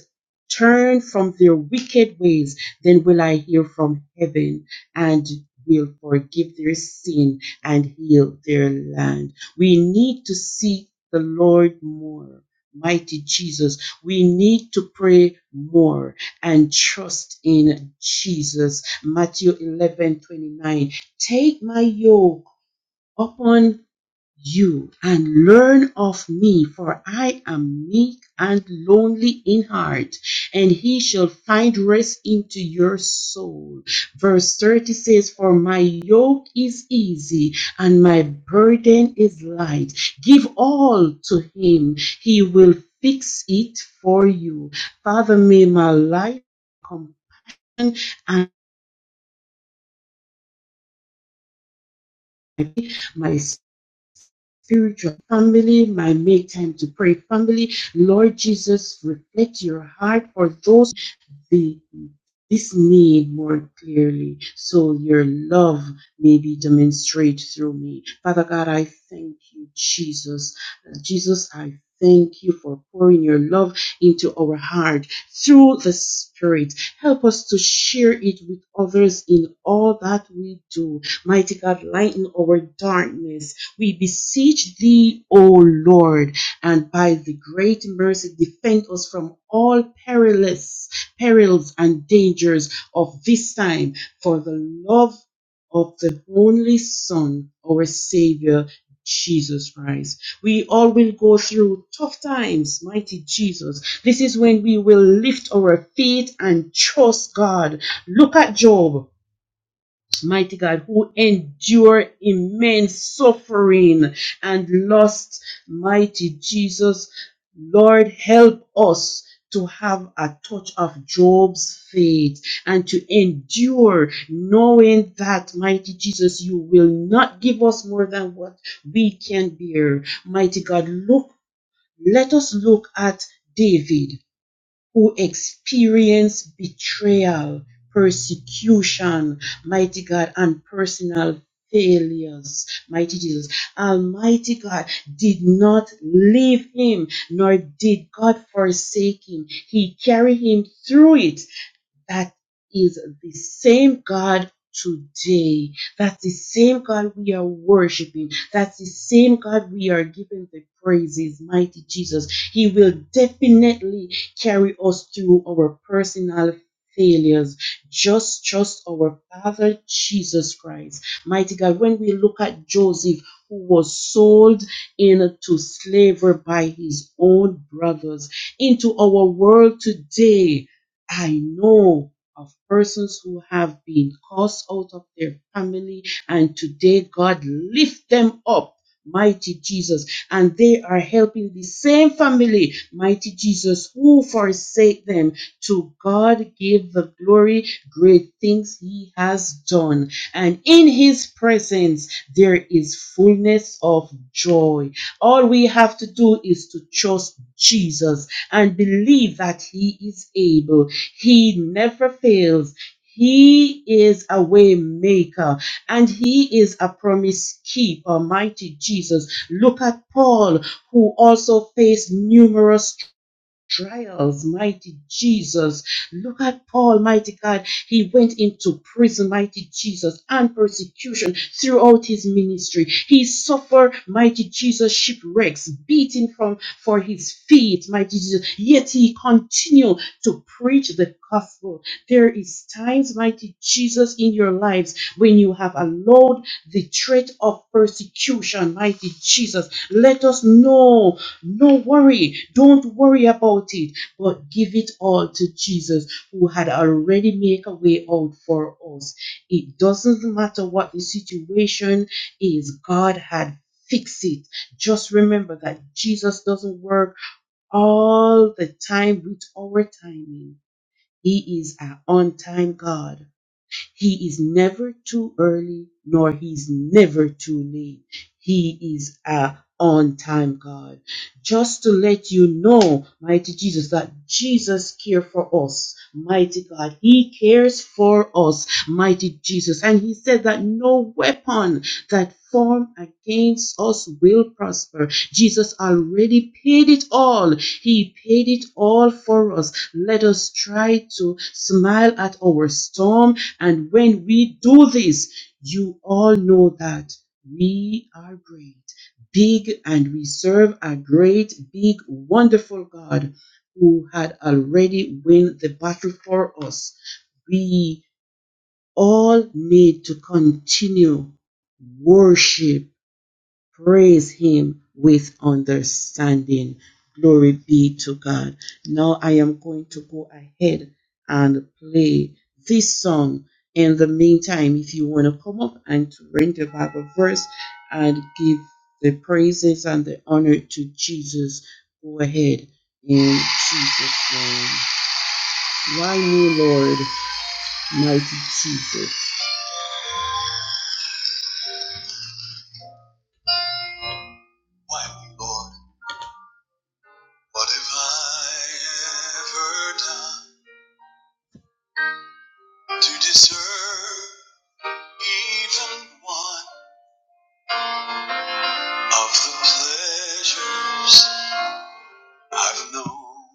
[SPEAKER 3] turn from their wicked ways, then will I hear from heaven and will forgive their sin and heal their land. We need to seek the Lord more. Mighty Jesus, we need to pray more and trust in Jesus. Matthew eleven twenty nine. Take my yoke upon you and learn of me, for I am meek and lonely in heart, and he shall find rest into your soul. Verse 30 says, For my yoke is easy and my burden is light. Give all to him, he will fix it for you. Father, may my life come and my spiritual family, my make time to pray family. Lord Jesus, reflect your heart for those the, this need more clearly so your love may be demonstrated through me. Father God, I thank you, Jesus. Uh, Jesus, I thank you for pouring your love into our heart through the Spirit. Help us to share it with others in all that we do. Mighty God, lighten our darkness. We beseech thee, O Lord and by the great mercy defend us from all perilous perils and dangers of this time for the love of the only son our savior jesus christ we all will go through tough times mighty jesus this is when we will lift our faith and trust god look at job mighty God, who endure immense suffering and lost, mighty Jesus. Lord, help us to have a touch of Job's faith and to endure, knowing that, mighty Jesus, you will not give us more than what we can bear. Mighty God, look, let us look at David who experience betrayal, persecution, mighty God, and personal failures, mighty Jesus. Almighty God did not leave him, nor did God forsake him. He carried him through it that is the same God today. That's the same God we are worshiping. That's the same God we are giving the praises, mighty Jesus. He will definitely carry us through our personal failures. Just trust our Father Jesus Christ. Mighty God, when we look at Joseph, who was sold into slavery by his own brothers, into our world today, I know of persons who have been cast out of their family, and today God lift them up, mighty Jesus, and they are helping the same family, mighty Jesus, who forsake them. To God give the glory, great things He has done, and in His presence there is fullness of joy. All we have to do is to trust Jesus and believe that He is able he never fails. He is a way maker and he is a promise keeper, mighty Jesus. Look at Paul, who also faced numerous trials, mighty Jesus. Look at Paul, mighty God. He went into prison, mighty Jesus, and persecution throughout his ministry. He suffered, mighty Jesus, shipwrecks, beating from for his feet, mighty Jesus. Yet he continued to preach the gospel. There is times, mighty Jesus, in your lives when you have allowed the threat of persecution, mighty Jesus. Let us know no worry. Don't worry about it, but give it all to Jesus who had already made a way out for us. It doesn't matter what the situation is, God had fixed it. Just remember that Jesus doesn't work all the time with our timing. He is our on time God. He is never too early, nor he's never too late. He is a on-time God. Just to let you know, mighty Jesus, that Jesus cares for us. Mighty God, He cares for us, mighty Jesus. And He said that no weapon that form against us will prosper. Jesus already paid it all. He paid it all for us. Let us try to smile at our storm and when we do this, you all know that we are great, big, and we serve a great, big, wonderful God who had already won the battle for us. We all need to continue worship Praise him with understanding. Glory be to God. Now I am going to go ahead and play this song. In the meantime, if you want to come up and to read the Bible verse and give the praises and the honor to Jesus, go ahead in Jesus' name. Why me, Lord, mighty Jesus? Why me, Lord? What have I ever done? to deserve even one of the pleasures I've known.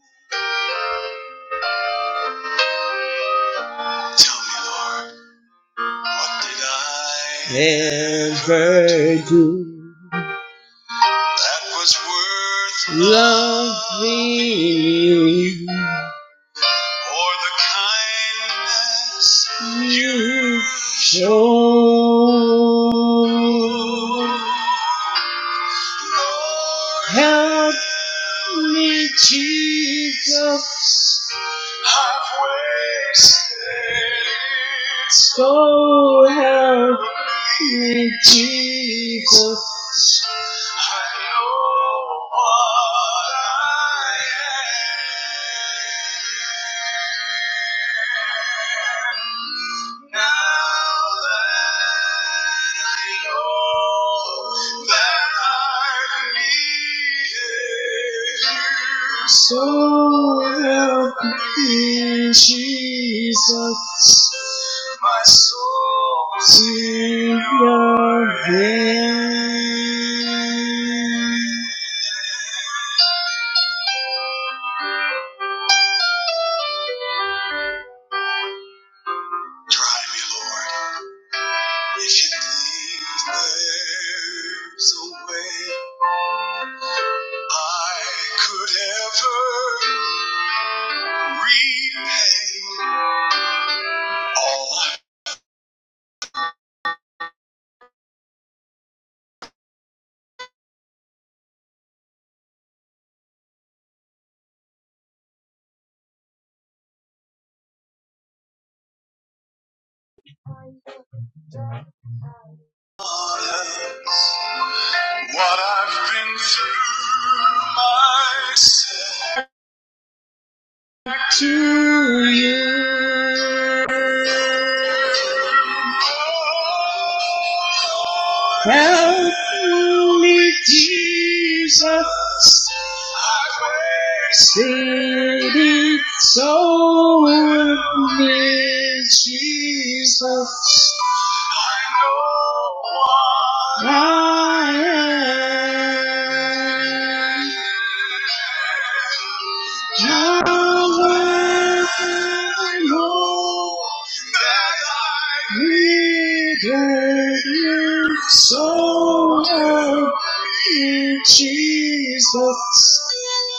[SPEAKER 3] Tell me, Lord, what did I ever do that was worth loving you? For the kindness you show. Help me, Jesus. I've wasted it. so help me, Jesus. I know what I am. Now that I know that i needed you, so help me, Jesus. My soul's in your hands. Try me, Lord, if you think there's a way I could ever repay all I've done, what I've been through myself. to you. Help me, Jesus. Sing it so with me, Jesus. I know. So help me, Jesus,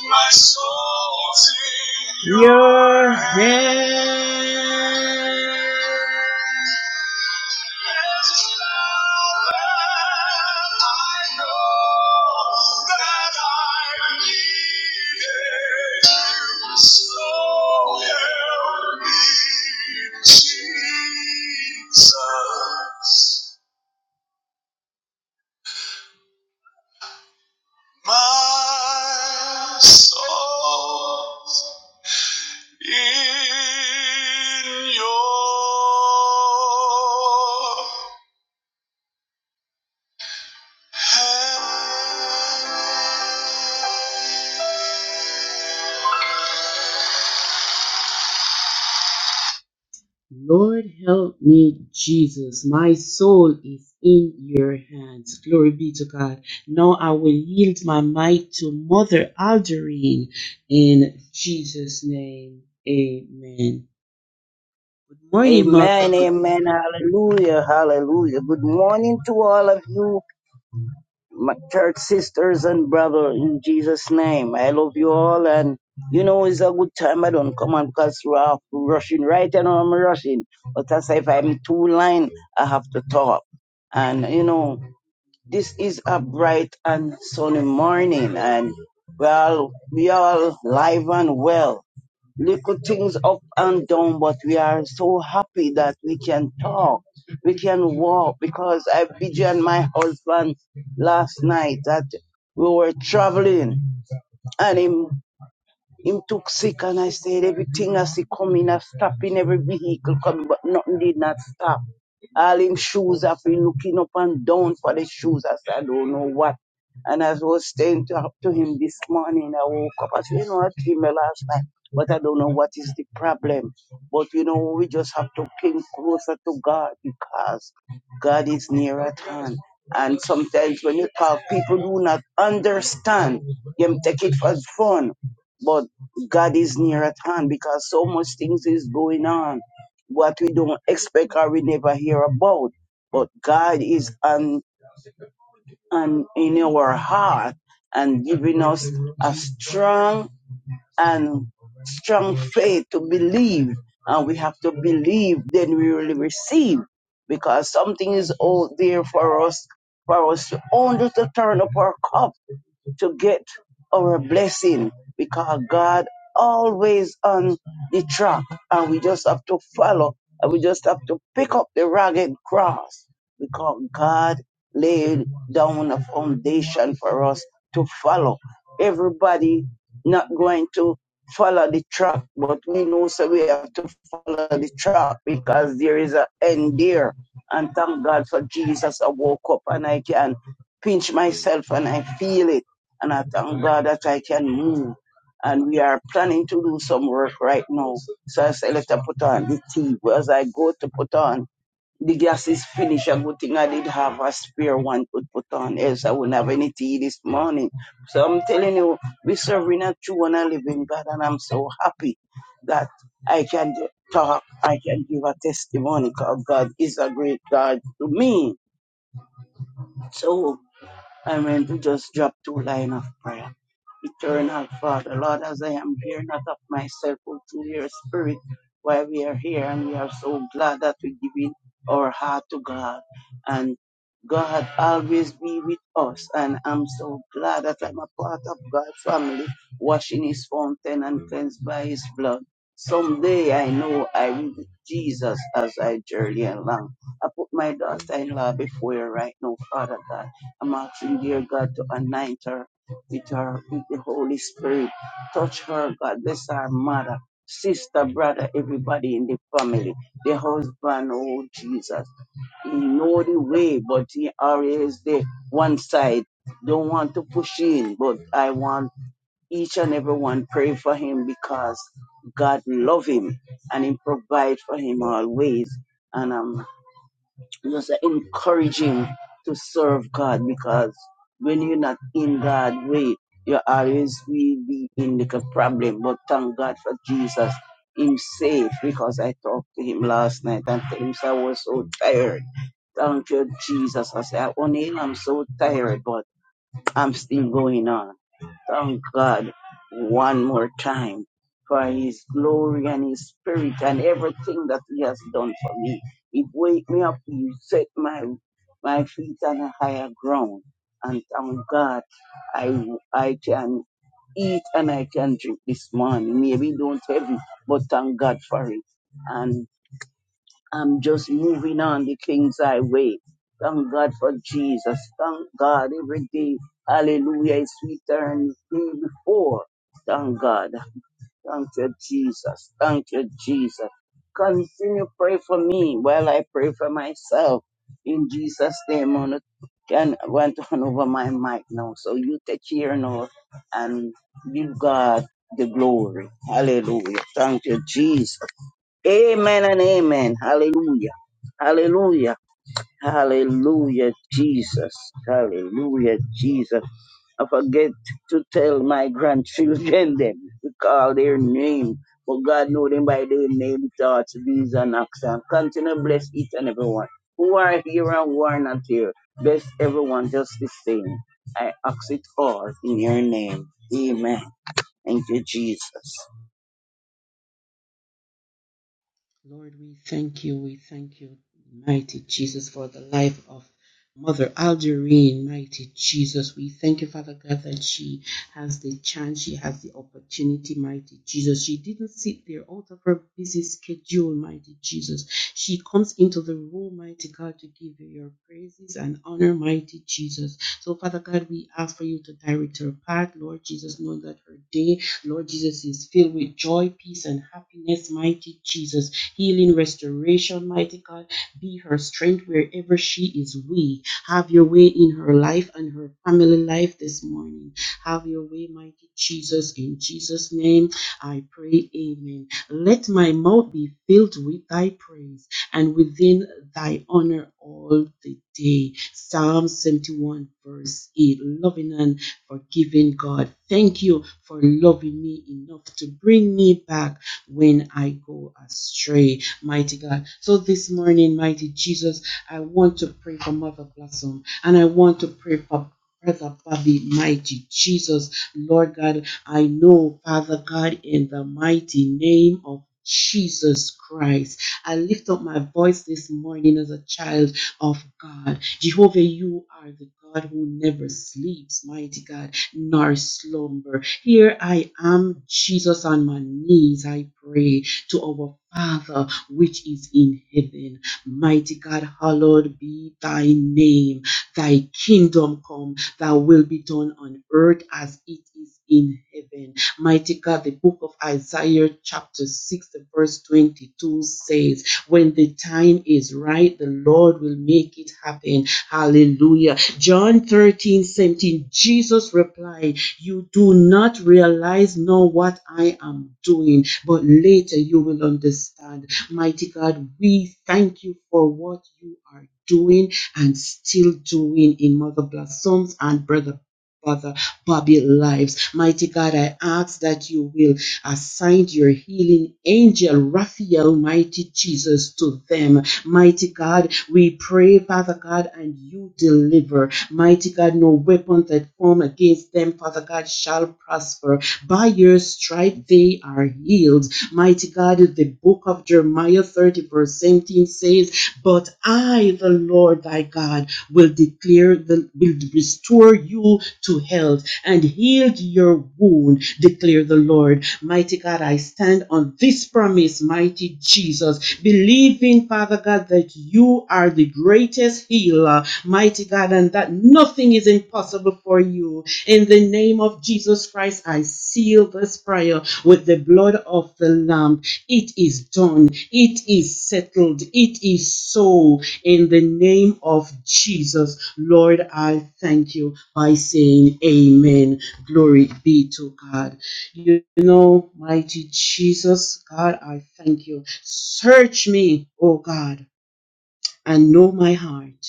[SPEAKER 3] my soul your hand Jesus, my soul. In your hand. Lord help me, Jesus. My soul is in your hands. Glory be to God. Now I will yield my might to Mother Alderine in Jesus' name. Amen. Good morning, Mother.
[SPEAKER 6] Amen, amen, hallelujah, hallelujah. Good morning to all of you, my church sisters and brother, in Jesus' name. I love you all, and you know it's a good time. I don't come on because we're off rushing right and I'm rushing. But as if I'm too line, I have to talk. And you know, this is a bright and sunny morning, and well, we all we all live and well little things up and down, but we are so happy that we can talk, we can walk, because I began my husband last night that we were traveling, and him him took sick and I said everything as he coming, I stop in every vehicle coming, but nothing did not stop. All him shoes, I've been looking up and down for the shoes. I said, I don't know what. And as I was staying to, up to him this morning, I woke up. I said, you know, I dreamed last night, but I don't know what is the problem. But you know, we just have to cling closer to God because God is near at hand. And sometimes when you talk, people do not understand. Them take it for fun but God is near at hand because so much things is going on what we don't expect or we never hear about. But God is on, on in our heart and giving us a strong and strong faith to believe. And we have to believe, then we will receive because something is out there for us, for us to only to turn up our cup to get our blessing because God always on the track and we just have to follow and we just have to pick up the ragged cross because God laid down a foundation for us to follow. Everybody not going to follow the track, but we know so we have to follow the track because there is an end there. And thank God for Jesus. I woke up and I can pinch myself and I feel it and I thank God that I can move. And we are planning to do some work right now. So I said, let I put on the tea. Well, As I go to put on, the gas is finished. A good thing I did have a spare one to put on, else I wouldn't have any tea this morning. So I'm telling you, we're serving a true and a living God, and I'm so happy that I can talk, I can give a testimony because God is a great God to me. So I mean to just drop two lines of prayer. Eternal Father, Lord, as I am here, not of myself, but through your spirit, why we are here, and we are so glad that we give in our heart to God. And God always be with us, and I'm so glad that I'm a part of God's family, washing his fountain and cleansed by his blood. Someday I know I will be Jesus as I journey along. I put my daughter-in-law before you right now, Father God. I'm asking, dear God, to anoint her with her with the Holy Spirit. Touch her, God. Bless our mother, sister, brother, everybody in the family. The husband, oh Jesus. He know the way, but he always the one side. Don't want to push in, but I want each and every one pray for him because God love him and he provide for him always. And I'm just encourage him to serve God because when you're not in God's way, you always will be in the problem. But thank God for Jesus. Him safe because I talked to him last night and tell him I was so tired. Thank you, Jesus. I said, O'Neill, I'm so tired, but I'm still going on. Thank God one more time for His glory and His Spirit and everything that He has done for me. It wake me up. He set my my feet on a higher ground. And thank God, I I can eat and I can drink this morning. Maybe don't heavy, but thank God for it. And I'm just moving on the King's Highway. Thank God for Jesus. Thank God every day. Hallelujah. It's sweeter than the day before. Thank God. Thank you, Jesus. Thank you, Jesus. Continue pray for me while I pray for myself. In Jesus' name, I can want to on over my mic now. So you take care now and give God the glory. Hallelujah. Thank you, Jesus. Amen and amen. Hallelujah. Hallelujah. Hallelujah, Jesus. Hallelujah, Jesus. I forget to tell my grandchildren them to call their name. But God know them by their name, thoughts, deeds, and actions. Continue to bless each and everyone who are here and who are not here. Bless everyone just the same. I ask it all in your name. Amen. Thank you, Jesus.
[SPEAKER 3] Lord, we thank you. We thank you, mighty Jesus, for the life of Mother Alderine. mighty Jesus. We thank you, Father God, that she has the chance, she has the opportunity, mighty Jesus. She didn't sit there out of her busy schedule, mighty Jesus. She comes into the room, mighty God, to give you your praises and honor, mighty Jesus. So, Father God, we ask for you to direct her path, Lord Jesus, knowing that her day, Lord Jesus, is filled with joy, peace, and happiness, mighty Jesus healing, restoration, mighty God. Be her strength wherever she is weak. Have your way in her life and her family life this morning. Have your way, mighty Jesus. In Jesus' name, I pray, Amen. Let my mouth be filled with thy praise and within thy honor all the day. Psalm 71, verse 8. Loving and forgiving God. Thank you for loving me enough to bring me back when I go astray, mighty God. So this morning, mighty Jesus, I want to pray for Mother Blossom and I want to pray for Brother Bobby, mighty Jesus, Lord God, I know, Father God, in the mighty name of Jesus Christ. I lift up my voice this morning as a child of God. Jehovah, you are the God who never sleeps, mighty God nor slumber. Here I am, Jesus, on my knees. I pray to our Father, which is in heaven. Mighty God, hallowed be thy name. Thy kingdom come, thy will be done on earth as it is in heaven. Mighty God, the book of Isaiah, chapter 6, the verse 22 says, When the time is right, the Lord will make it happen. Hallelujah. John 13 17. Jesus replied, You do not realize now what I am doing, but later you will understand. Mighty God, we thank you for what you are doing and still doing in Mother Blossoms and Brother. Father Bobby lives. Mighty God, I ask that you will assign your healing angel, Raphael, mighty Jesus, to them Mighty God, we pray, Father God, and you deliver. Mighty God, no weapon that form against them, Father God, shall prosper. By your stripe they are healed. Mighty God, the book of Jeremiah 30, verse 17 says, but I, the Lord thy God, will declare the will restore you to health and heal your wound, declare the Lord. Mighty God, I stand on this promise, mighty Jesus, believing, Father God, that you are the greatest healer, mighty God, and that nothing is impossible for you. In the name of Jesus Christ, I seal this prayer with the blood of the Lamb. It is done. It is settled. It is so. In the name of Jesus, Lord, I thank you by saying amen. Glory be to God. You know, mighty Jesus, God, I thank you. Search me, oh God, and know my heart.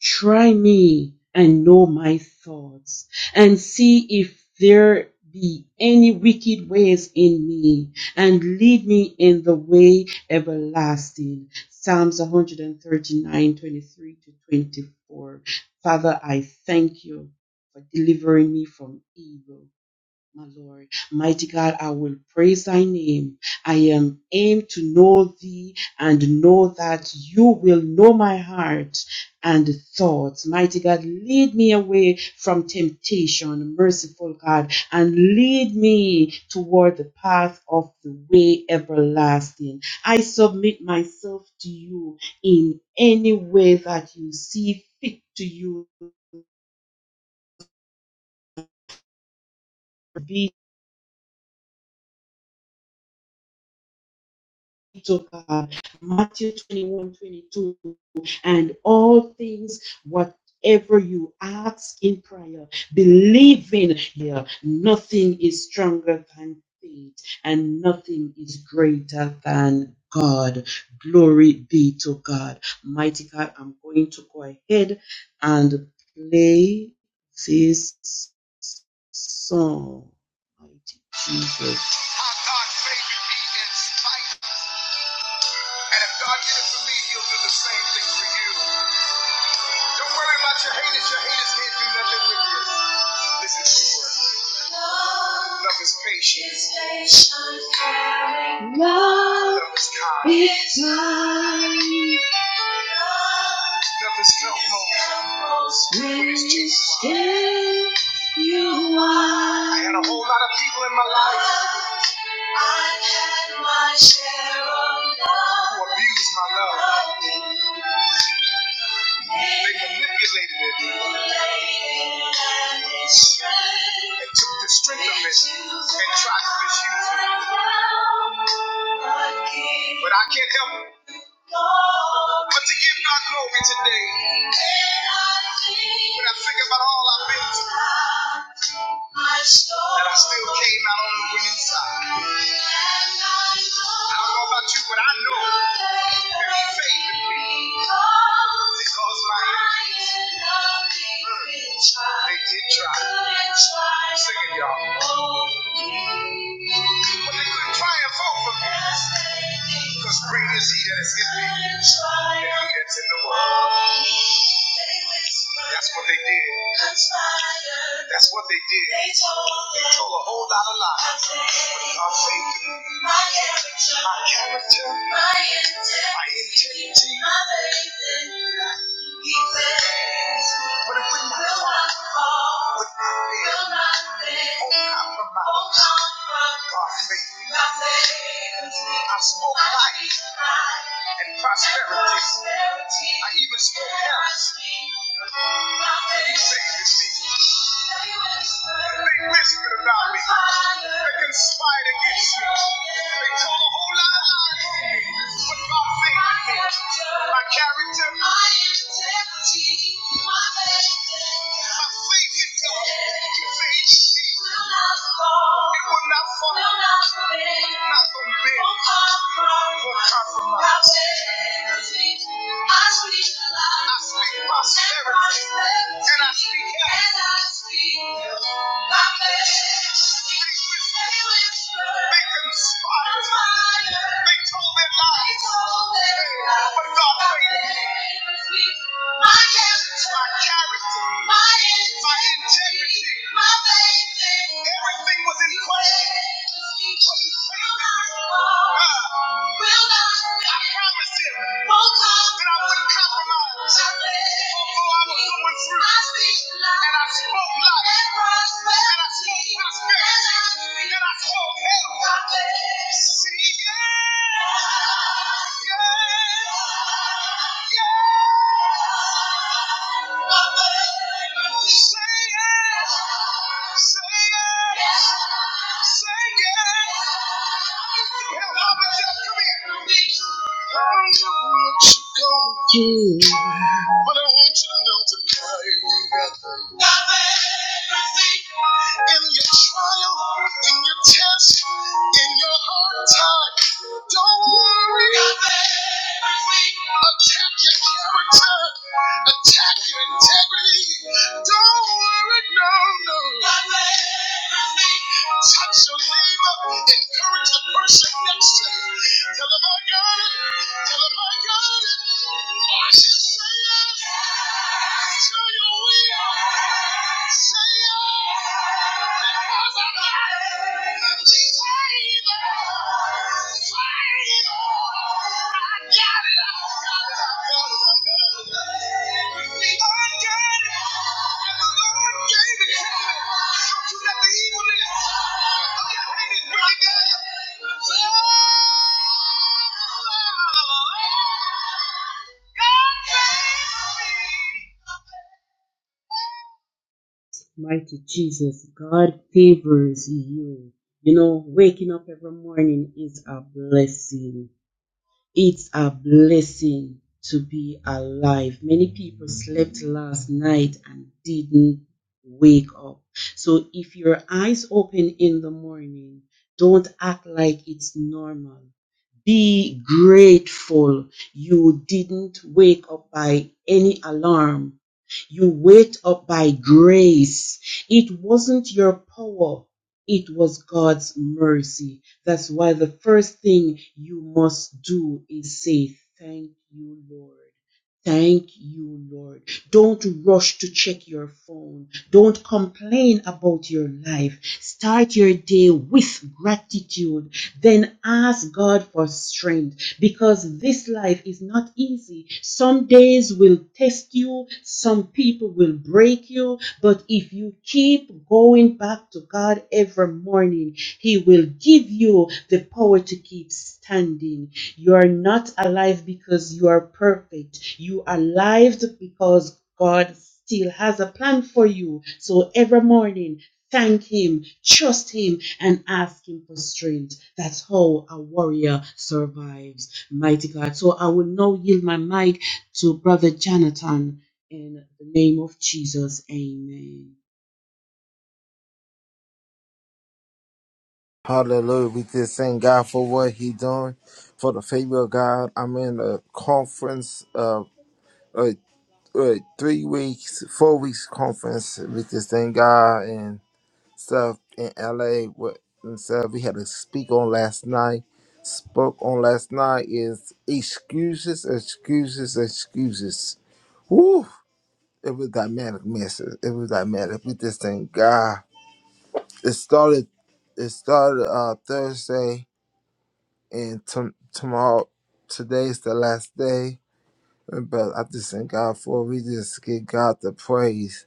[SPEAKER 3] Try me and know my thoughts, and see if there be any wicked ways in me, and lead me in the way everlasting. Psalms 13923 to 24. Father, I thank you for delivering me from evil my Lord. Mighty God, I will praise thy name. I am aimed to know thee and know that you will know my heart and thoughts. Mighty God, lead me away from temptation, merciful God, and lead me toward the path of the way everlasting. I submit myself to you in any way that you see fit to you. Be to God. Matthew 21, 22. and all things whatever you ask in prayer believing here nothing is stronger than faith and nothing is greater than god glory be to god mighty god i'm going to go ahead and play this song mighty jesus Our God, may we be inspired and if God did it for me, he'll do the same thing for you. Don't worry about your haters. Your haters can't do nothing with you. Listen to the word. Love is patient. Love is kind. It's mine. Love is felt most when it's genuine. I had a whole lot of my life. I've had my share of love. Who abused my love. They manipulated it. And They took the strength of it and tried to misuse it. But I can't help it. But to give God glory today, when I think about all I've been through, and I still came out on the winning side. I don't know about you, but I know there's faith in me because my enemies, mm, they did try sing it, y'all. But they couldn't triumph over me. Because great is he that is in me than he that's in the world. That's what they did. That's what they did. They told a whole lot of lies. but Unfaithful my character, my integrity, my faith He says, but it would not will not fall, would not fail, will not fail, will compromise, will compromise. God faithful. God I spoke life and prosperity. I even spoke health. Satan is speaking. They whispered about me. They conspired against me. They told a whole lot of lies on me. But God favored me. My character. My integrity, my faith in God. It favored me. It will not fall. Not from me. Will compromise. I speak I speak prosperity. And I speak health. And I speak my Make them spot. Make told their lies. But God favors me. My character. My character. My integrity. My faith. Everything was in question. But he favored me. Ah. I promise him that I wouldn't compromise. Although I was going through, and I spoke life, and I spoke prosperity, and I spoke health. See, yeah, yeah, yeah. Say yes, say yes, say yes. Help, Mama Jeff, come here. I know what you're going through, but I want you to know tonight ain't nothing. nothing. In your trial, in your test, in your hard time, don't worry. Nothing. nothing. Attack your character, attack your integrity. Don't worry, no, no. Nothing. nothing. Touch your neighbor, encourage the person next to you. Tell them I got it. Thank you. let the evil in there. Mighty Jesus, God favors you. You know, waking up every morning is a blessing. It's a blessing to be alive. Many people slept last night and didn't wake up. So if your eyes open in the morning, don't act like it's normal. Be grateful you didn't wake up by any alarm you wake up by grace. It wasn't your power. It was God's mercy. That's why the first thing you must do is say, Thank you, Lord. Thank you, Lord. Don't rush to check your phone. Don't complain about your life. Start your day with gratitude. Then ask God for strength because this life is not easy. Some days will test you, some people will break you, but if you keep going back to God every morning, He will give you the power to keep standing. You are not alive because you are perfect, you are alive because God still has a plan for you. So every morning, Thank him, trust him, and ask him for strength. That's how a warrior survives mighty God. So I will now yield my mic to Brother Jonathan in the name of Jesus. Amen.
[SPEAKER 7] Hallelujah. We just thank God for what He doing, for the favor of God. I'm in a conference, uh, a, a three weeks, four weeks conference. We just thank God and stuff in LA. What and stuff we had to speak on last night. Spoke on last night is excuses, excuses, excuses. Woo! It was dynamic message. It was dynamic. We just thank God. It started. It started uh, Thursday and tom tomorrow today's the last day. But I just thank God for it. we just give God the praise.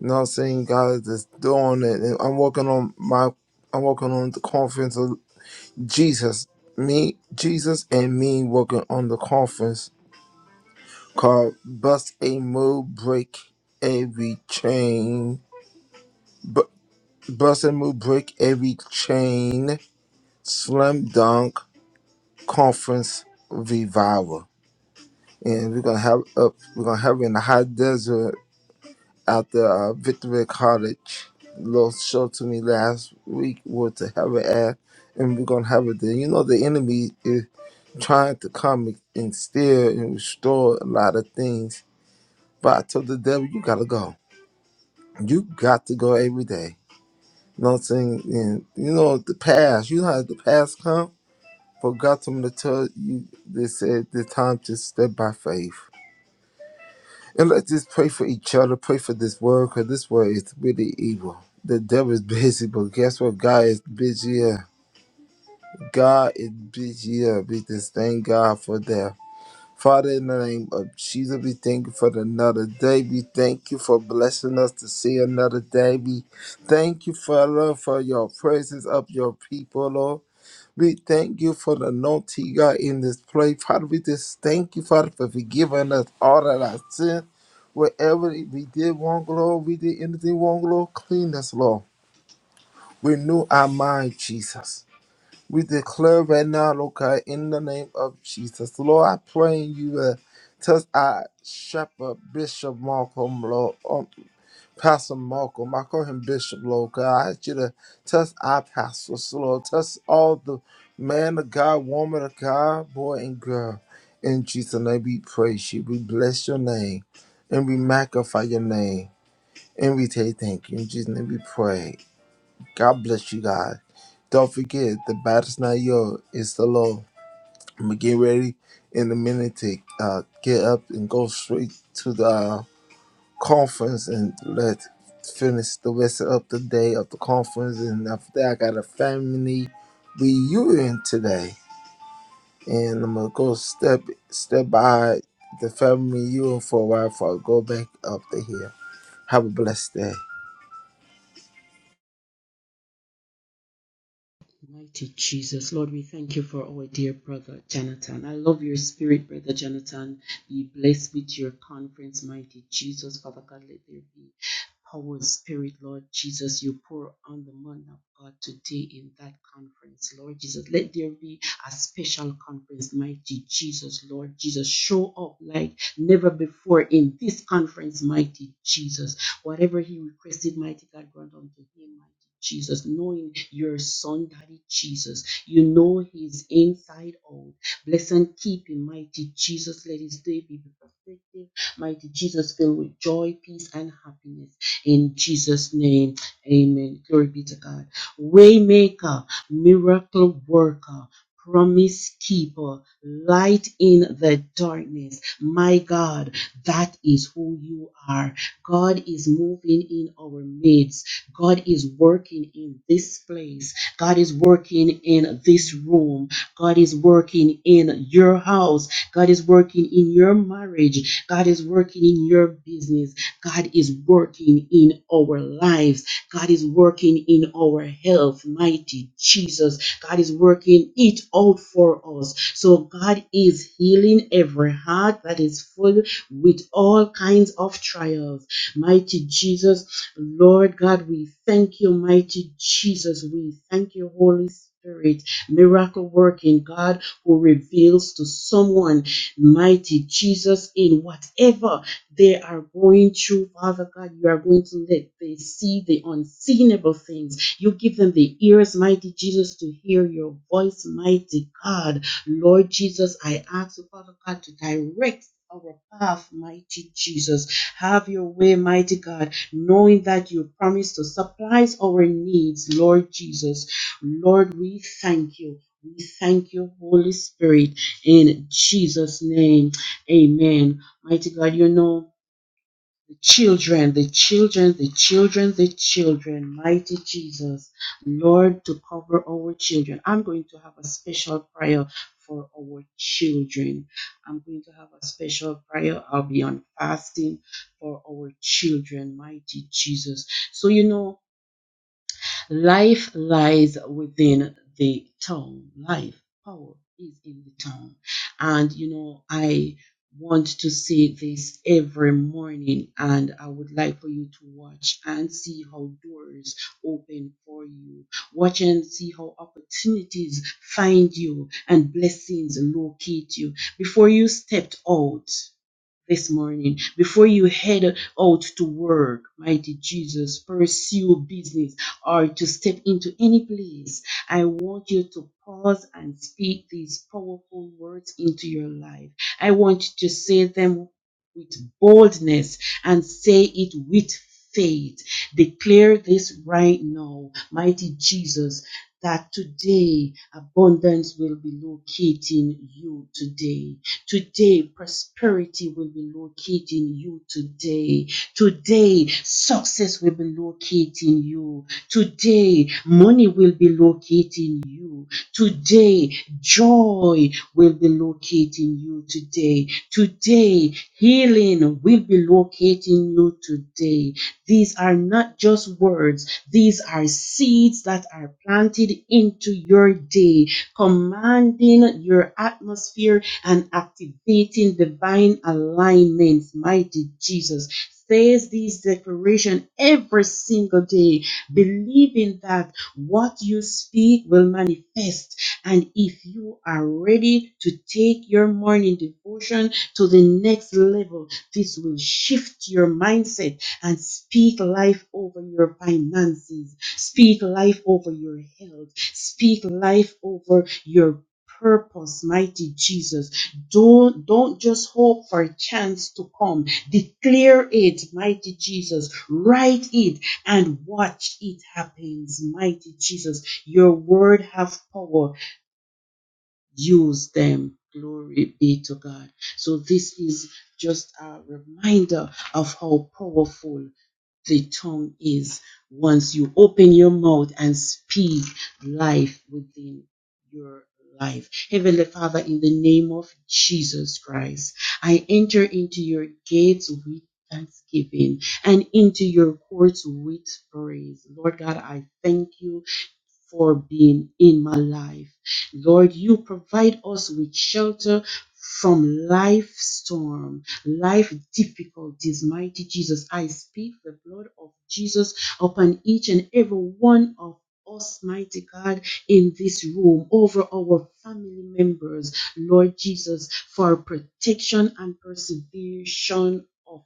[SPEAKER 7] You know what I'm saying? God is just doing it. And I'm working on my I'm working on the conference of Jesus. Me, Jesus and me working on the conference called Bust a Move Break Every Chain. Bu- Bust a Move Break Every Chain Slam Dunk Conference Revival. and we're gonna have up we're gonna have it in the high desert out there uh victory cottage little show to me last week where to have it at and we're gonna have it there you know the enemy is trying to come and steal and restore a lot of things but i told the devil you gotta go you got to go every day you know what i'm saying and you know the past you know how the past come for god told me to tell you they said the time to step by faith And let's just pray for each other, pray for this world, because this world is really evil. The devil is busy, but guess what? God is busier. God is busier. We just thank God for that. Father, in the name of Jesus, we thank you for another day. We thank you for blessing us to see another day. We thank you, Father, for your presence of your people, Lord. We thank you for the naughty God in this place. Father, we just thank you, Father, for forgiving us all of our sins. Wherever we did wrong, Lord, we did anything wrong, Lord, clean us, Lord. Renew our mind, Jesus. We declare right now, Lord God, in the name of Jesus. Lord, I pray you uh, touch our shepherd, Bishop Malcolm, Lord. Pastor Malcolm. I call him Bishop Lord God. I ask you to touch our pastors, Lord. Touch all the man of God, woman of God, boy and girl. In Jesus' name we praise you. We bless your name. And we magnify your name. And we say thank you. In Jesus' name we pray. God bless you, God. Don't forget, the battle's not yours, it's the Lord. I'm going to get ready in a minute to uh, get up and go straight to the uh, conference and let finish the rest of the day of the conference. And after that, I got a family reunion today, and I'm gonna go step step by the family reunion for a while before I go back up to here. Have a blessed day.
[SPEAKER 3] Mighty Jesus, Lord, we thank you for our dear brother Jonathan. I love your spirit, brother Jonathan. Be blessed with your conference, mighty Jesus. Father God, let there be power, spirit, Lord Jesus. You pour on the man of God today in that conference, Lord Jesus. Let there be a special conference, mighty Jesus, Lord Jesus. Show up like never before in this conference, mighty Jesus. Whatever he requested, mighty God, grant unto him, mighty Jesus, knowing your son, Daddy Jesus. You know his inside out. Bless and keep him, mighty Jesus. Let his day be perfected. Mighty Jesus, filled with joy, peace, and happiness. In Jesus' name, amen. Glory be to God. Waymaker, miracle worker. Promise keeper, light in the darkness. My God, that is who you are. God is moving in our midst. God is working in this place. God is working in this room. God is working in your house. God is working in your marriage. God is working in your business. God is working in our lives. God is working in our health. Mighty Jesus. God is working it out for us. So God is healing every heart that is full with all kinds of trials. Mighty Jesus, Lord God, we thank you, mighty Jesus. We thank you, Holy Spirit, miracle working God who reveals to someone, mighty Jesus, in whatever they are going through, Father God, you are going to let they see the unseenable things. You give them the ears, mighty Jesus, to hear your voice, mighty God. Lord Jesus, I ask you, Father God, to direct our path, mighty Jesus. Have your way, mighty God, knowing that you promise to supply our needs, Lord Jesus. Lord, we thank you. We thank you, Holy Spirit, in Jesus' name. Amen. Mighty God, you know the children, the children, the children, the children, mighty Jesus, Lord, to cover our children. I'm going to have a special prayer for our children. I'm going to have a special prayer. I'll be on fasting for our children, mighty Jesus. So, you know, Life lies within the tongue. Life, power is in the tongue. And you know, I want to say this every morning, and I would like for you to watch and see how doors open for you. Watch and see how opportunities find you and blessings locate you. Before you stepped out, this morning. Before you head out to work, mighty Jesus, pursue business or to step into any place, I want you to pause and speak these powerful words into your life. I want you to say them with boldness and say it with faith. Declare this right now, mighty Jesus. That today abundance will be locating you today Today, prosperity will be located in you today. Today, success will be located in you. Today, money will be located in you. Today, joy will be located in you today. Today, healing will be located in you today. These are not just words, these are seeds that are planted into your day, commanding your atmosphere and activating divine alignments. Mighty Jesus says this declaration every single day, believing that what you speak will manifest. And if you are ready to take your morning devotion to the next level, this will shift your mindset and speak life over your finances, speak life over your health, speak life over your purpose, mighty Jesus. Don't, don't just hope for a chance to come. Declare it, mighty Jesus. Write it and watch it happens, mighty Jesus. Your word have power. Use them. Glory be to God. So this is just a reminder of how powerful the tongue is. Once you open your mouth and speak life within your life. Heavenly Father, in the name of Jesus Christ, I enter into your gates with thanksgiving and into your courts with praise. Lord God, I thank you for being in my life. Lord, you provide us with shelter from life storm, life difficulties. Mighty Jesus, I speak the blood of Jesus upon each and every one of us, mighty God, in this room, over our family members, Lord Jesus, for protection and preservation of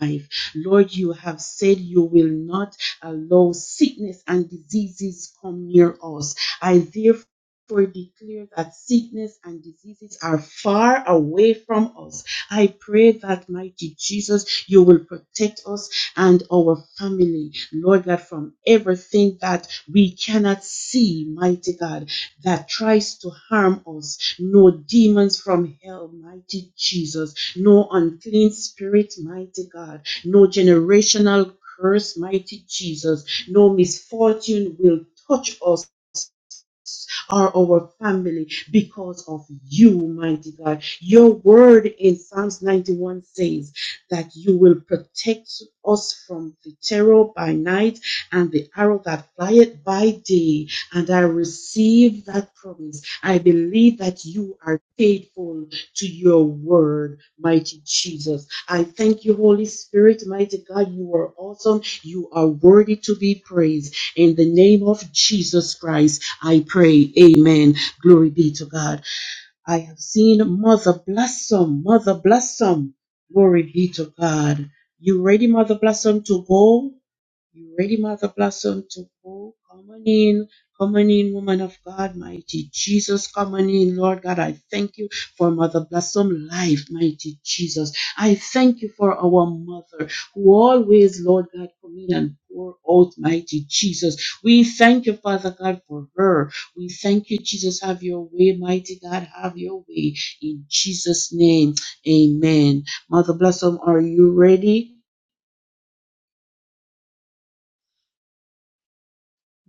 [SPEAKER 3] life. Lord, you have said you will not allow sickness and diseases come near us. I therefore For declare that sickness and diseases are far away from us. I pray that, mighty Jesus, you will protect us and our family, Lord God, from everything that we cannot see, mighty God, that tries to harm us. No demons from hell, mighty Jesus. No unclean spirit, mighty God no generational curse, mighty Jesus. No misfortune will touch us or our family because of you, mighty God. Your word in Psalms 91 says that you will protect us from the terror by night and the arrow that flieth by day. And I receive that promise. I believe that you are faithful to your word, mighty Jesus. I thank you, Holy Spirit, mighty God. You are awesome. You are worthy to be praised. In the name of Jesus Christ. I pray. Amen. Glory be to God. I have seen Mother Blossom. Mother Blossom. Glory be to God. You ready, Mother Blossom, to go? You ready, Mother Blossom, to go? Come on in. Come on in, woman of God, mighty Jesus. Come on in, Lord God. I thank you for Mother Blossom life, mighty Jesus. I thank you for our mother who always, Lord God, come in and pour out, mighty Jesus. We thank you, Father God, for her. We thank you, Jesus. Have your way, mighty God. Have your way. In Jesus' name, amen. Mother Blossom, are you ready?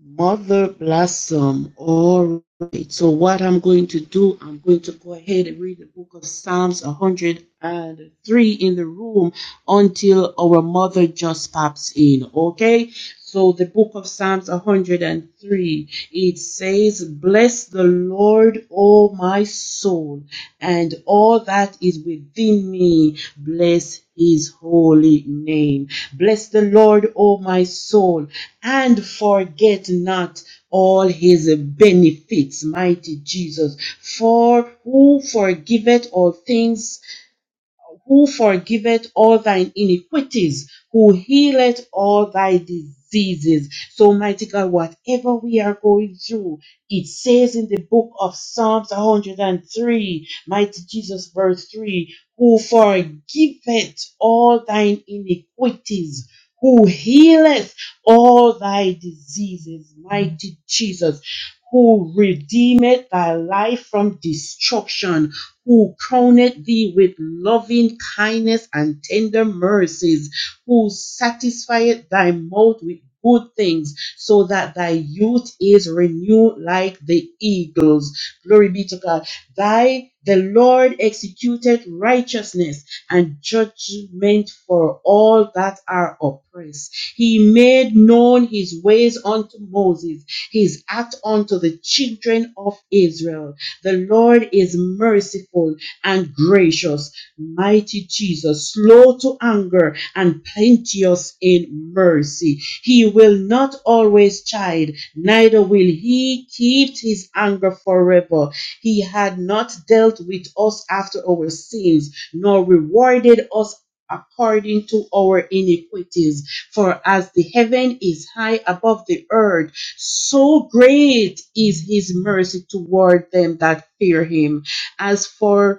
[SPEAKER 3] Mother Blossom. All right. So what I'm going to do, I'm going to go ahead and read the book of Psalms 103 in the room until our mother just pops in. Okay. So the book of Psalms 103, it says, Bless the Lord. Lord, O my soul, and all that is within me, bless his holy name. Bless the Lord, O my soul, and forget not all his benefits, mighty Jesus. For who forgiveth all things who forgiveth all thine iniquities, who healeth all thy diseases. So, mighty God, whatever we are going through, it says in the book of Psalms 103, mighty Jesus, verse 3, who forgiveth all thine iniquities, who healeth all thy diseases, mighty Jesus, who redeemeth thy life from destruction who crowned thee with loving kindness and tender mercies, who satisfied thy mouth with good things, so that thy youth is renewed like the eagles. Glory be to God. Thy the Lord executed righteousness and judgment for all that are oppressed. He made known his ways unto Moses, his act unto the children of Israel. The Lord is merciful and gracious, mighty Jesus, slow to anger and plenteous in mercy. He will not always chide, neither will he keep his anger forever. He had not dealt with us after our sins, nor rewarded us according to our iniquities. For as the heaven is high above the earth, so great is his mercy toward them that fear him. As for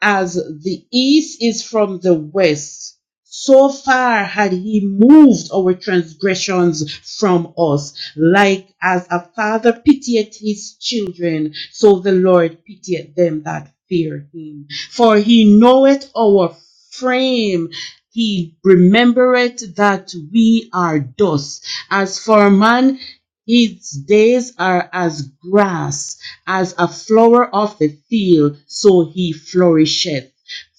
[SPEAKER 3] as the east is from the west, so far had he moved our transgressions from us. Like as a father pitieth his children, so the Lord pitieth them that fear him. For he knoweth our frame. He remembereth that we are dust. As for man, his days are as grass as a flower of the field, so he flourisheth.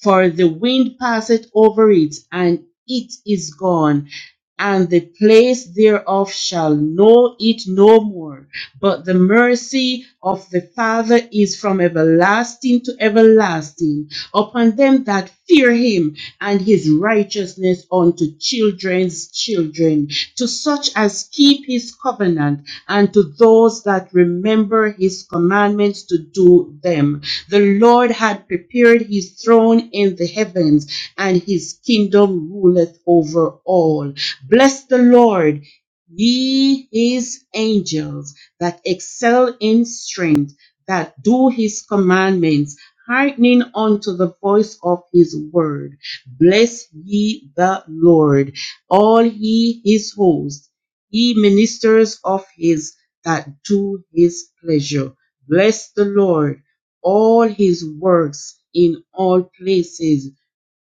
[SPEAKER 3] For the wind passeth over it, and it is gone, and the place thereof shall know it no more. But the mercy of the Father is from everlasting to everlasting upon them that fear him, and his righteousness unto children's children him, to such as keep his covenant, and to those that remember his commandments to do them. The Lord had prepared his throne in the heavens, and his kingdom ruleth over all. Bless the Lord, ye his angels that excel in strength, that do his commandments, hearkening unto the voice of his word. Bless ye the Lord all he is host. He ministers of his that do his pleasure. Bless the Lord, all his works in all places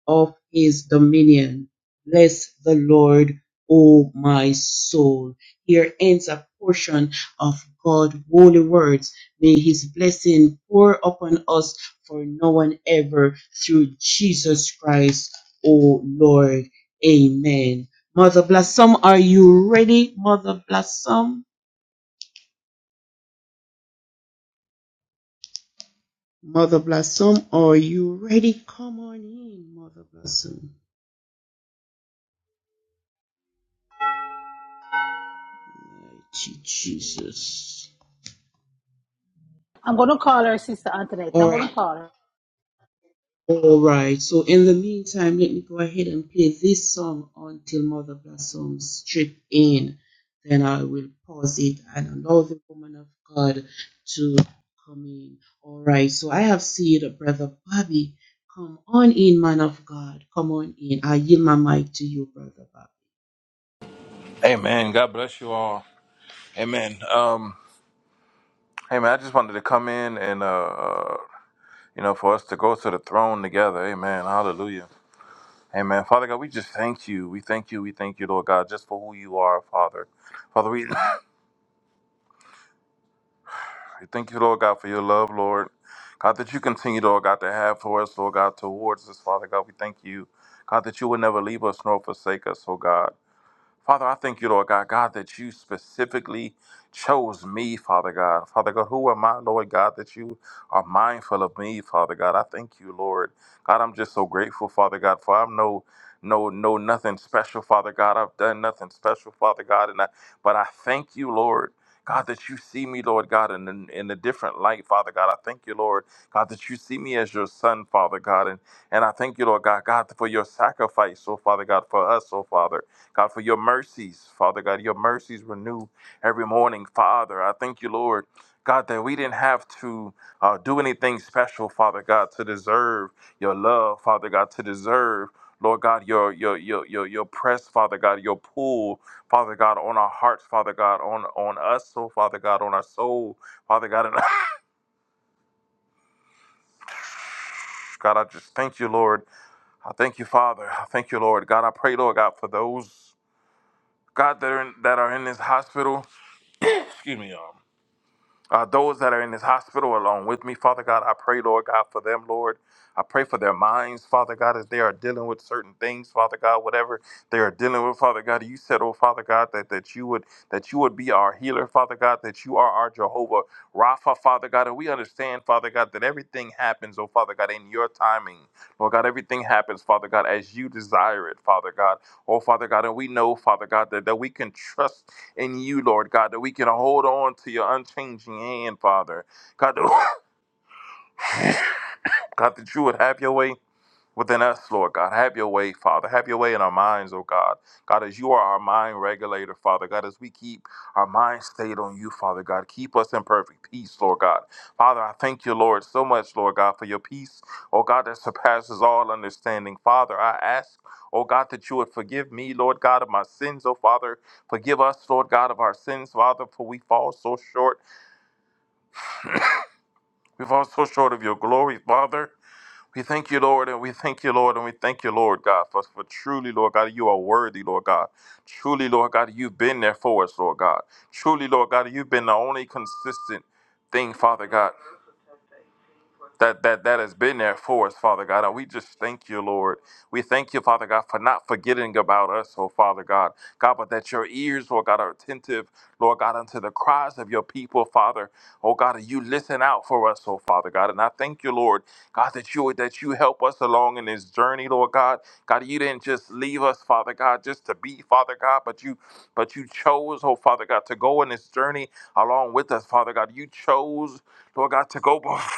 [SPEAKER 3] of his dominion. Bless the Lord, O my soul. Here ends a portion of God's holy words. May his blessing pour upon us for no one ever through Jesus Christ, O Lord. Amen. Mother Blossom, are you ready? Mother Blossom? Mother Blossom, are you ready? Come on in, Mother Blossom. Jesus.
[SPEAKER 1] I'm going to call her Sister Antoinette.
[SPEAKER 3] All
[SPEAKER 1] I'm going
[SPEAKER 3] right.
[SPEAKER 1] to call her.
[SPEAKER 3] All right. So in the meantime, let me go ahead and play this song until Mother Blossom strip in. Then I will pause it and allow the woman of God to come in. All right. So I have seen Brother Bobby. Come on in, man of God. Come on in. I yield my mic to you, Brother Bobby.
[SPEAKER 8] Amen. God bless you all. Amen. Um, hey man, I just wanted to come in and uh, uh, you know, for us to go to the throne together. Amen. Hallelujah. Amen. Father God, we just thank you. We thank you. We thank you, Lord God, just for who you are, Father. Father, we we thank you, Lord God, for your love, Lord. God, that you continue, Lord God, to have for us, Lord God, towards us, Father God. We thank you, God, that you would never leave us nor forsake us, oh God. Father, I thank you, Lord God, God, that you specifically chose me, Father God. Father God, who am I, Lord God, that you are mindful of me, Father God. I thank you, Lord. God, I'm just so grateful, Father God, for I'm no no no nothing special, Father God. I've done nothing special, Father God, and I but I thank you, Lord. God, that you see me, Lord God, in, in in a different light, Father God. I thank you, Lord. God, that you see me as your son, Father God. And, and I thank you, Lord God, God, for your sacrifice, oh Father God, for us, oh Father. God, for your mercies, Father God, your mercies renew every morning, Father. I thank you, Lord, God, that we didn't have to uh, do anything special, Father God, to deserve your love, Father God, to deserve. Lord God, your your your your your press, Father God, your pull, Father God, on our hearts, Father God, on on us, oh, Father God, on our soul, Father God, and God, I just thank you, Lord. I thank you, Father. I thank you, Lord. God, I pray, Lord God, for those God that are in, that are in this hospital. Excuse me, y'all Uh, those that are in this hospital along with me, Father God, I pray, Lord God, for them, Lord. I pray for their minds, Father God, as they are dealing with certain things, Father God, whatever they are dealing with, Father God. You said, oh Father God, that, that you would that you would be our healer, Father God, that you are our Jehovah Rapha, Father God. And we understand, Father God, that everything happens, oh Father God, in your timing. Lord God, everything happens, Father God, as you desire it, Father God. Oh Father God, and we know, Father God, that, that we can trust in you, Lord God, that we can hold on to your unchanging hand, Father. God, that- God, that you would have your way within us, Lord God. Have your way, Father. Have your way in our minds, oh God. God, as you are our mind regulator, Father. God, as we keep our mind stayed on you, Father God, keep us in perfect peace, Lord God. Father, I thank you, Lord, so much, Lord God, for your peace, oh God, that surpasses all understanding. Father, I ask, oh God, that you would forgive me, Lord God, of my sins, oh Father. Forgive us, Lord God, of our sins, Father, for we fall so short. We fall so short of your glory, Father. We thank you, Lord, and we thank you, Lord, and we thank you, Lord God, for, for truly, Lord God, you are worthy, Lord God. Truly, Lord God, you've been there for us, Lord God. Truly, Lord God, you've been the only consistent thing, Father God that that that has been there for us, Father God. And we just thank you, Lord. We thank you, Father God, for not forgetting about us, oh Father God. God, but that your ears, Lord God, are attentive, Lord God, unto the cries of your people, Father. Oh God, and you listen out for us, oh Father God. And I thank you, Lord, God, that you that you help us along in this journey, Lord God. God, you didn't just leave us, Father God, just to be, Father God, but you but you chose, oh Father God, to go in this journey along with us, Father God. You chose, Lord God, to go before.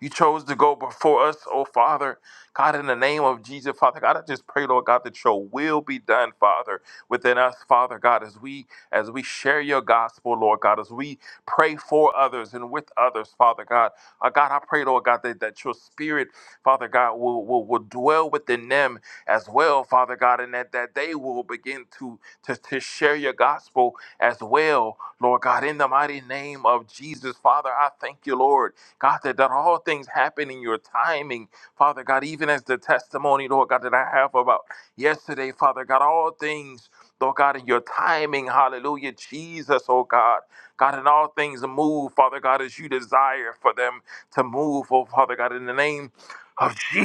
[SPEAKER 8] You chose to go before us, oh Father. God, in the name of Jesus, Father God, I just pray, Lord God, that your will be done, Father, within us, Father God, as we as we share your gospel, Lord God, as we pray for others and with others, Father God. Uh, God, I pray, Lord God, that, that your spirit, Father God, will, will, will dwell within them as well, Father God, and that, that they will begin to, to, to share your gospel as well, Lord God, in the mighty name of Jesus, Father. I thank you, Lord. God, that, that all things happen in your timing, Father God, even as the testimony, Lord God, that I have about yesterday, Father God, all things, Lord God, in your timing, hallelujah, Jesus, oh God, God, in all things move, Father God, as you desire for them to move, oh Father God, in the name of Jesus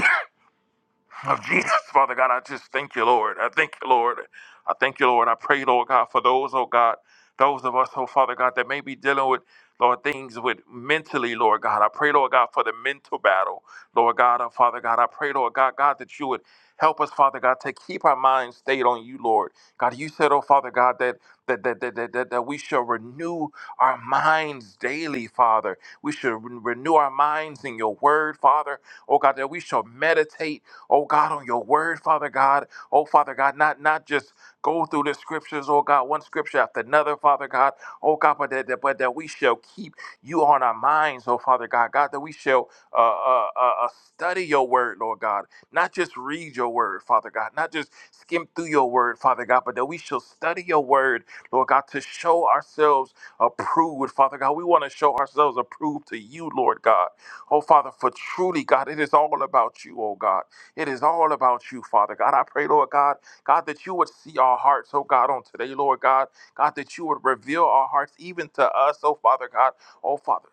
[SPEAKER 8] of Jesus, Father God, I just thank you, Lord. I thank you, Lord. I thank you, Lord. I pray, Lord God, for those, oh God, those of us, oh Father God, that may be dealing with, Lord, things with mentally, Lord God. I pray, Lord God, for the mental battle, Lord God, oh Father God. I pray, Lord God, God, that you would help us, Father God, to keep our minds stayed on you, Lord. God, you said, oh Father God, that that that that that, that, that we shall renew our minds daily, Father. We should re- renew our minds in your word, Father. Oh God, that we shall meditate oh God, on your word, Father God. Oh, Father God, not, not just go through the scriptures, oh God, one scripture after another, Father God. Oh God, but that, that- but that we shall keep you on our minds, oh Father God. God, that we shall uh, uh, uh, uh, study your word, Lord God. Not just read your word, Father God. Not just skim through your word, Father God, but that we shall study your word, Lord God, to show ourselves approved, Father God. We want to show ourselves approved to you, Lord God. Oh, Father, for truly, God, it is all about you, oh God. It is all about you, Father God. I pray, Lord God, God, that you would see our hearts, oh God, on today, Lord God. God, that you would reveal our hearts even to us, oh Father God. Oh Father,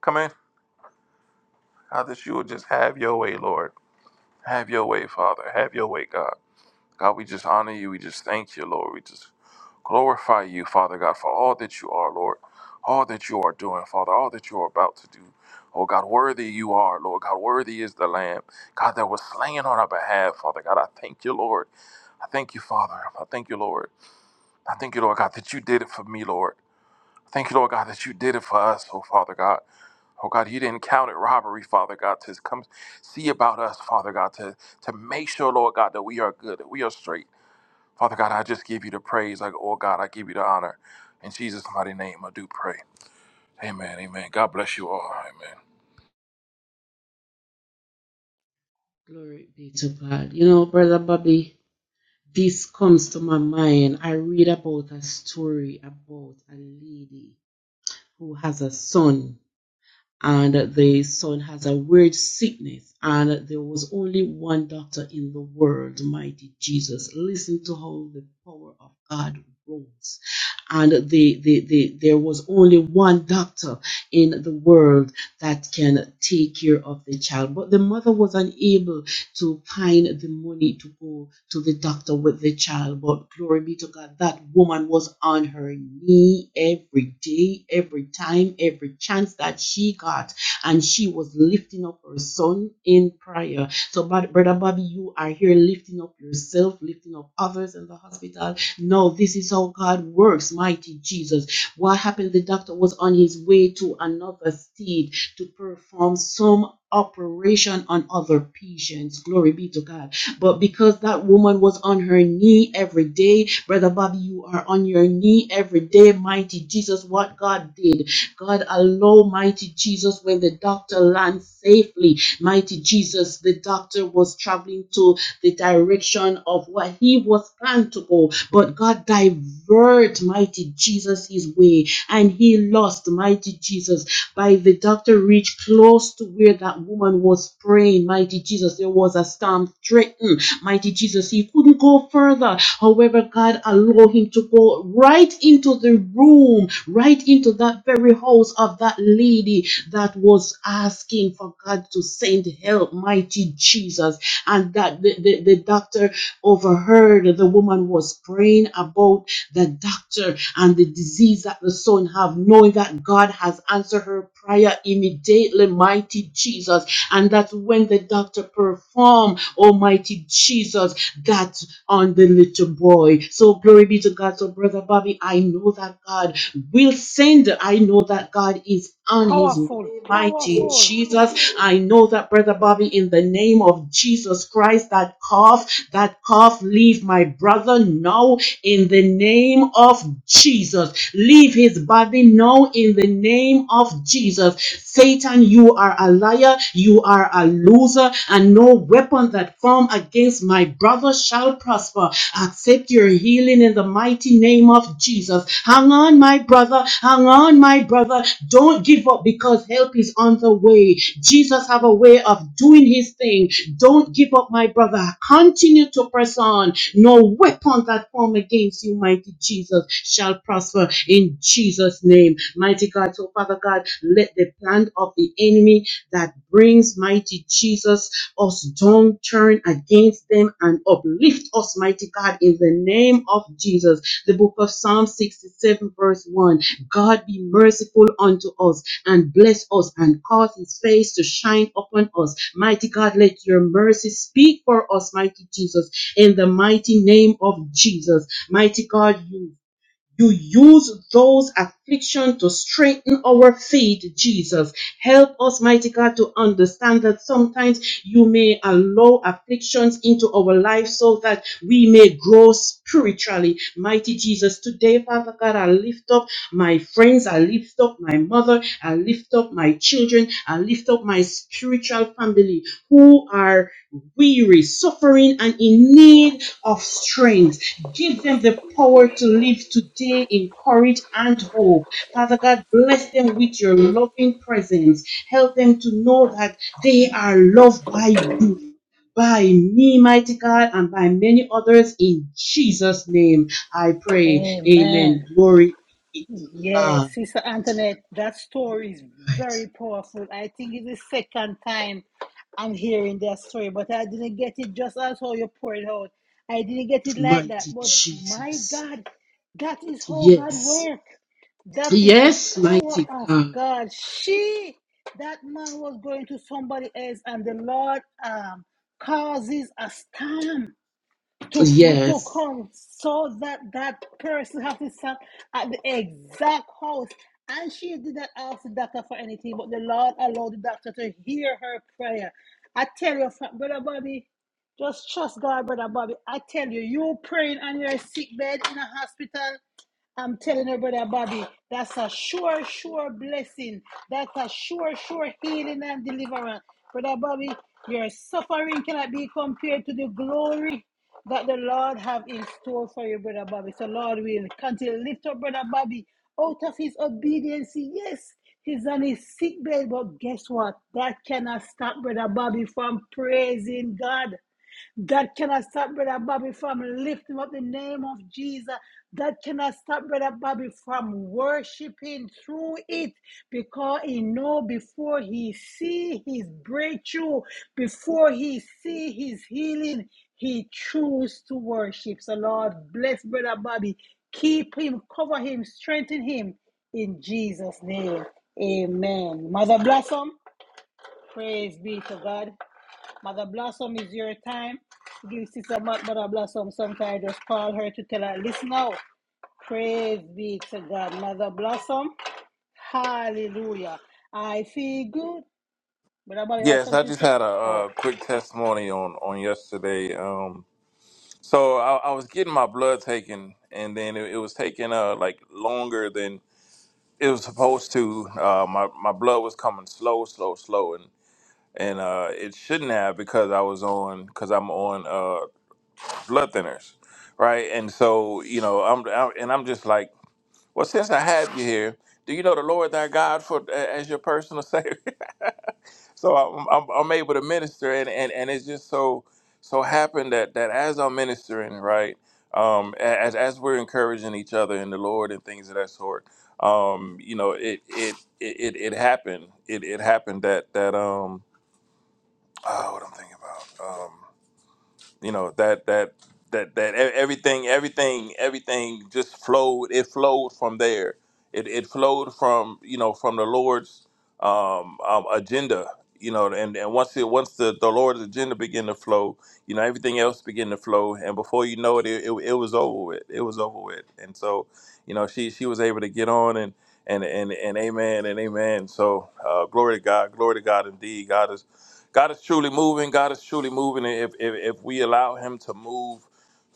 [SPEAKER 8] come in. God, that you would just have your way, Lord. Have your way, Father. Have your way, God. God, we just honor you. We just thank you, Lord. We just glorify you, Father God, for all that you are, Lord. All that you are doing, Father. All that you are about to do. Oh God, worthy you are, Lord. God, worthy is the Lamb. God, that was slain on our behalf, Father God. I thank you, Lord. I thank you, Father. I thank you, Lord. I thank you, Lord God, that you did it for me, Lord. Thank you, Lord God, that you did it for us, oh Father God. Oh God, you didn't count it robbery, Father God, to come see about us, Father God, to, to make sure, Lord God, that we are good, that we are straight. Father God, I just give you the praise. Like, oh God, I give you the honor. In Jesus' mighty name, I do pray. Amen. Amen. God bless you all. Amen.
[SPEAKER 3] Glory be to God. You know, Brother Bobby, this comes to my mind. I read about a story about a lady who has a son and the son has a weird sickness, and there was only one doctor in the world, mighty Jesus. Listen to how the power of God rose. And the, the, the, there was only one doctor in the world that can take care of the child. But the mother was unable to find the money to go to the doctor with the child. But glory be to God, that woman was on her knee every day, every time, every chance that she got. And she was lifting up her son in prayer. So, Brother Bobby, you are here lifting up yourself, lifting up others in the hospital. No, this is how God works, mighty Jesus. What happened? The doctor was on his way to another state to perform some operation on other patients. Glory be to God. But because that woman was on her knee every day, Brother Bobby, you are on your knee every day. Mighty Jesus, what God did. God, allow mighty Jesus when the doctor lands safely. Mighty Jesus, the doctor was traveling to the direction of what he was planned to go, but God diverted mighty Jesus his way and he lost mighty Jesus by the doctor reached close to where that woman was praying. Mighty Jesus, there was a storm threatened. Mighty Jesus, he couldn't go further. However, God allowed him to go right into the room, right into that very house of that lady that was asking for God to send help. Mighty Jesus. And that the, the, the doctor overheard the woman was praying about the doctor and the disease that the son have, knowing that God has answered her prayer immediately, mighty Jesus. And that when the doctor perform, almighty Jesus, that on the little boy. So glory be to God. So brother Bobby, I know that God will send. I know that God is on his
[SPEAKER 1] Powerful,
[SPEAKER 3] mighty
[SPEAKER 1] powerful.
[SPEAKER 3] Jesus. I know that, Brother Bobby, in the name of Jesus Christ, that cough, that cough, leave my brother now in the name of Jesus. Leave his body now in the name of Jesus. Satan, you are a liar, you are a loser, and no weapon that form against my brother shall prosper. Accept your healing in the mighty name of Jesus. Hang on, my brother. Hang on, my brother. Don't give up because help is on the way. Jesus have a way of doing his thing. Don't give up, my brother. Continue to press on. No weapon that form against you, mighty Jesus, shall prosper in Jesus' name. Mighty God, so Father God, let the plan of the enemy that brings mighty Jesus us, don't turn against them and uplift us, mighty God, in the name of Jesus. The book of Psalm 67, verse 1 God be merciful unto us and bless us and cause his face to shine upon us. Mighty God, let your mercy speak for us, mighty Jesus, in the mighty name of Jesus. Mighty God, you you use those affliction to strengthen our faith, Jesus. Help us, mighty God, to understand that sometimes you may allow afflictions into our life so that we may grow spiritually. Mighty Jesus, today, Father God, I lift up my friends, I lift up my mother, I lift up my children, I lift up my spiritual family who are weary, suffering, and in need of strength. Give them the power to live today in courage and hope. Father God, bless them with your loving presence. Help them to know that they are loved by you, by me, mighty God, and by many others. In Jesus' name, I pray.
[SPEAKER 1] Amen.
[SPEAKER 3] Amen. Glory be to
[SPEAKER 1] Yes,
[SPEAKER 3] God.
[SPEAKER 1] Sister Antoinette, that story is very powerful. I think it's the second time I'm hearing that story, but I didn't get it just as how you poured it out. I didn't get it like that.
[SPEAKER 3] Mighty
[SPEAKER 1] But my
[SPEAKER 3] Jesus.
[SPEAKER 1] God, that is how God
[SPEAKER 3] Yes.
[SPEAKER 1] works. That is the
[SPEAKER 3] Yes,
[SPEAKER 1] power
[SPEAKER 3] mighty
[SPEAKER 1] of
[SPEAKER 3] God.
[SPEAKER 1] God. She, that man was going to somebody else, and the Lord um, causes a storm to to
[SPEAKER 3] Yes.
[SPEAKER 1] come so that that person have to sat at the exact house. And she didn't ask the doctor for anything, but the Lord allowed the doctor to hear her prayer. I tell you, fr- brother Bobby, just trust God, brother Bobby. I tell you, you praying on your sick bed in a hospital. I'm telling her, brother Bobby, that's a sure, sure blessing. That's a sure, sure healing and deliverance. Brother Bobby, your suffering cannot be compared to the glory that the Lord have in store for you, brother Bobby. So Lord will continue to lift up brother Bobby out of his obedience. Yes, he's on his sick bed, but guess what? That cannot stop brother Bobby from praising God. That cannot stop Brother Bobby from lifting up the name of Jesus. That cannot stop Brother Bobby from worshiping through it because he know before he see his breakthrough, before he see his healing, he choose to worship. So Lord, bless Brother Bobby. Keep him, cover him, strengthen him in Jesus' name. Amen. Mother Blossom, praise be to God. Mother Blossom is your time. Give Sister Mo- Mother Blossom some time. Just call her to tell her, listen now. Praise be to God. Mother Blossom, hallelujah. I feel good. Brother Bobby was
[SPEAKER 8] Yes, I
[SPEAKER 1] something to
[SPEAKER 8] just
[SPEAKER 1] say.
[SPEAKER 8] had a,
[SPEAKER 1] Oh,
[SPEAKER 8] uh quick testimony on on yesterday. Um, So I, I was getting my blood taken, and then it, it was taking uh like longer than it was supposed to. Uh, my my blood was coming slow, slow, slow, and and uh, it shouldn't have because I was on because I'm on uh blood thinners, right? And so you know I'm, I'm and I'm just like, well, since I have you here, do you know the Lord thy God for a- as your personal savior? so I'm, I'm, I'm able to minister and, and and it's just so so happened that that as i'm ministering right um a- as as we're encouraging each other in the lord and things of that sort um you know it it it it, it happened it it happened that that um oh what i'm thinking about um, you know that that that that e- everything everything everything just flowed it flowed from there it, it flowed from you know from the lord's um, um agenda you know and and once it once the, the lord's agenda began to flow you know everything else began to flow and before you know it it, it, it was over with it was over with and so you know she she was able to get on and and and, and amen and amen so uh, glory to god glory to god indeed god is God is truly moving. God is truly moving. And If if, if we allow Him to move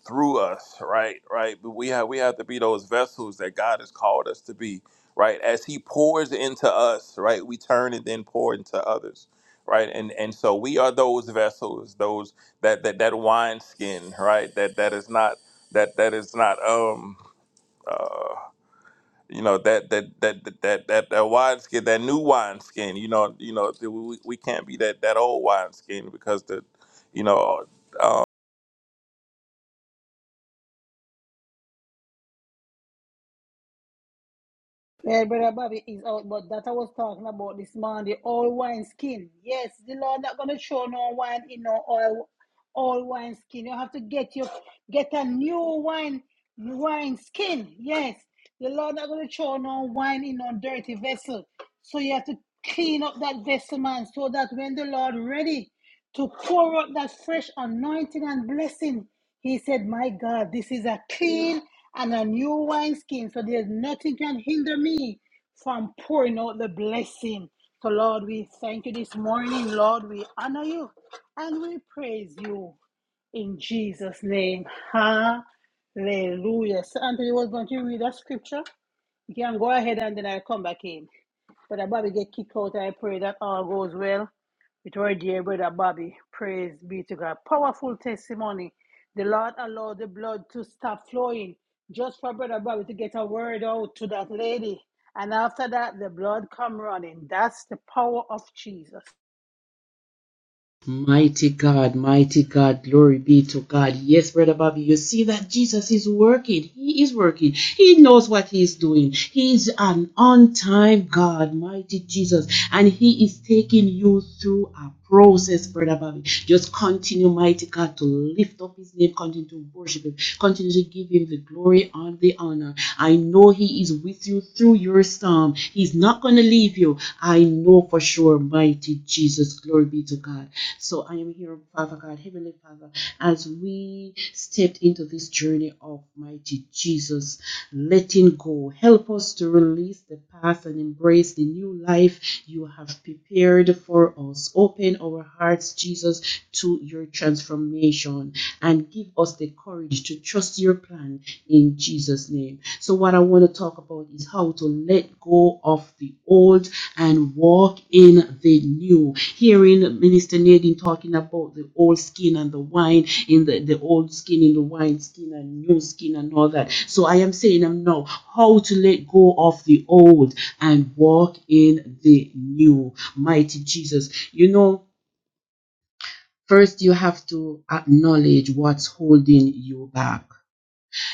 [SPEAKER 8] through us, right, right, but we have we have to be those vessels that God has called us to be, right. As He pours into us, right, we turn and then pour into others, right. And and so we are those vessels, those that that that wine skin, right. That that is not that that is not um. uh, you know that that that that that that, that wine skin, that new wine skin. You know, you know, th- we, we can't be that that old wine skin because the, you know. uh,
[SPEAKER 1] well, Brother Bobby is out, but that I was talking about this morning, the old wine skin. Yes, the Lord not going to show no wine in no oil old wine skin. You have to get your get a new wine wine skin. Yes, The Lord not going to throw no wine in no dirty vessel. So you have to clean up that vessel, man, so that when the Lord ready to pour out that fresh anointing and blessing, he said, My God, this is a clean and a new wineskin, so there's nothing can hinder me from pouring out the blessing. So, Lord, we thank you this morning. Lord, we honor you and we praise you. In Jesus' name. Hallelujah. So Anthony was going to read that scripture. You can go ahead and then I'll come back in. Brother Bobby get kicked out. I pray that all goes well with our dear brother Bobby. Praise be to God. Powerful testimony. The Lord allowed the blood to stop flowing just for brother Bobby to get a word out to that lady. And after that, the blood come running. That's the power of Jesus.
[SPEAKER 3] Mighty God, mighty God, glory be to God. Yes, Brother Bobby, you see that Jesus is working. He is working. He knows what He is doing. He is an on time God, mighty Jesus. And He is taking you through a process, Brother Bobby. Just continue, mighty God, to lift up His name, continue to worship Him, continue to give Him the glory and the honor. I know He is with you through your storm. He's not going to leave you. I know for sure, mighty Jesus. Glory be to God. So I am here, Father God, Heavenly Father, as we stepped into this journey of mighty Jesus, letting go. Help us to release the past and embrace the new life you have prepared for us. Open our hearts, Jesus, to your transformation and give us the courage to trust your plan in Jesus' name. So, what I want to talk about is how to let go of the old and walk in the new. Hearing Minister Nadine talking about the old skin and the wine in the, the old skin in the wine skin and new skin and all that. So, I am saying I'm now how to let go of the old and walk in the new. Mighty Jesus, you know, first you have to acknowledge what's holding you back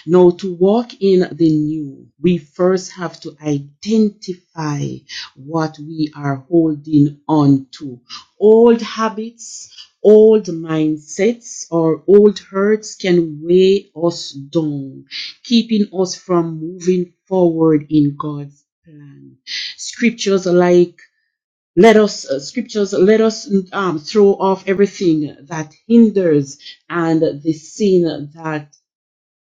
[SPEAKER 3] now, to walk in the new, we first have to identify what we are holding on to. Old habits, old mindsets, or old hurts can weigh us down, keeping us from moving forward in God's plan. Scriptures like let us uh, scriptures let us um, throw off everything that hinders and the sin that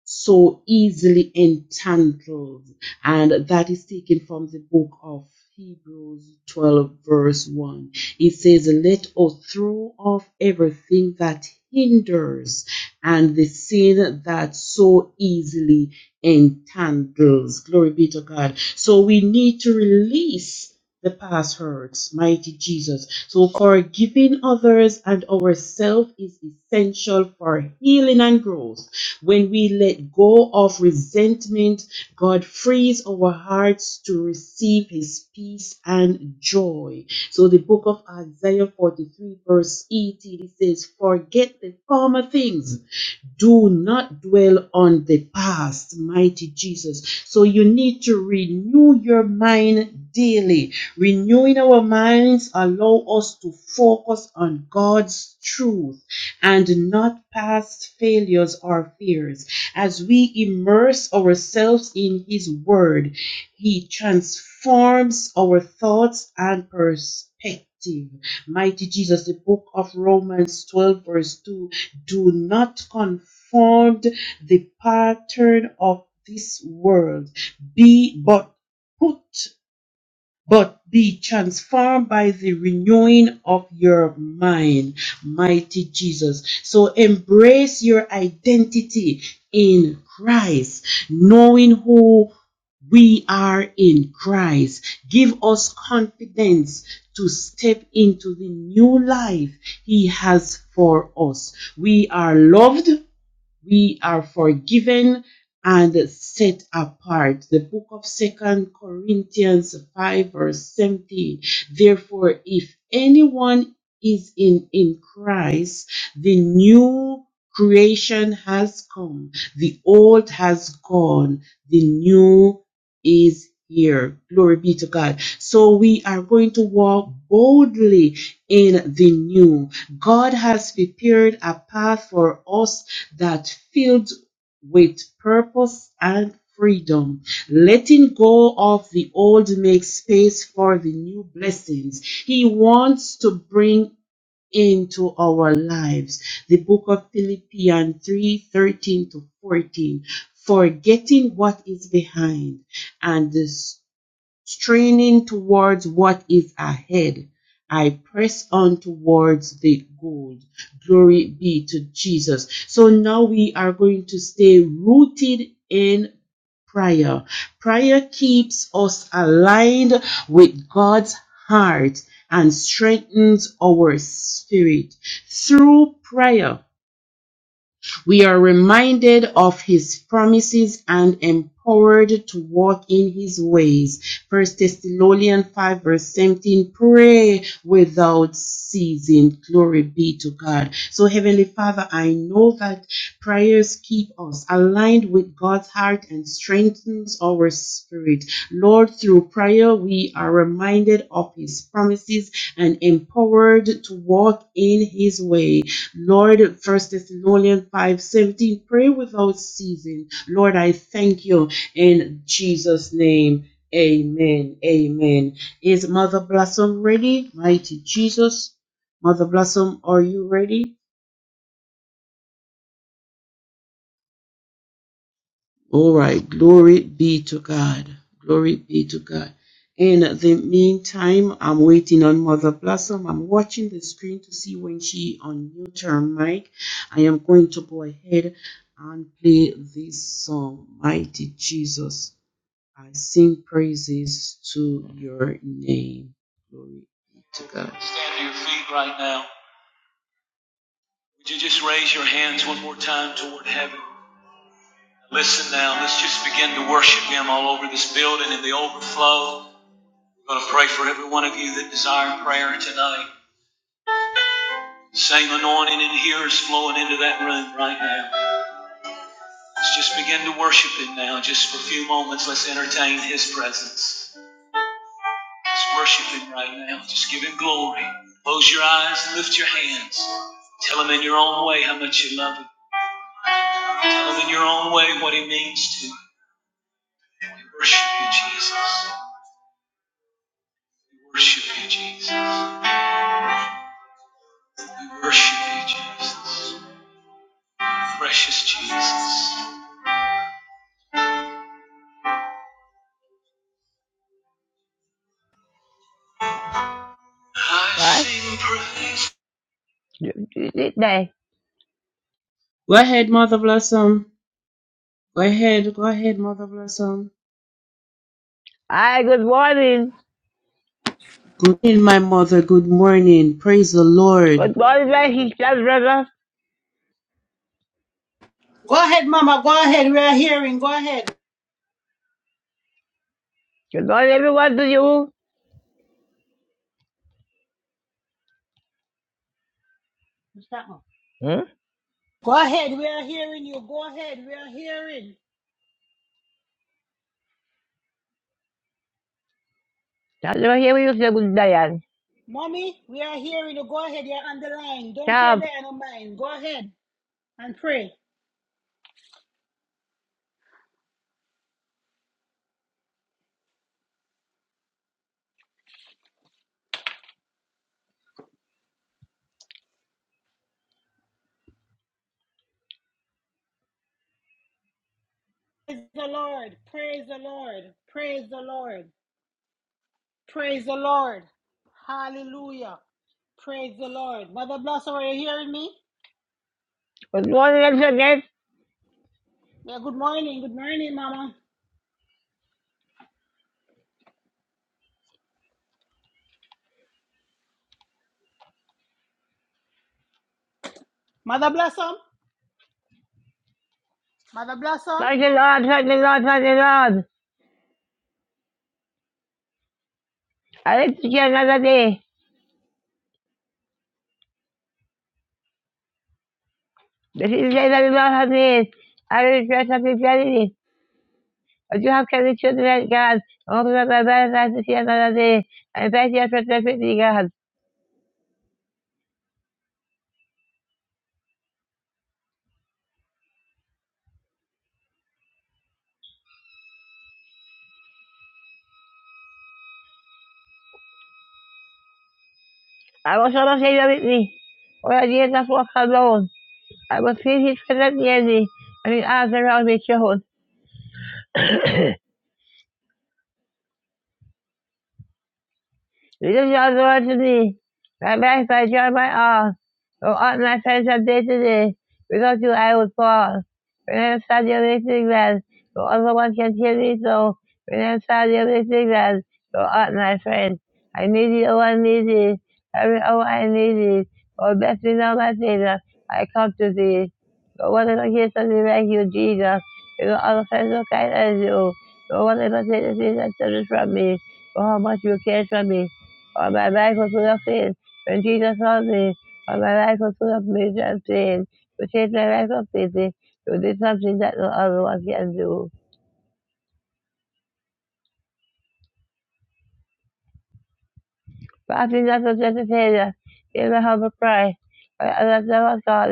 [SPEAKER 3] so easily entangled. And that is taken from the book of Hebrews 12, verse 1. It says, Let us throw off everything that hinders and the sin that so easily entangles. Glory be to God. So we need to release. The past hurts, mighty Jesus. So, forgiving others and ourselves is essential for healing and growth when we let go of resentment, God frees our hearts to receive His peace and joy. So the book of Isaiah 43, verse 18, it says, Forget the former things do not dwell on the past, mighty Jesus. So you need to renew your mind daily. Renewing our minds allow us to focus on God's truth and not past failures or fears. As we immerse ourselves in His Word, He transforms our thoughts and perspective. Mighty Jesus, the book of Romans 12, verse 2 do not conform the pattern of this world. Be but put but be transformed by the renewing of your mind, mighty Jesus. So embrace your identity in Christ, knowing who we are in Christ. Give us confidence to step into the new life He has for us. We are loved we are forgiven and set apart. The book of Second Corinthians 5 verse 17. Therefore, if anyone is in, in Christ, the new creation has come. The old has gone. The new is here. Glory be to God. So we are going to walk boldly in the new. God has prepared a path for us that filled with purpose and freedom. Letting go of the old makes space for the new blessings He wants to bring into our lives. The book of Philippians 3 13 to 14. Forgetting what is behind and the straining towards what is ahead. I press on towards the goal. Glory be to Jesus. So now we are going to stay rooted in prayer. Prayer keeps us aligned with God's heart and strengthens our spirit. Through prayer, we are reminded of his promises and empowered to walk in his ways. 1 Thessalonians 5 verse 17, pray without ceasing. Glory be to God. So Heavenly Father, I know that prayers keep us aligned with God's heart and strengthens our spirit. Lord, through prayer, we are reminded of his promises and empowered to walk in his ways. Lord, First Thessalonians 5:17, pray without ceasing. Lord, I thank you in Jesus' name. Amen. Amen. Is Mother Blossom ready? Mighty Jesus. Mother Blossom, are you ready? All right. Glory be to God. Glory be to God. In the meantime, I'm waiting on Mother Blossom. I'm watching the screen to see when she unmute her mic. I am going to go ahead and play this song, Mighty Jesus. I sing praises to your name. Glory be to God. Stand to your feet right now. Would you just raise your hands one more time toward heaven? Listen now, let's just begin to worship Him all over this building in the overflow. I'm going to pray for every one of you that desire prayer tonight. The Same anointing in here is flowing into that room right now. Let's just begin to worship Him now. Just for a few moments, let's entertain His presence. Let's worship Him right now. Just give Him glory. Close your eyes and lift your hands. Tell Him in your own way how much you love Him. Tell Him in your own way what He means to you. We worship You, Jesus. We worship You, Jesus. We worship you, Jesus. Precious Jesus. I
[SPEAKER 9] Right?
[SPEAKER 3] sing praise.
[SPEAKER 9] Day.
[SPEAKER 3] Go ahead, Mother Blossom. Go ahead, go ahead, Mother Blossom.
[SPEAKER 9] Hi, good morning.
[SPEAKER 3] Good morning, my mother. Good morning. Praise the Lord.
[SPEAKER 9] Good morning, my sister, brother.
[SPEAKER 1] Go ahead, Mama. Go ahead. We are hearing. Go ahead.
[SPEAKER 9] Good morning, everyone to you. What's that one? Hmm?
[SPEAKER 1] Go ahead, we are hearing you. Go ahead, we are hearing.
[SPEAKER 9] That's over here with you, sir, good day, and
[SPEAKER 1] Mommy, we are hearing you. Go ahead, you're on the line. Don't pay the
[SPEAKER 9] stop.
[SPEAKER 1] end of mine. Go ahead and pray. Praise the Lord. Praise the Lord. Praise the Lord. Praise the Lord. Hallelujah. Praise the Lord. Mother Blossom, are you hearing me?
[SPEAKER 9] Good morning, once again.
[SPEAKER 1] Yeah, good morning. Good morning, Mama. Mother Blossom. Mother Blossom.
[SPEAKER 9] Thank the Lord, thank the Lord, thank the Lord. I live to see another day. This is the day that the Lord has made. I will rejoice and be glad in it. But you have kept the children of God. Oh, God, my God, I to see another day. I thank you for the God. I also want to say that with me. All the years I've alone. I was feed his children yearly, and his eyes around me shone. Because You give the word to me. My back, my joy, my all. From all my friends from day to day. Without you, I would fall. When I am sad, you're listening glad. For other one can hear me so. When I am sad, you're listening glad. For all my friends. I need you, oh, I need thee. Every hour I need thee. Oh, bless me now, my Savior. I come to thee. No one ever hears something like you, Jesus. You know, all the friends so kind as you. No one ever takes the things that service from me. Oh, how much you care for me. All my life was full of in. When Jesus loved me, all my life was full of in. I'm saying, to my life up in it. To something that no other one can do. But I do not object to Savior, give my humble prayer. I love them on God,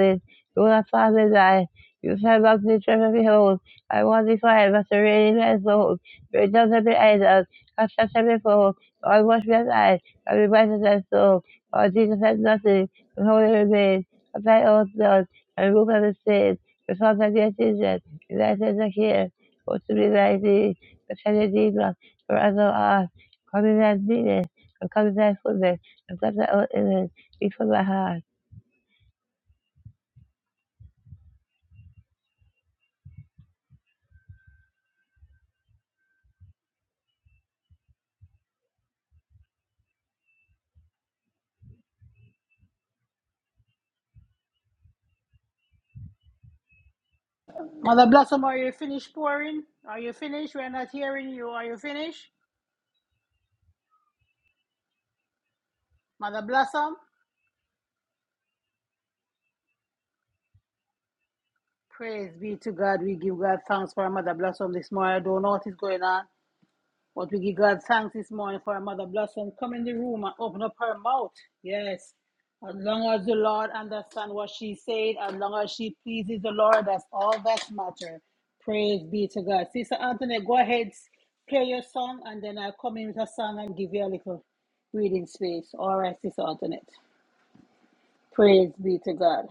[SPEAKER 9] do not find me die. You shall not be driven, behold. I want thee quiet, but the reading my soul. Bring down every idol, cast out every fool. Lord, wash me alive, I I be righteous and soul. Lord, Jesus has nothing, but holy remain. Of thy own blood, and remove every sin. Because of your children, and thy sins are here. Go to me, thy thee, but shall redeem us, for as thou art. Come in and meet I'm coming back for this. I'm glad that I didn't before I had.
[SPEAKER 1] Mother Blossom, are you finished pouring? Are you finished? We're not hearing you. Are you finished? Mother Blossom. Praise be to God. We give God thanks for our Mother Blossom this morning. I don't know what is going on, but we give God thanks this morning for our Mother Blossom. Come in the room and open up her mouth. Yes. As long as the Lord understands what she said, as long as she pleases the Lord, that's all that matters. Praise be to God. Sister Anthony, go ahead, play your song, and then I'll come in with a song and give you a little breathing space. All right, Sister Antoinette. Praise be to God.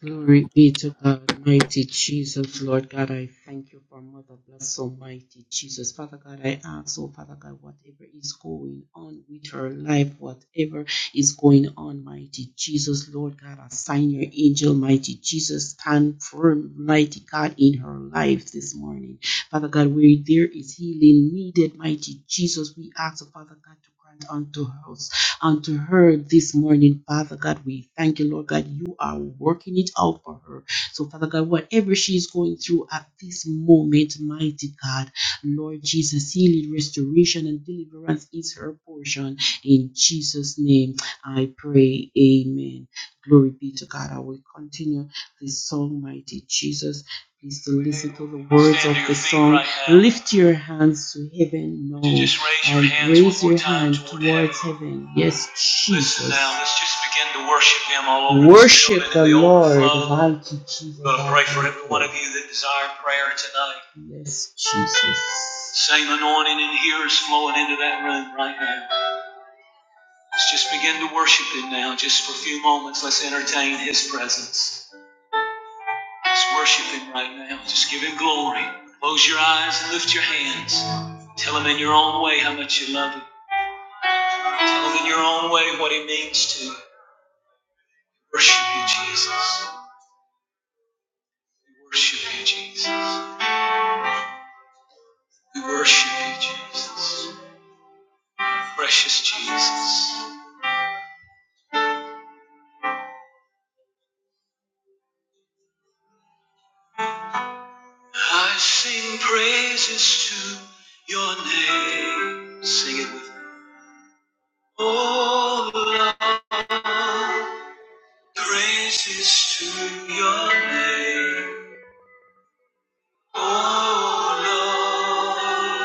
[SPEAKER 3] Glory be to God, mighty Jesus, Lord God. I thank you for Mother Bless Almighty Jesus. Father God, I ask, oh Father God, whatever is going on with her life, whatever is going on, mighty Jesus, Lord God, assign your angel, mighty Jesus, stand firm, mighty God, in her life this morning. Father God, where there is healing needed, mighty Jesus, we ask, oh Father God, to grant unto her unto her this morning, Father God. We thank you, Lord God. You are working it out for her. So, Father God, whatever she is going through at this moment, mighty God, Lord Jesus, healing, restoration, and deliverance is her portion. In Jesus' name, I pray. Amen. Glory be to God. I will continue this song, mighty Jesus. Please to listen to the words of the song. Lift your hands to heaven. No, and raise your hand towards heaven. Yes, Jesus. Let's just begin to Worship Him all over. Worship the Lord. Hallelujah, Jesus. I'm gonna Pray for every one of you, that desire prayer tonight. Yes, Jesus. Same anointing and here is flowing into that room right now. now. Let's let's just Just begin to worship Him now, just for a few moments, Let's entertain His presence. Just worship Him right now. Just give Him glory. Close your eyes and lift your hands. Tell Him in your own way how much you love Him. Tell Him in your own way what He means to you. Worship You, Jesus. We worship You, Jesus. We worship You, Jesus. Precious Jesus. I sing praises to Your name. Sing it with me. Oh, praises to Your name. Oh, Lord.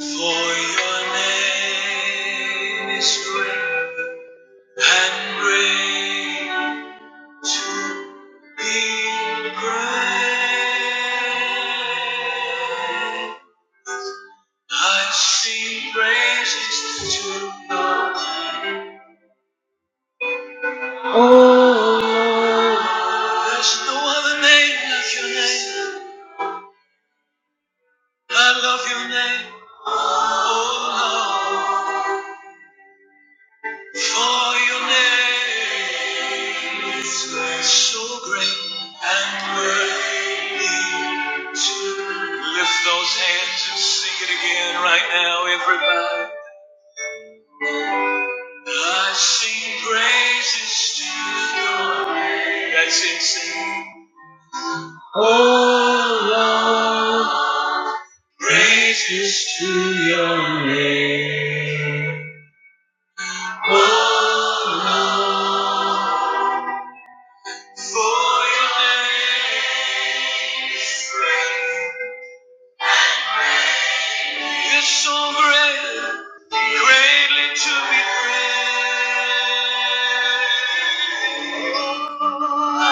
[SPEAKER 3] For your name is great and great to be praised. I sing praises to you. There's no other name like your name. I love your name, oh Lord. For your name is so great and worthy to lift those hands and sing it again right now, everybody. I sing praises to you. That's it, sing. Oh Lord,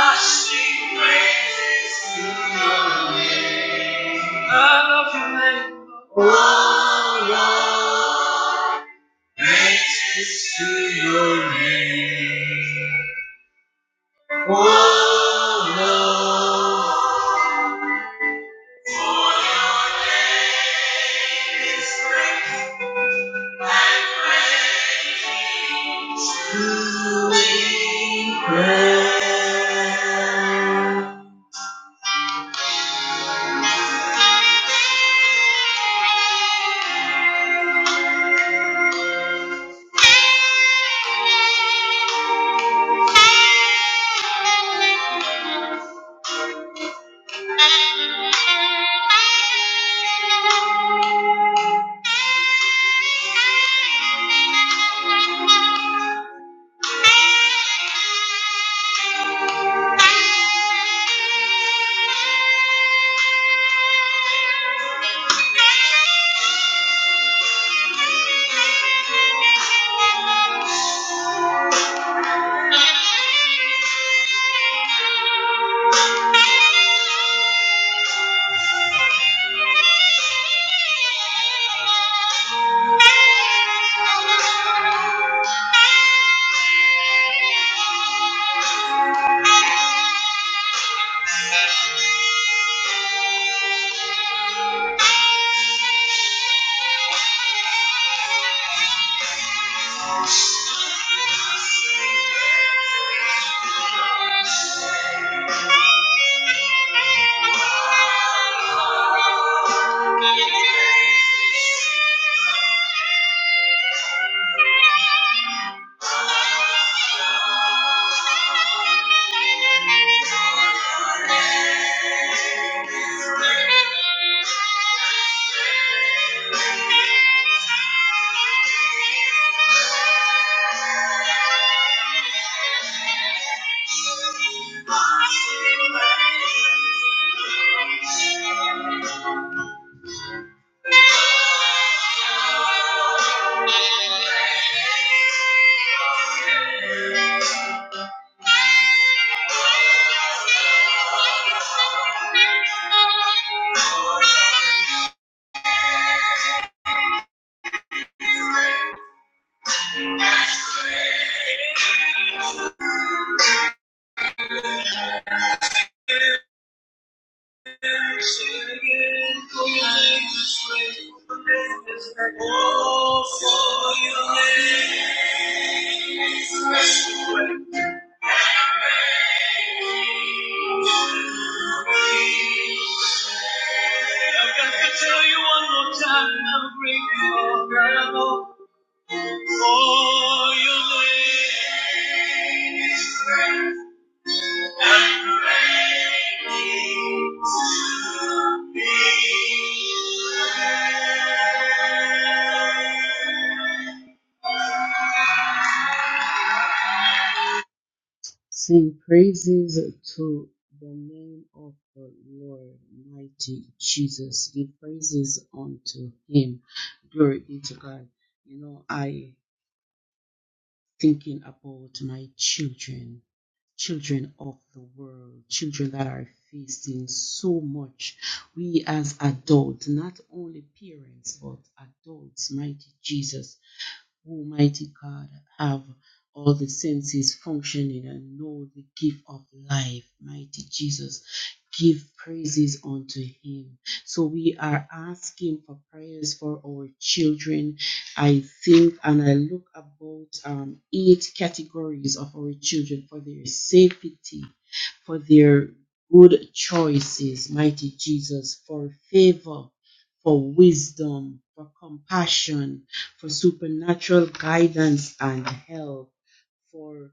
[SPEAKER 3] I sing praises to your name. Oh Lord, to your name. Oh Lord. yes. Thank you. Thank you. Thank you. Thank you. Thank you. I've got to tell you one more time, I'm for your grace. Sing praises to the name of the Lord, mighty Jesus. Give praises unto him. Glory be to God. You know, I thinking about my children. children of the world, children that are facing so much. We as adults, not only parents, but adults, mighty Jesus. Almighty God, have all the senses functioning and know the gift of life. Mighty Jesus, give praises unto Him. So we are asking for prayers for our children. I think and I look about um, eight categories of our children for their safety, for their good choices, mighty Jesus, for favor, for wisdom, for compassion for supernatural guidance and help for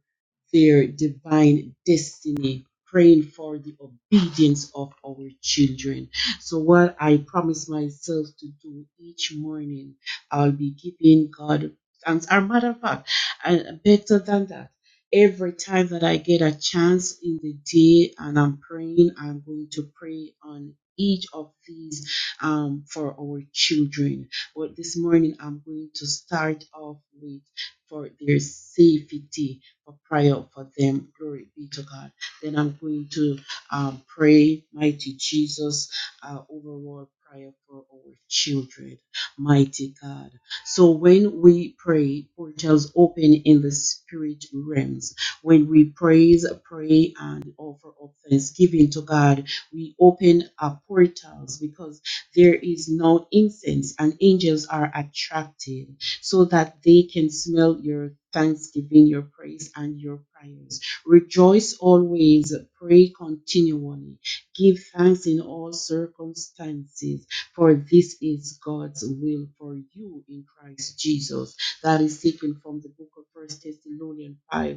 [SPEAKER 3] their divine destiny, praying for the obedience of our children. So, what I promise myself to do each morning, I'll be giving God thanks. As a matter of fact, and better than that, every time that I get a chance in the day and I'm praying, I'm going to pray on each of these um, for our children. But this morning, I'm going to start off with for their safety, for prayer for them. Glory be to God. Then I'm going to um, pray, mighty Jesus, uh, overall prayer for our children, mighty God. So when we pray, portals open in the spirit realms. When we praise, pray, and offer up thanksgiving to God, we open our portals because there is no incense and angels are attracted so that they can smell your thanksgiving, your praise, and your prayers. Rejoice always, pray continually, give thanks in all circumstances, for this is God's will for you in Christ Jesus. That is taken from the book of First Thessalonians 5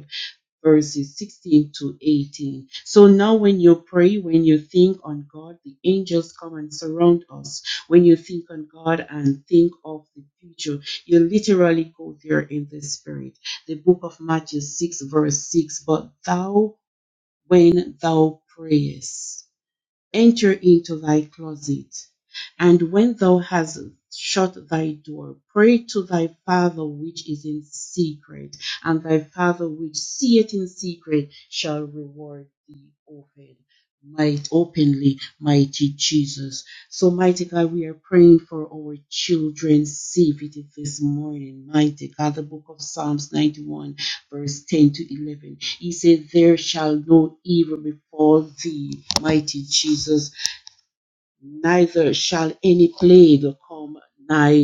[SPEAKER 3] verses 16 to 18. So now, when you pray, when you think on God, the angels come and surround us. When you think on God and think of the future, you literally go there in the spirit. The book of Matthew 6, verse 6 But thou, when thou prayest, enter into thy closet, and when thou hast shut thy door, pray to thy Father which is in secret, and thy Father which seeth in secret shall reward thee openly might openly, mighty Jesus. So, mighty God, we are praying for our children's safety this morning. Mighty God, the book of Psalms 91, verse 10 to 11. He said, There shall no evil befall thee, mighty Jesus, neither shall any plague come. nigh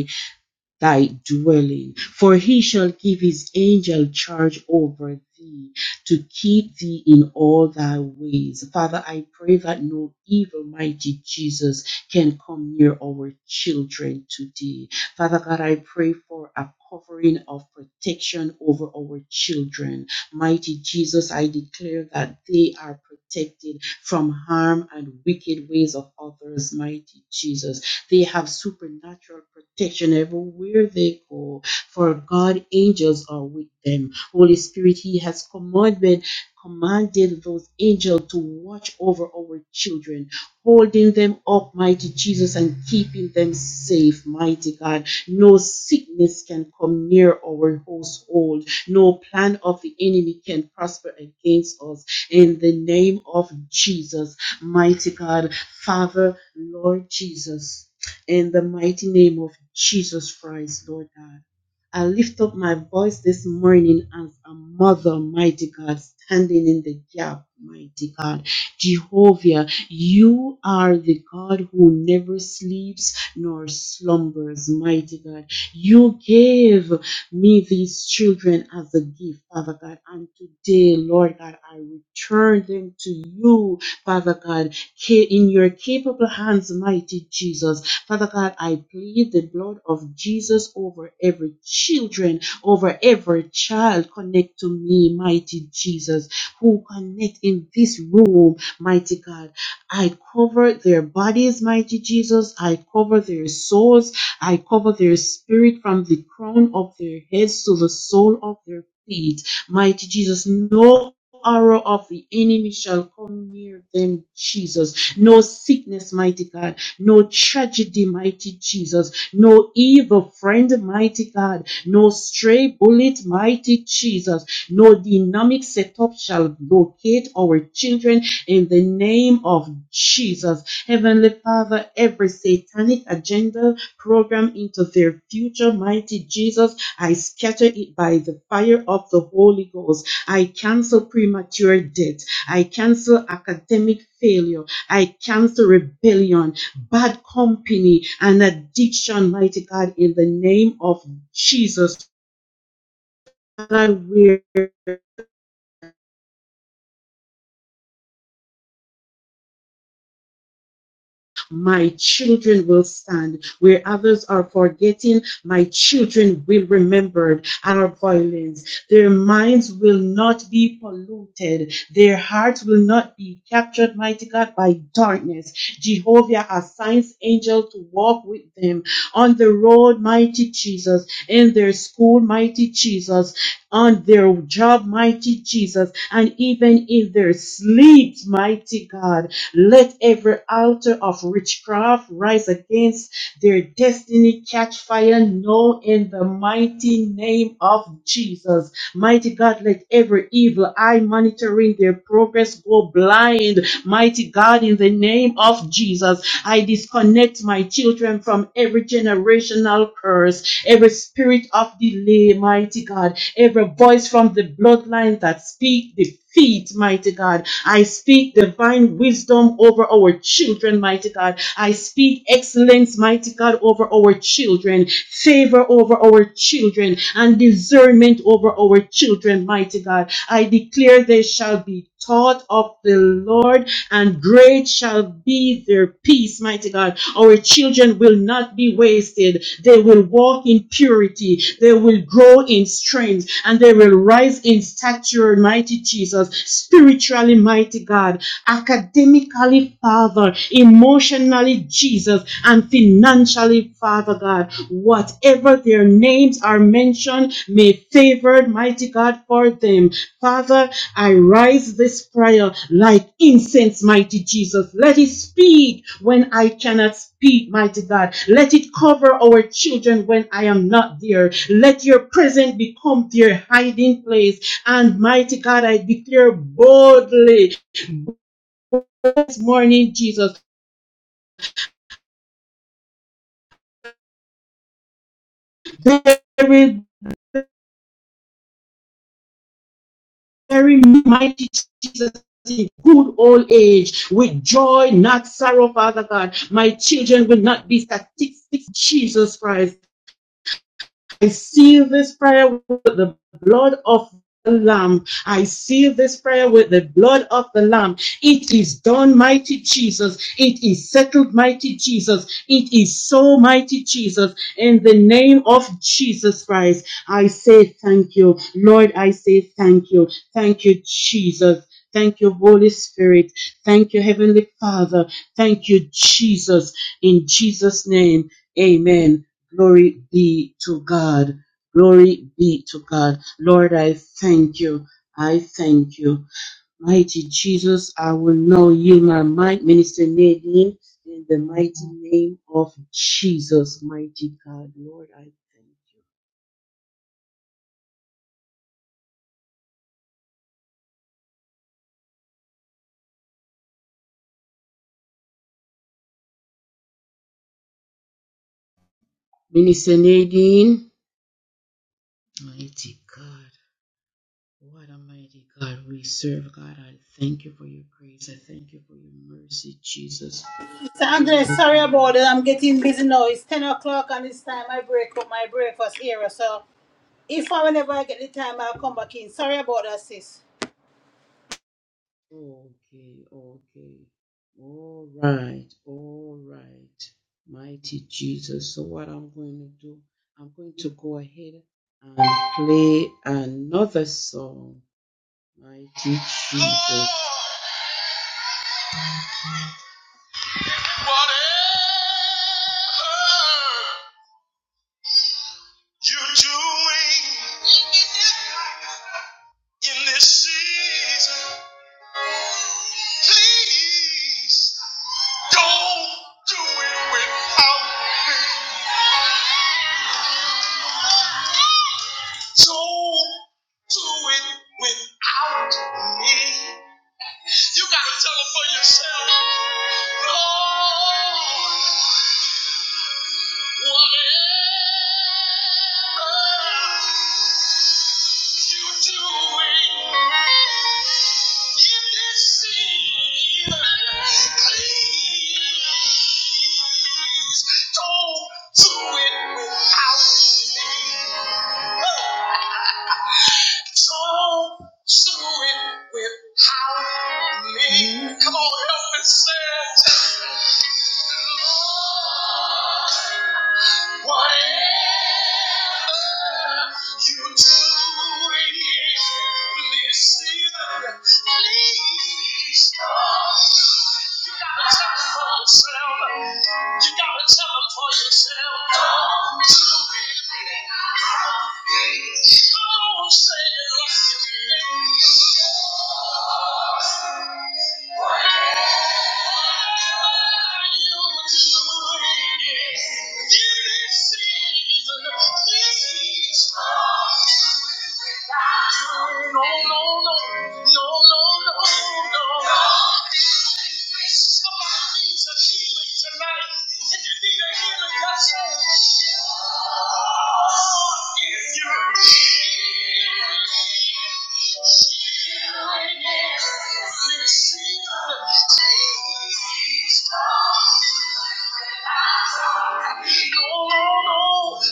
[SPEAKER 3] thy dwelling. For he shall give his angel charge over thee to keep thee in all thy ways. Father, I pray that no evil, mighty Jesus, can come near our children today. Father God, I pray for a covering of protection over our children. Mighty Jesus, I declare that they are protected from harm and wicked ways of others, mighty Jesus. They have supernatural protection everywhere they go, for God angels are with them. Holy Spirit, He has commanded commanded those angels to watch over our children, holding them up, mighty Jesus, and keeping them safe, mighty God. No sickness can come near our household. No plan of the enemy can prosper against us. In the name of Jesus, mighty God, Father, Lord Jesus in the mighty name of Jesus Christ, Lord God. I lift up my voice this morning as a mother, mighty God, standing in the gap, mighty God. Jehovah, you are the God who never sleeps nor slumbers, mighty God. You gave me these children as a gift, Father God. And today, Lord God, I return them to you, Father God, ca- in your capable hands, mighty Jesus. Father God, I plead the blood of Jesus over every children, over every child connect to me, mighty Jesus, who connect in this room, mighty God. I cover their bodies, mighty Jesus. I cover their souls. I cover their spirit from the crown of their heads to the sole of their feet. Mighty Jesus, no arrow of the enemy shall come near them, Jesus. No sickness, mighty God no tragedy, mighty Jesus, no evil friend, mighty God, no stray bullet, mighty Jesus, no dynamic setup shall locate our children in the name of Jesus. Heavenly Father, every satanic agenda program into their future, mighty Jesus, I scatter it by the fire of the Holy Ghost. I cancel premature death. I cancel academic failure. I cancel rebellion bad company and addiction, mighty God, in the name of Jesus. Father, we my children will stand. Where others are forgetting, my children will remember our violence. Their minds will not be polluted. Their hearts will not be captured, mighty God, by darkness. Jehovah assigns angel to walk with them on the road, mighty Jesus, in their school, mighty Jesus, on their job, mighty Jesus, and even in their sleeps, mighty God. Let every altar of witchcraft rise against their destiny, catch fire now in the mighty name of Jesus. Mighty God, let every evil eye monitoring their progress go blind. Mighty God, in the name of Jesus, I disconnect my children from every generational curse, every spirit of delay, mighty God, every voice from the bloodline that speak defeat, mighty God. I speak divine wisdom over our children, mighty God. I speak excellence, mighty God, over our children, favor over our children, and discernment over our children, mighty God. I declare they shall be taught of the Lord, and great shall be their peace, mighty God. Our children will not be wasted. They will walk in purity. They will grow in strength and they will rise in stature, mighty Jesus, spiritually, mighty God, academically, Father, emotionally, Jesus, and financially, Father God. Whatever their names are mentioned, may favored, mighty God, for them. Father, I rise this prayer like incense, mighty Jesus. Let it speak when I cannot speak, mighty God. Let it cover our children when I am not there. Let your presence become their hiding place. And mighty God, I declare boldly this morning, Jesus, bury, bury me, mighty Jesus. In good old age, with joy, not sorrow, Father God. My children will not be statistics, Jesus Christ. I seal this prayer with the blood of the Lamb. I seal this prayer with the blood of the Lamb. It is done, mighty Jesus. It is settled, mighty Jesus. It is so, mighty Jesus. In the name of Jesus Christ, I say thank you. Lord, I say thank you. Thank you, Jesus. Thank you, Holy Spirit. Thank you, Heavenly Father. Thank you, Jesus. In Jesus' name, amen. Glory be to God. Glory be to God. Lord, I thank you. I thank you. Mighty Jesus, I will now yield my might, Minister Nadine, in the mighty name of Jesus, mighty God. Lord, I thank you. Minister Nadine, mighty God. What a mighty God we serve, God. I thank you for your grace. I thank you for your mercy, Jesus.
[SPEAKER 1] So
[SPEAKER 3] Lord
[SPEAKER 1] Andres, sorry
[SPEAKER 3] God, I
[SPEAKER 1] about it. I'm getting busy now. It's 10 o'clock and it's time I break up my breakfast area. So if I whenever I get the time, I'll
[SPEAKER 3] thank you.
[SPEAKER 1] come back in. Sorry about that, sis.
[SPEAKER 3] Okay, okay. All right, all right. Mighty Jesus. So, what I'm going to do, I'm going to go ahead and play another song. Mighty Jesus. Whatever you're doing in this season, please. Don't do it without me. Don't do it without me. You got to tell them for yourself. Lord, whatever you're doing in this season, please don't do it without me. Don't do it without me. How Me. Come on, help me say it. Lord, Whatever you do in this season, please come. You gotta tell folks, you gotta tell them for yourself. Don't you believe? Don't say it like you mean. it. Whatever you do in this season, please come with me. No, no, no, no, no, no, no. Somebody needs a healing tonight, if you need a healing, let's go. If you need healing is receive Jesus. No, no, no,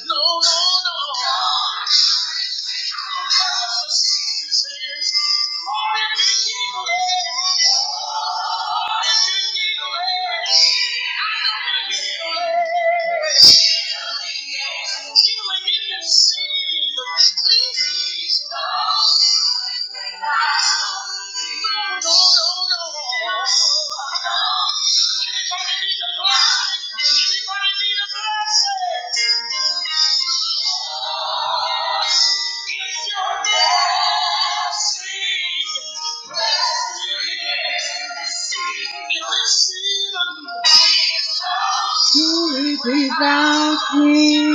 [SPEAKER 3] no, no, no. This is more than healing. No, no, no. Blessing. blessing? blessing live without me.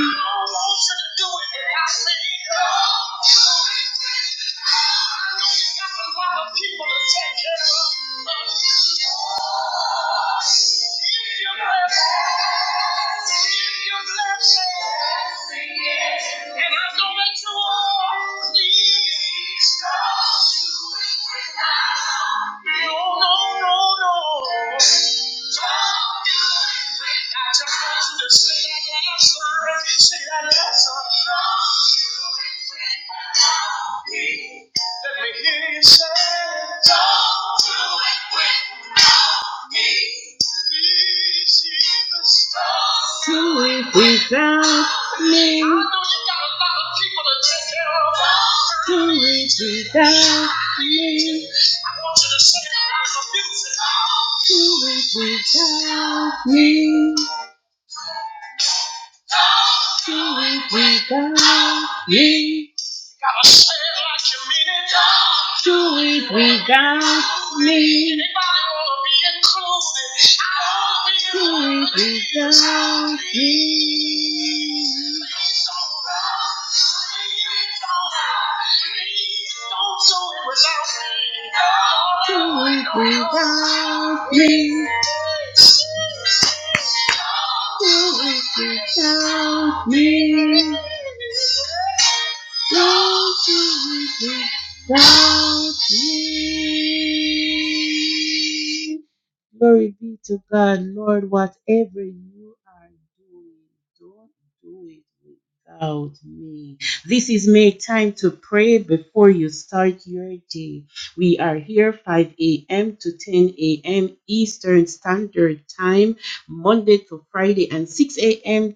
[SPEAKER 3] And I'm going to walk. Let me hear you say, don't do it without. me. Who is without me? Who is without me? Who is without me? Who is without me? Gotta say it like you mean it, y'all. Do it, we got me. Anybody wanna be included? I wanna be included. Do it, we got me. Please don't run. Please don't hide. Please don't do it without me. Do it without me. Without me. Without me. Glory be to God, Lord, whatever you are doing, don't do it without me. This is make time to pray before you start your day. We are here 5 a.m. to 10 a.m. Eastern Standard Time, Monday to Friday, and 6 a.m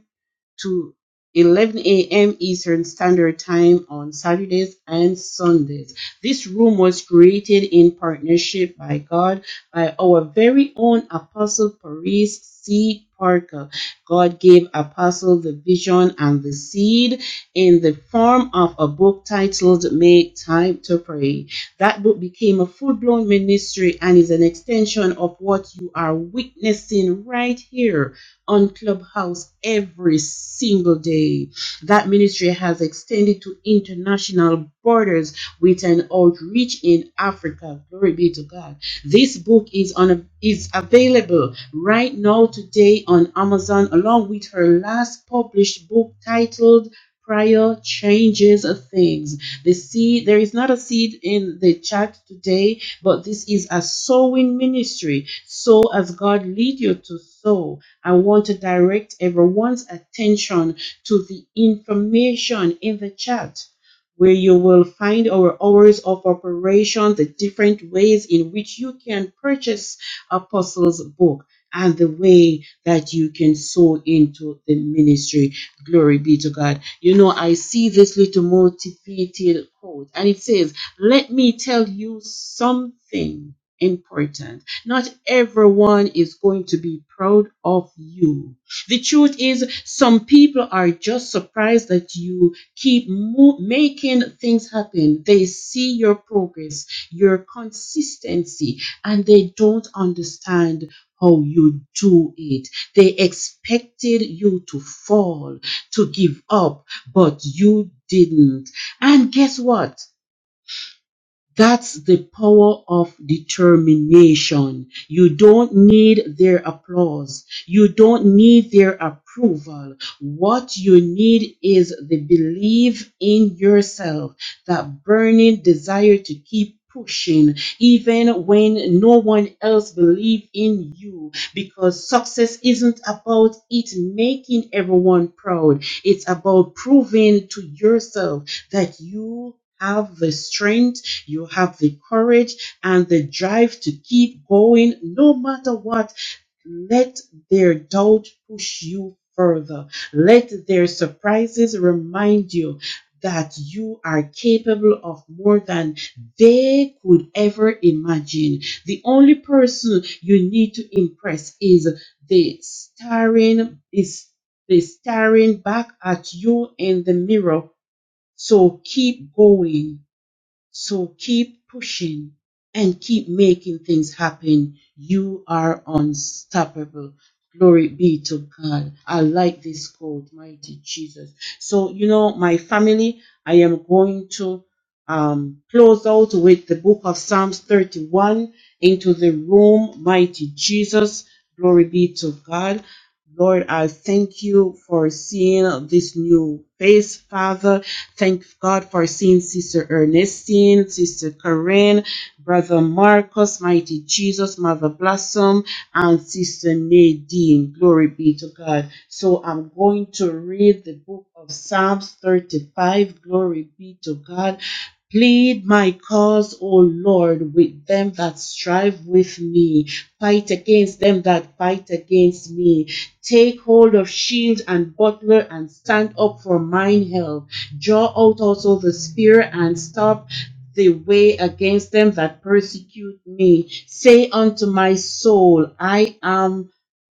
[SPEAKER 3] to 11 a.m. Eastern Standard Time on Saturdays and Sundays. This room was created in partnership by God by our very own Apostle Paris C. Parker. God gave Apostle the vision and the seed in the form of a book titled Make Time to Pray. That book became a full blown ministry and is an extension of what you are witnessing right here on Clubhouse every single day. That ministry has extended to international borders with an outreach in Africa. Glory be to God. This book is on is available right now today on Amazon along with her last published book titled Prayer changes things. The seed, there is not a seed in the chat today, but this is a sowing ministry. Sow as God lead you to sow I want to direct everyone's attention to the information in the chat where you will find our hours of operation, the different ways in which you can purchase Apostles' book, and the way that you can sow into the ministry. Glory be to God. You know, I see this little motivated quote, and it says, Let me tell you something important. Not everyone is going to be proud of you. The truth is, some people are just surprised that you keep mo- making things happen. They see your progress, your consistency, and they don't understand how you do it. They expected you to fall, to give up, but you didn't. And guess what? That's the power of determination. You don't need their applause. You don't need their approval. What you need is the belief in yourself, that burning desire to keep pushing even when no one else believes in you because success isn't about it making everyone proud it's about proving to yourself that you have the strength you have the courage and the drive to keep going no matter what. Let their doubt push you further. Let their surprises remind you that you are capable of more than they could ever imagine. The only person you need to impress is the staring is the staring back at you in the mirror. So keep going so keep pushing and keep making things happen. You are unstoppable. Glory be to God. I like this quote, mighty Jesus. So, you know, my family, I am going to um, close out with the book of Psalms 31 into the room, mighty Jesus. Glory be to God. Lord, I thank you for seeing this new face, Father. Thank God for seeing Sister Ernestine, Sister Corinne, Brother Marcus, Mighty Jesus, Mother Blossom, and Sister Nadine. Glory be to God. So I'm going to read the book of Psalms 35. Glory be to God Plead my cause, O Lord, with them that strive with me. Fight against them that fight against me. Take hold of shield and buckler and stand up for mine help. Draw out also the spear and stop the way against them that persecute me. Say unto my soul, I am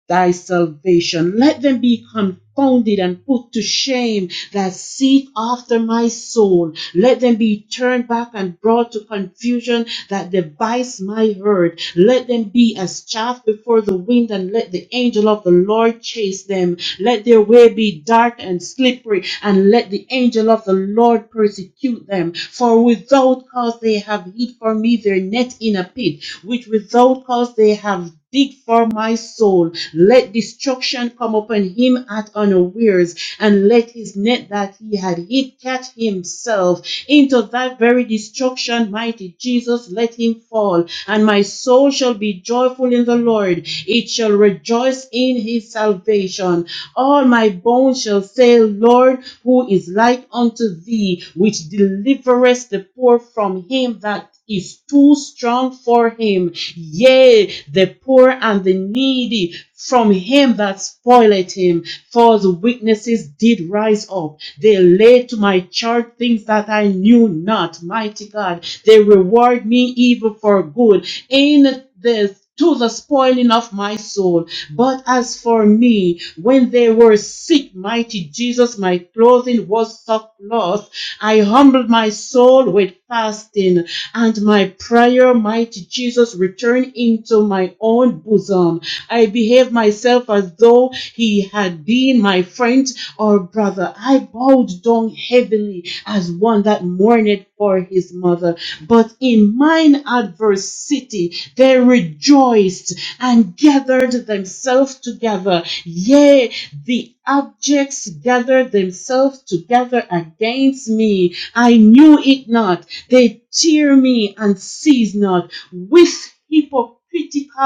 [SPEAKER 3] thy salvation. Let them be confounded and put to shame that seek after my soul. Let them be turned back and brought to confusion that devise my hurt. Let them be as chaff before the wind and let the angel of the Lord chase them. Let their way be dark and slippery and let the angel of the Lord persecute them. For without cause they have hid for me their net in a pit, which without cause they have Dig for my soul. Let destruction come upon him at unawares, and let his net that he had hid catch himself. Into that very destruction, mighty Jesus, let him fall. And my soul shall be joyful in the Lord. It shall rejoice in his salvation. All my bones shall say, Lord, who is like unto thee, which deliverest the poor from him that is too strong for him yea, the poor and the needy from him that spoileth him. For the witnesses did rise up. They laid to my charge things that I knew not. Mighty God, they reward me evil for good in the to the spoiling of my soul. But as for me, when they were sick, mighty Jesus, my clothing was sackcloth. I humbled my soul with fasting and my prayer might Jesus return into my own bosom. I behaved myself as though he had been my friend or brother. I bowed down heavily as one that mourned for his mother. But in mine adversity they rejoiced and gathered themselves together. Yea, the abjects gathered themselves together against me. I knew it not they jeer me and cease not. With hypocritical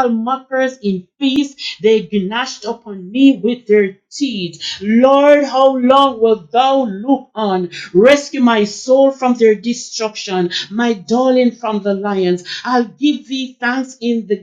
[SPEAKER 3] mockers in feast, they gnashed upon me with their teeth. Lord, how long wilt thou look on? Rescue my soul from their destruction, my darling from the lions. I'll give thee thanks in the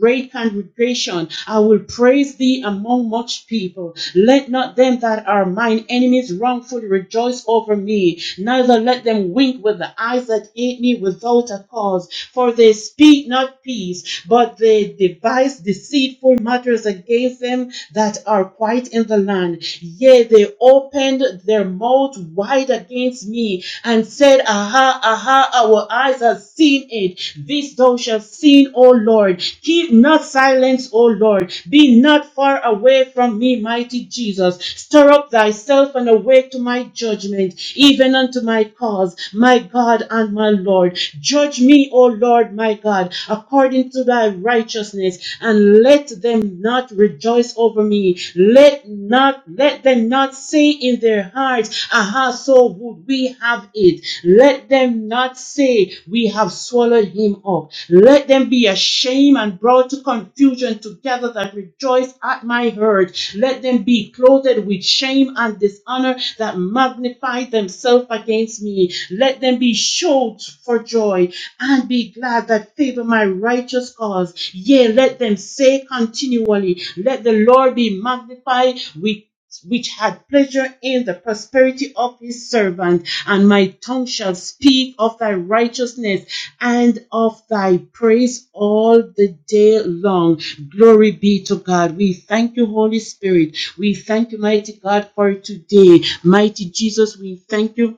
[SPEAKER 3] great congregation. I will praise thee among much people. Let not them that are mine enemies wrongfully rejoice over me, neither let them wink with the eyes that hate me without a cause. For they speak not peace, but they devise deceitful matters against them that are quiet in the land. Yea, they opened their mouth wide against me and said, Aha, aha, our eyes have seen it. This thou shalt see, O Lord. Keep not silence, O Lord. Be not far away from me, mighty Jesus. Stir up thyself and awake to my judgment, even unto my cause, my God and my Lord. Judge me, O Lord, my God, according to thy righteousness, and let them not rejoice darkness over me. Let not let them not say in their hearts, Aha, so would we have it. Let them not say we have swallowed him up. Let them be ashamed and brought to confusion together that rejoice at my hurt. Let them be clothed with shame and dishonor that magnify themselves against me. Let them be showed for joy and be glad that favor my righteous cause. Yea, let them say continually, Let the Lord be magnified, which which had pleasure in the prosperity of his servant, and my tongue shall speak of thy righteousness and of thy praise all the day long. Glory be to God. We thank you, Holy Spirit. We thank you, mighty God, for today. Mighty Jesus, we thank you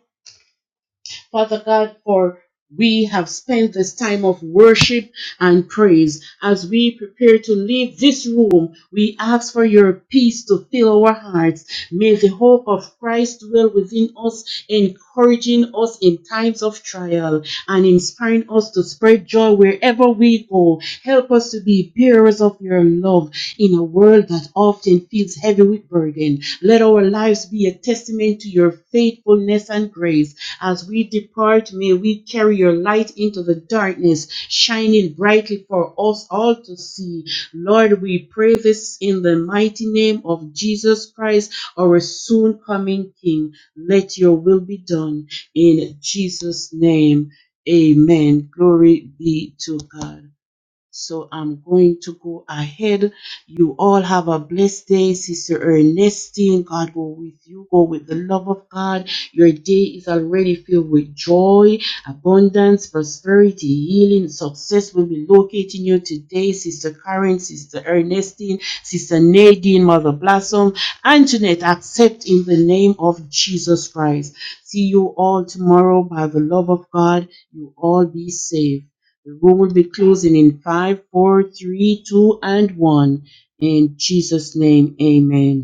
[SPEAKER 3] Father God, for we have spent this time of worship and praise. As we prepare to leave this room, we ask for your peace to fill our hearts. May the hope of Christ dwell within us, encouraging us in times of trial and inspiring us to spread joy wherever we go. Help Help us to be bearers of your love in a world that often feels heavy with burden. Let our lives be a testament to your faithfulness and grace. As we depart, may we carry your light into the darkness, shining brightly for us all to see. Lord, we pray this in the mighty name of Jesus Christ, our soon coming King. Let your will be done in Jesus' name. Amen. Glory be to God. So I'm going to go ahead. You all have a blessed day, Sister Ernestine. God go with you. Go with the love of God. Your day is already filled with joy, abundance, prosperity, healing, success will be locating you today, Sister Karen, Sister Ernestine, Sister Nadine, Mother Blossom, Antoinette. Accept in the name of Jesus Christ. See you all tomorrow by the love of God. You all be saved. The room will be closing in five, four, three, two, and one. In Jesus' name, amen.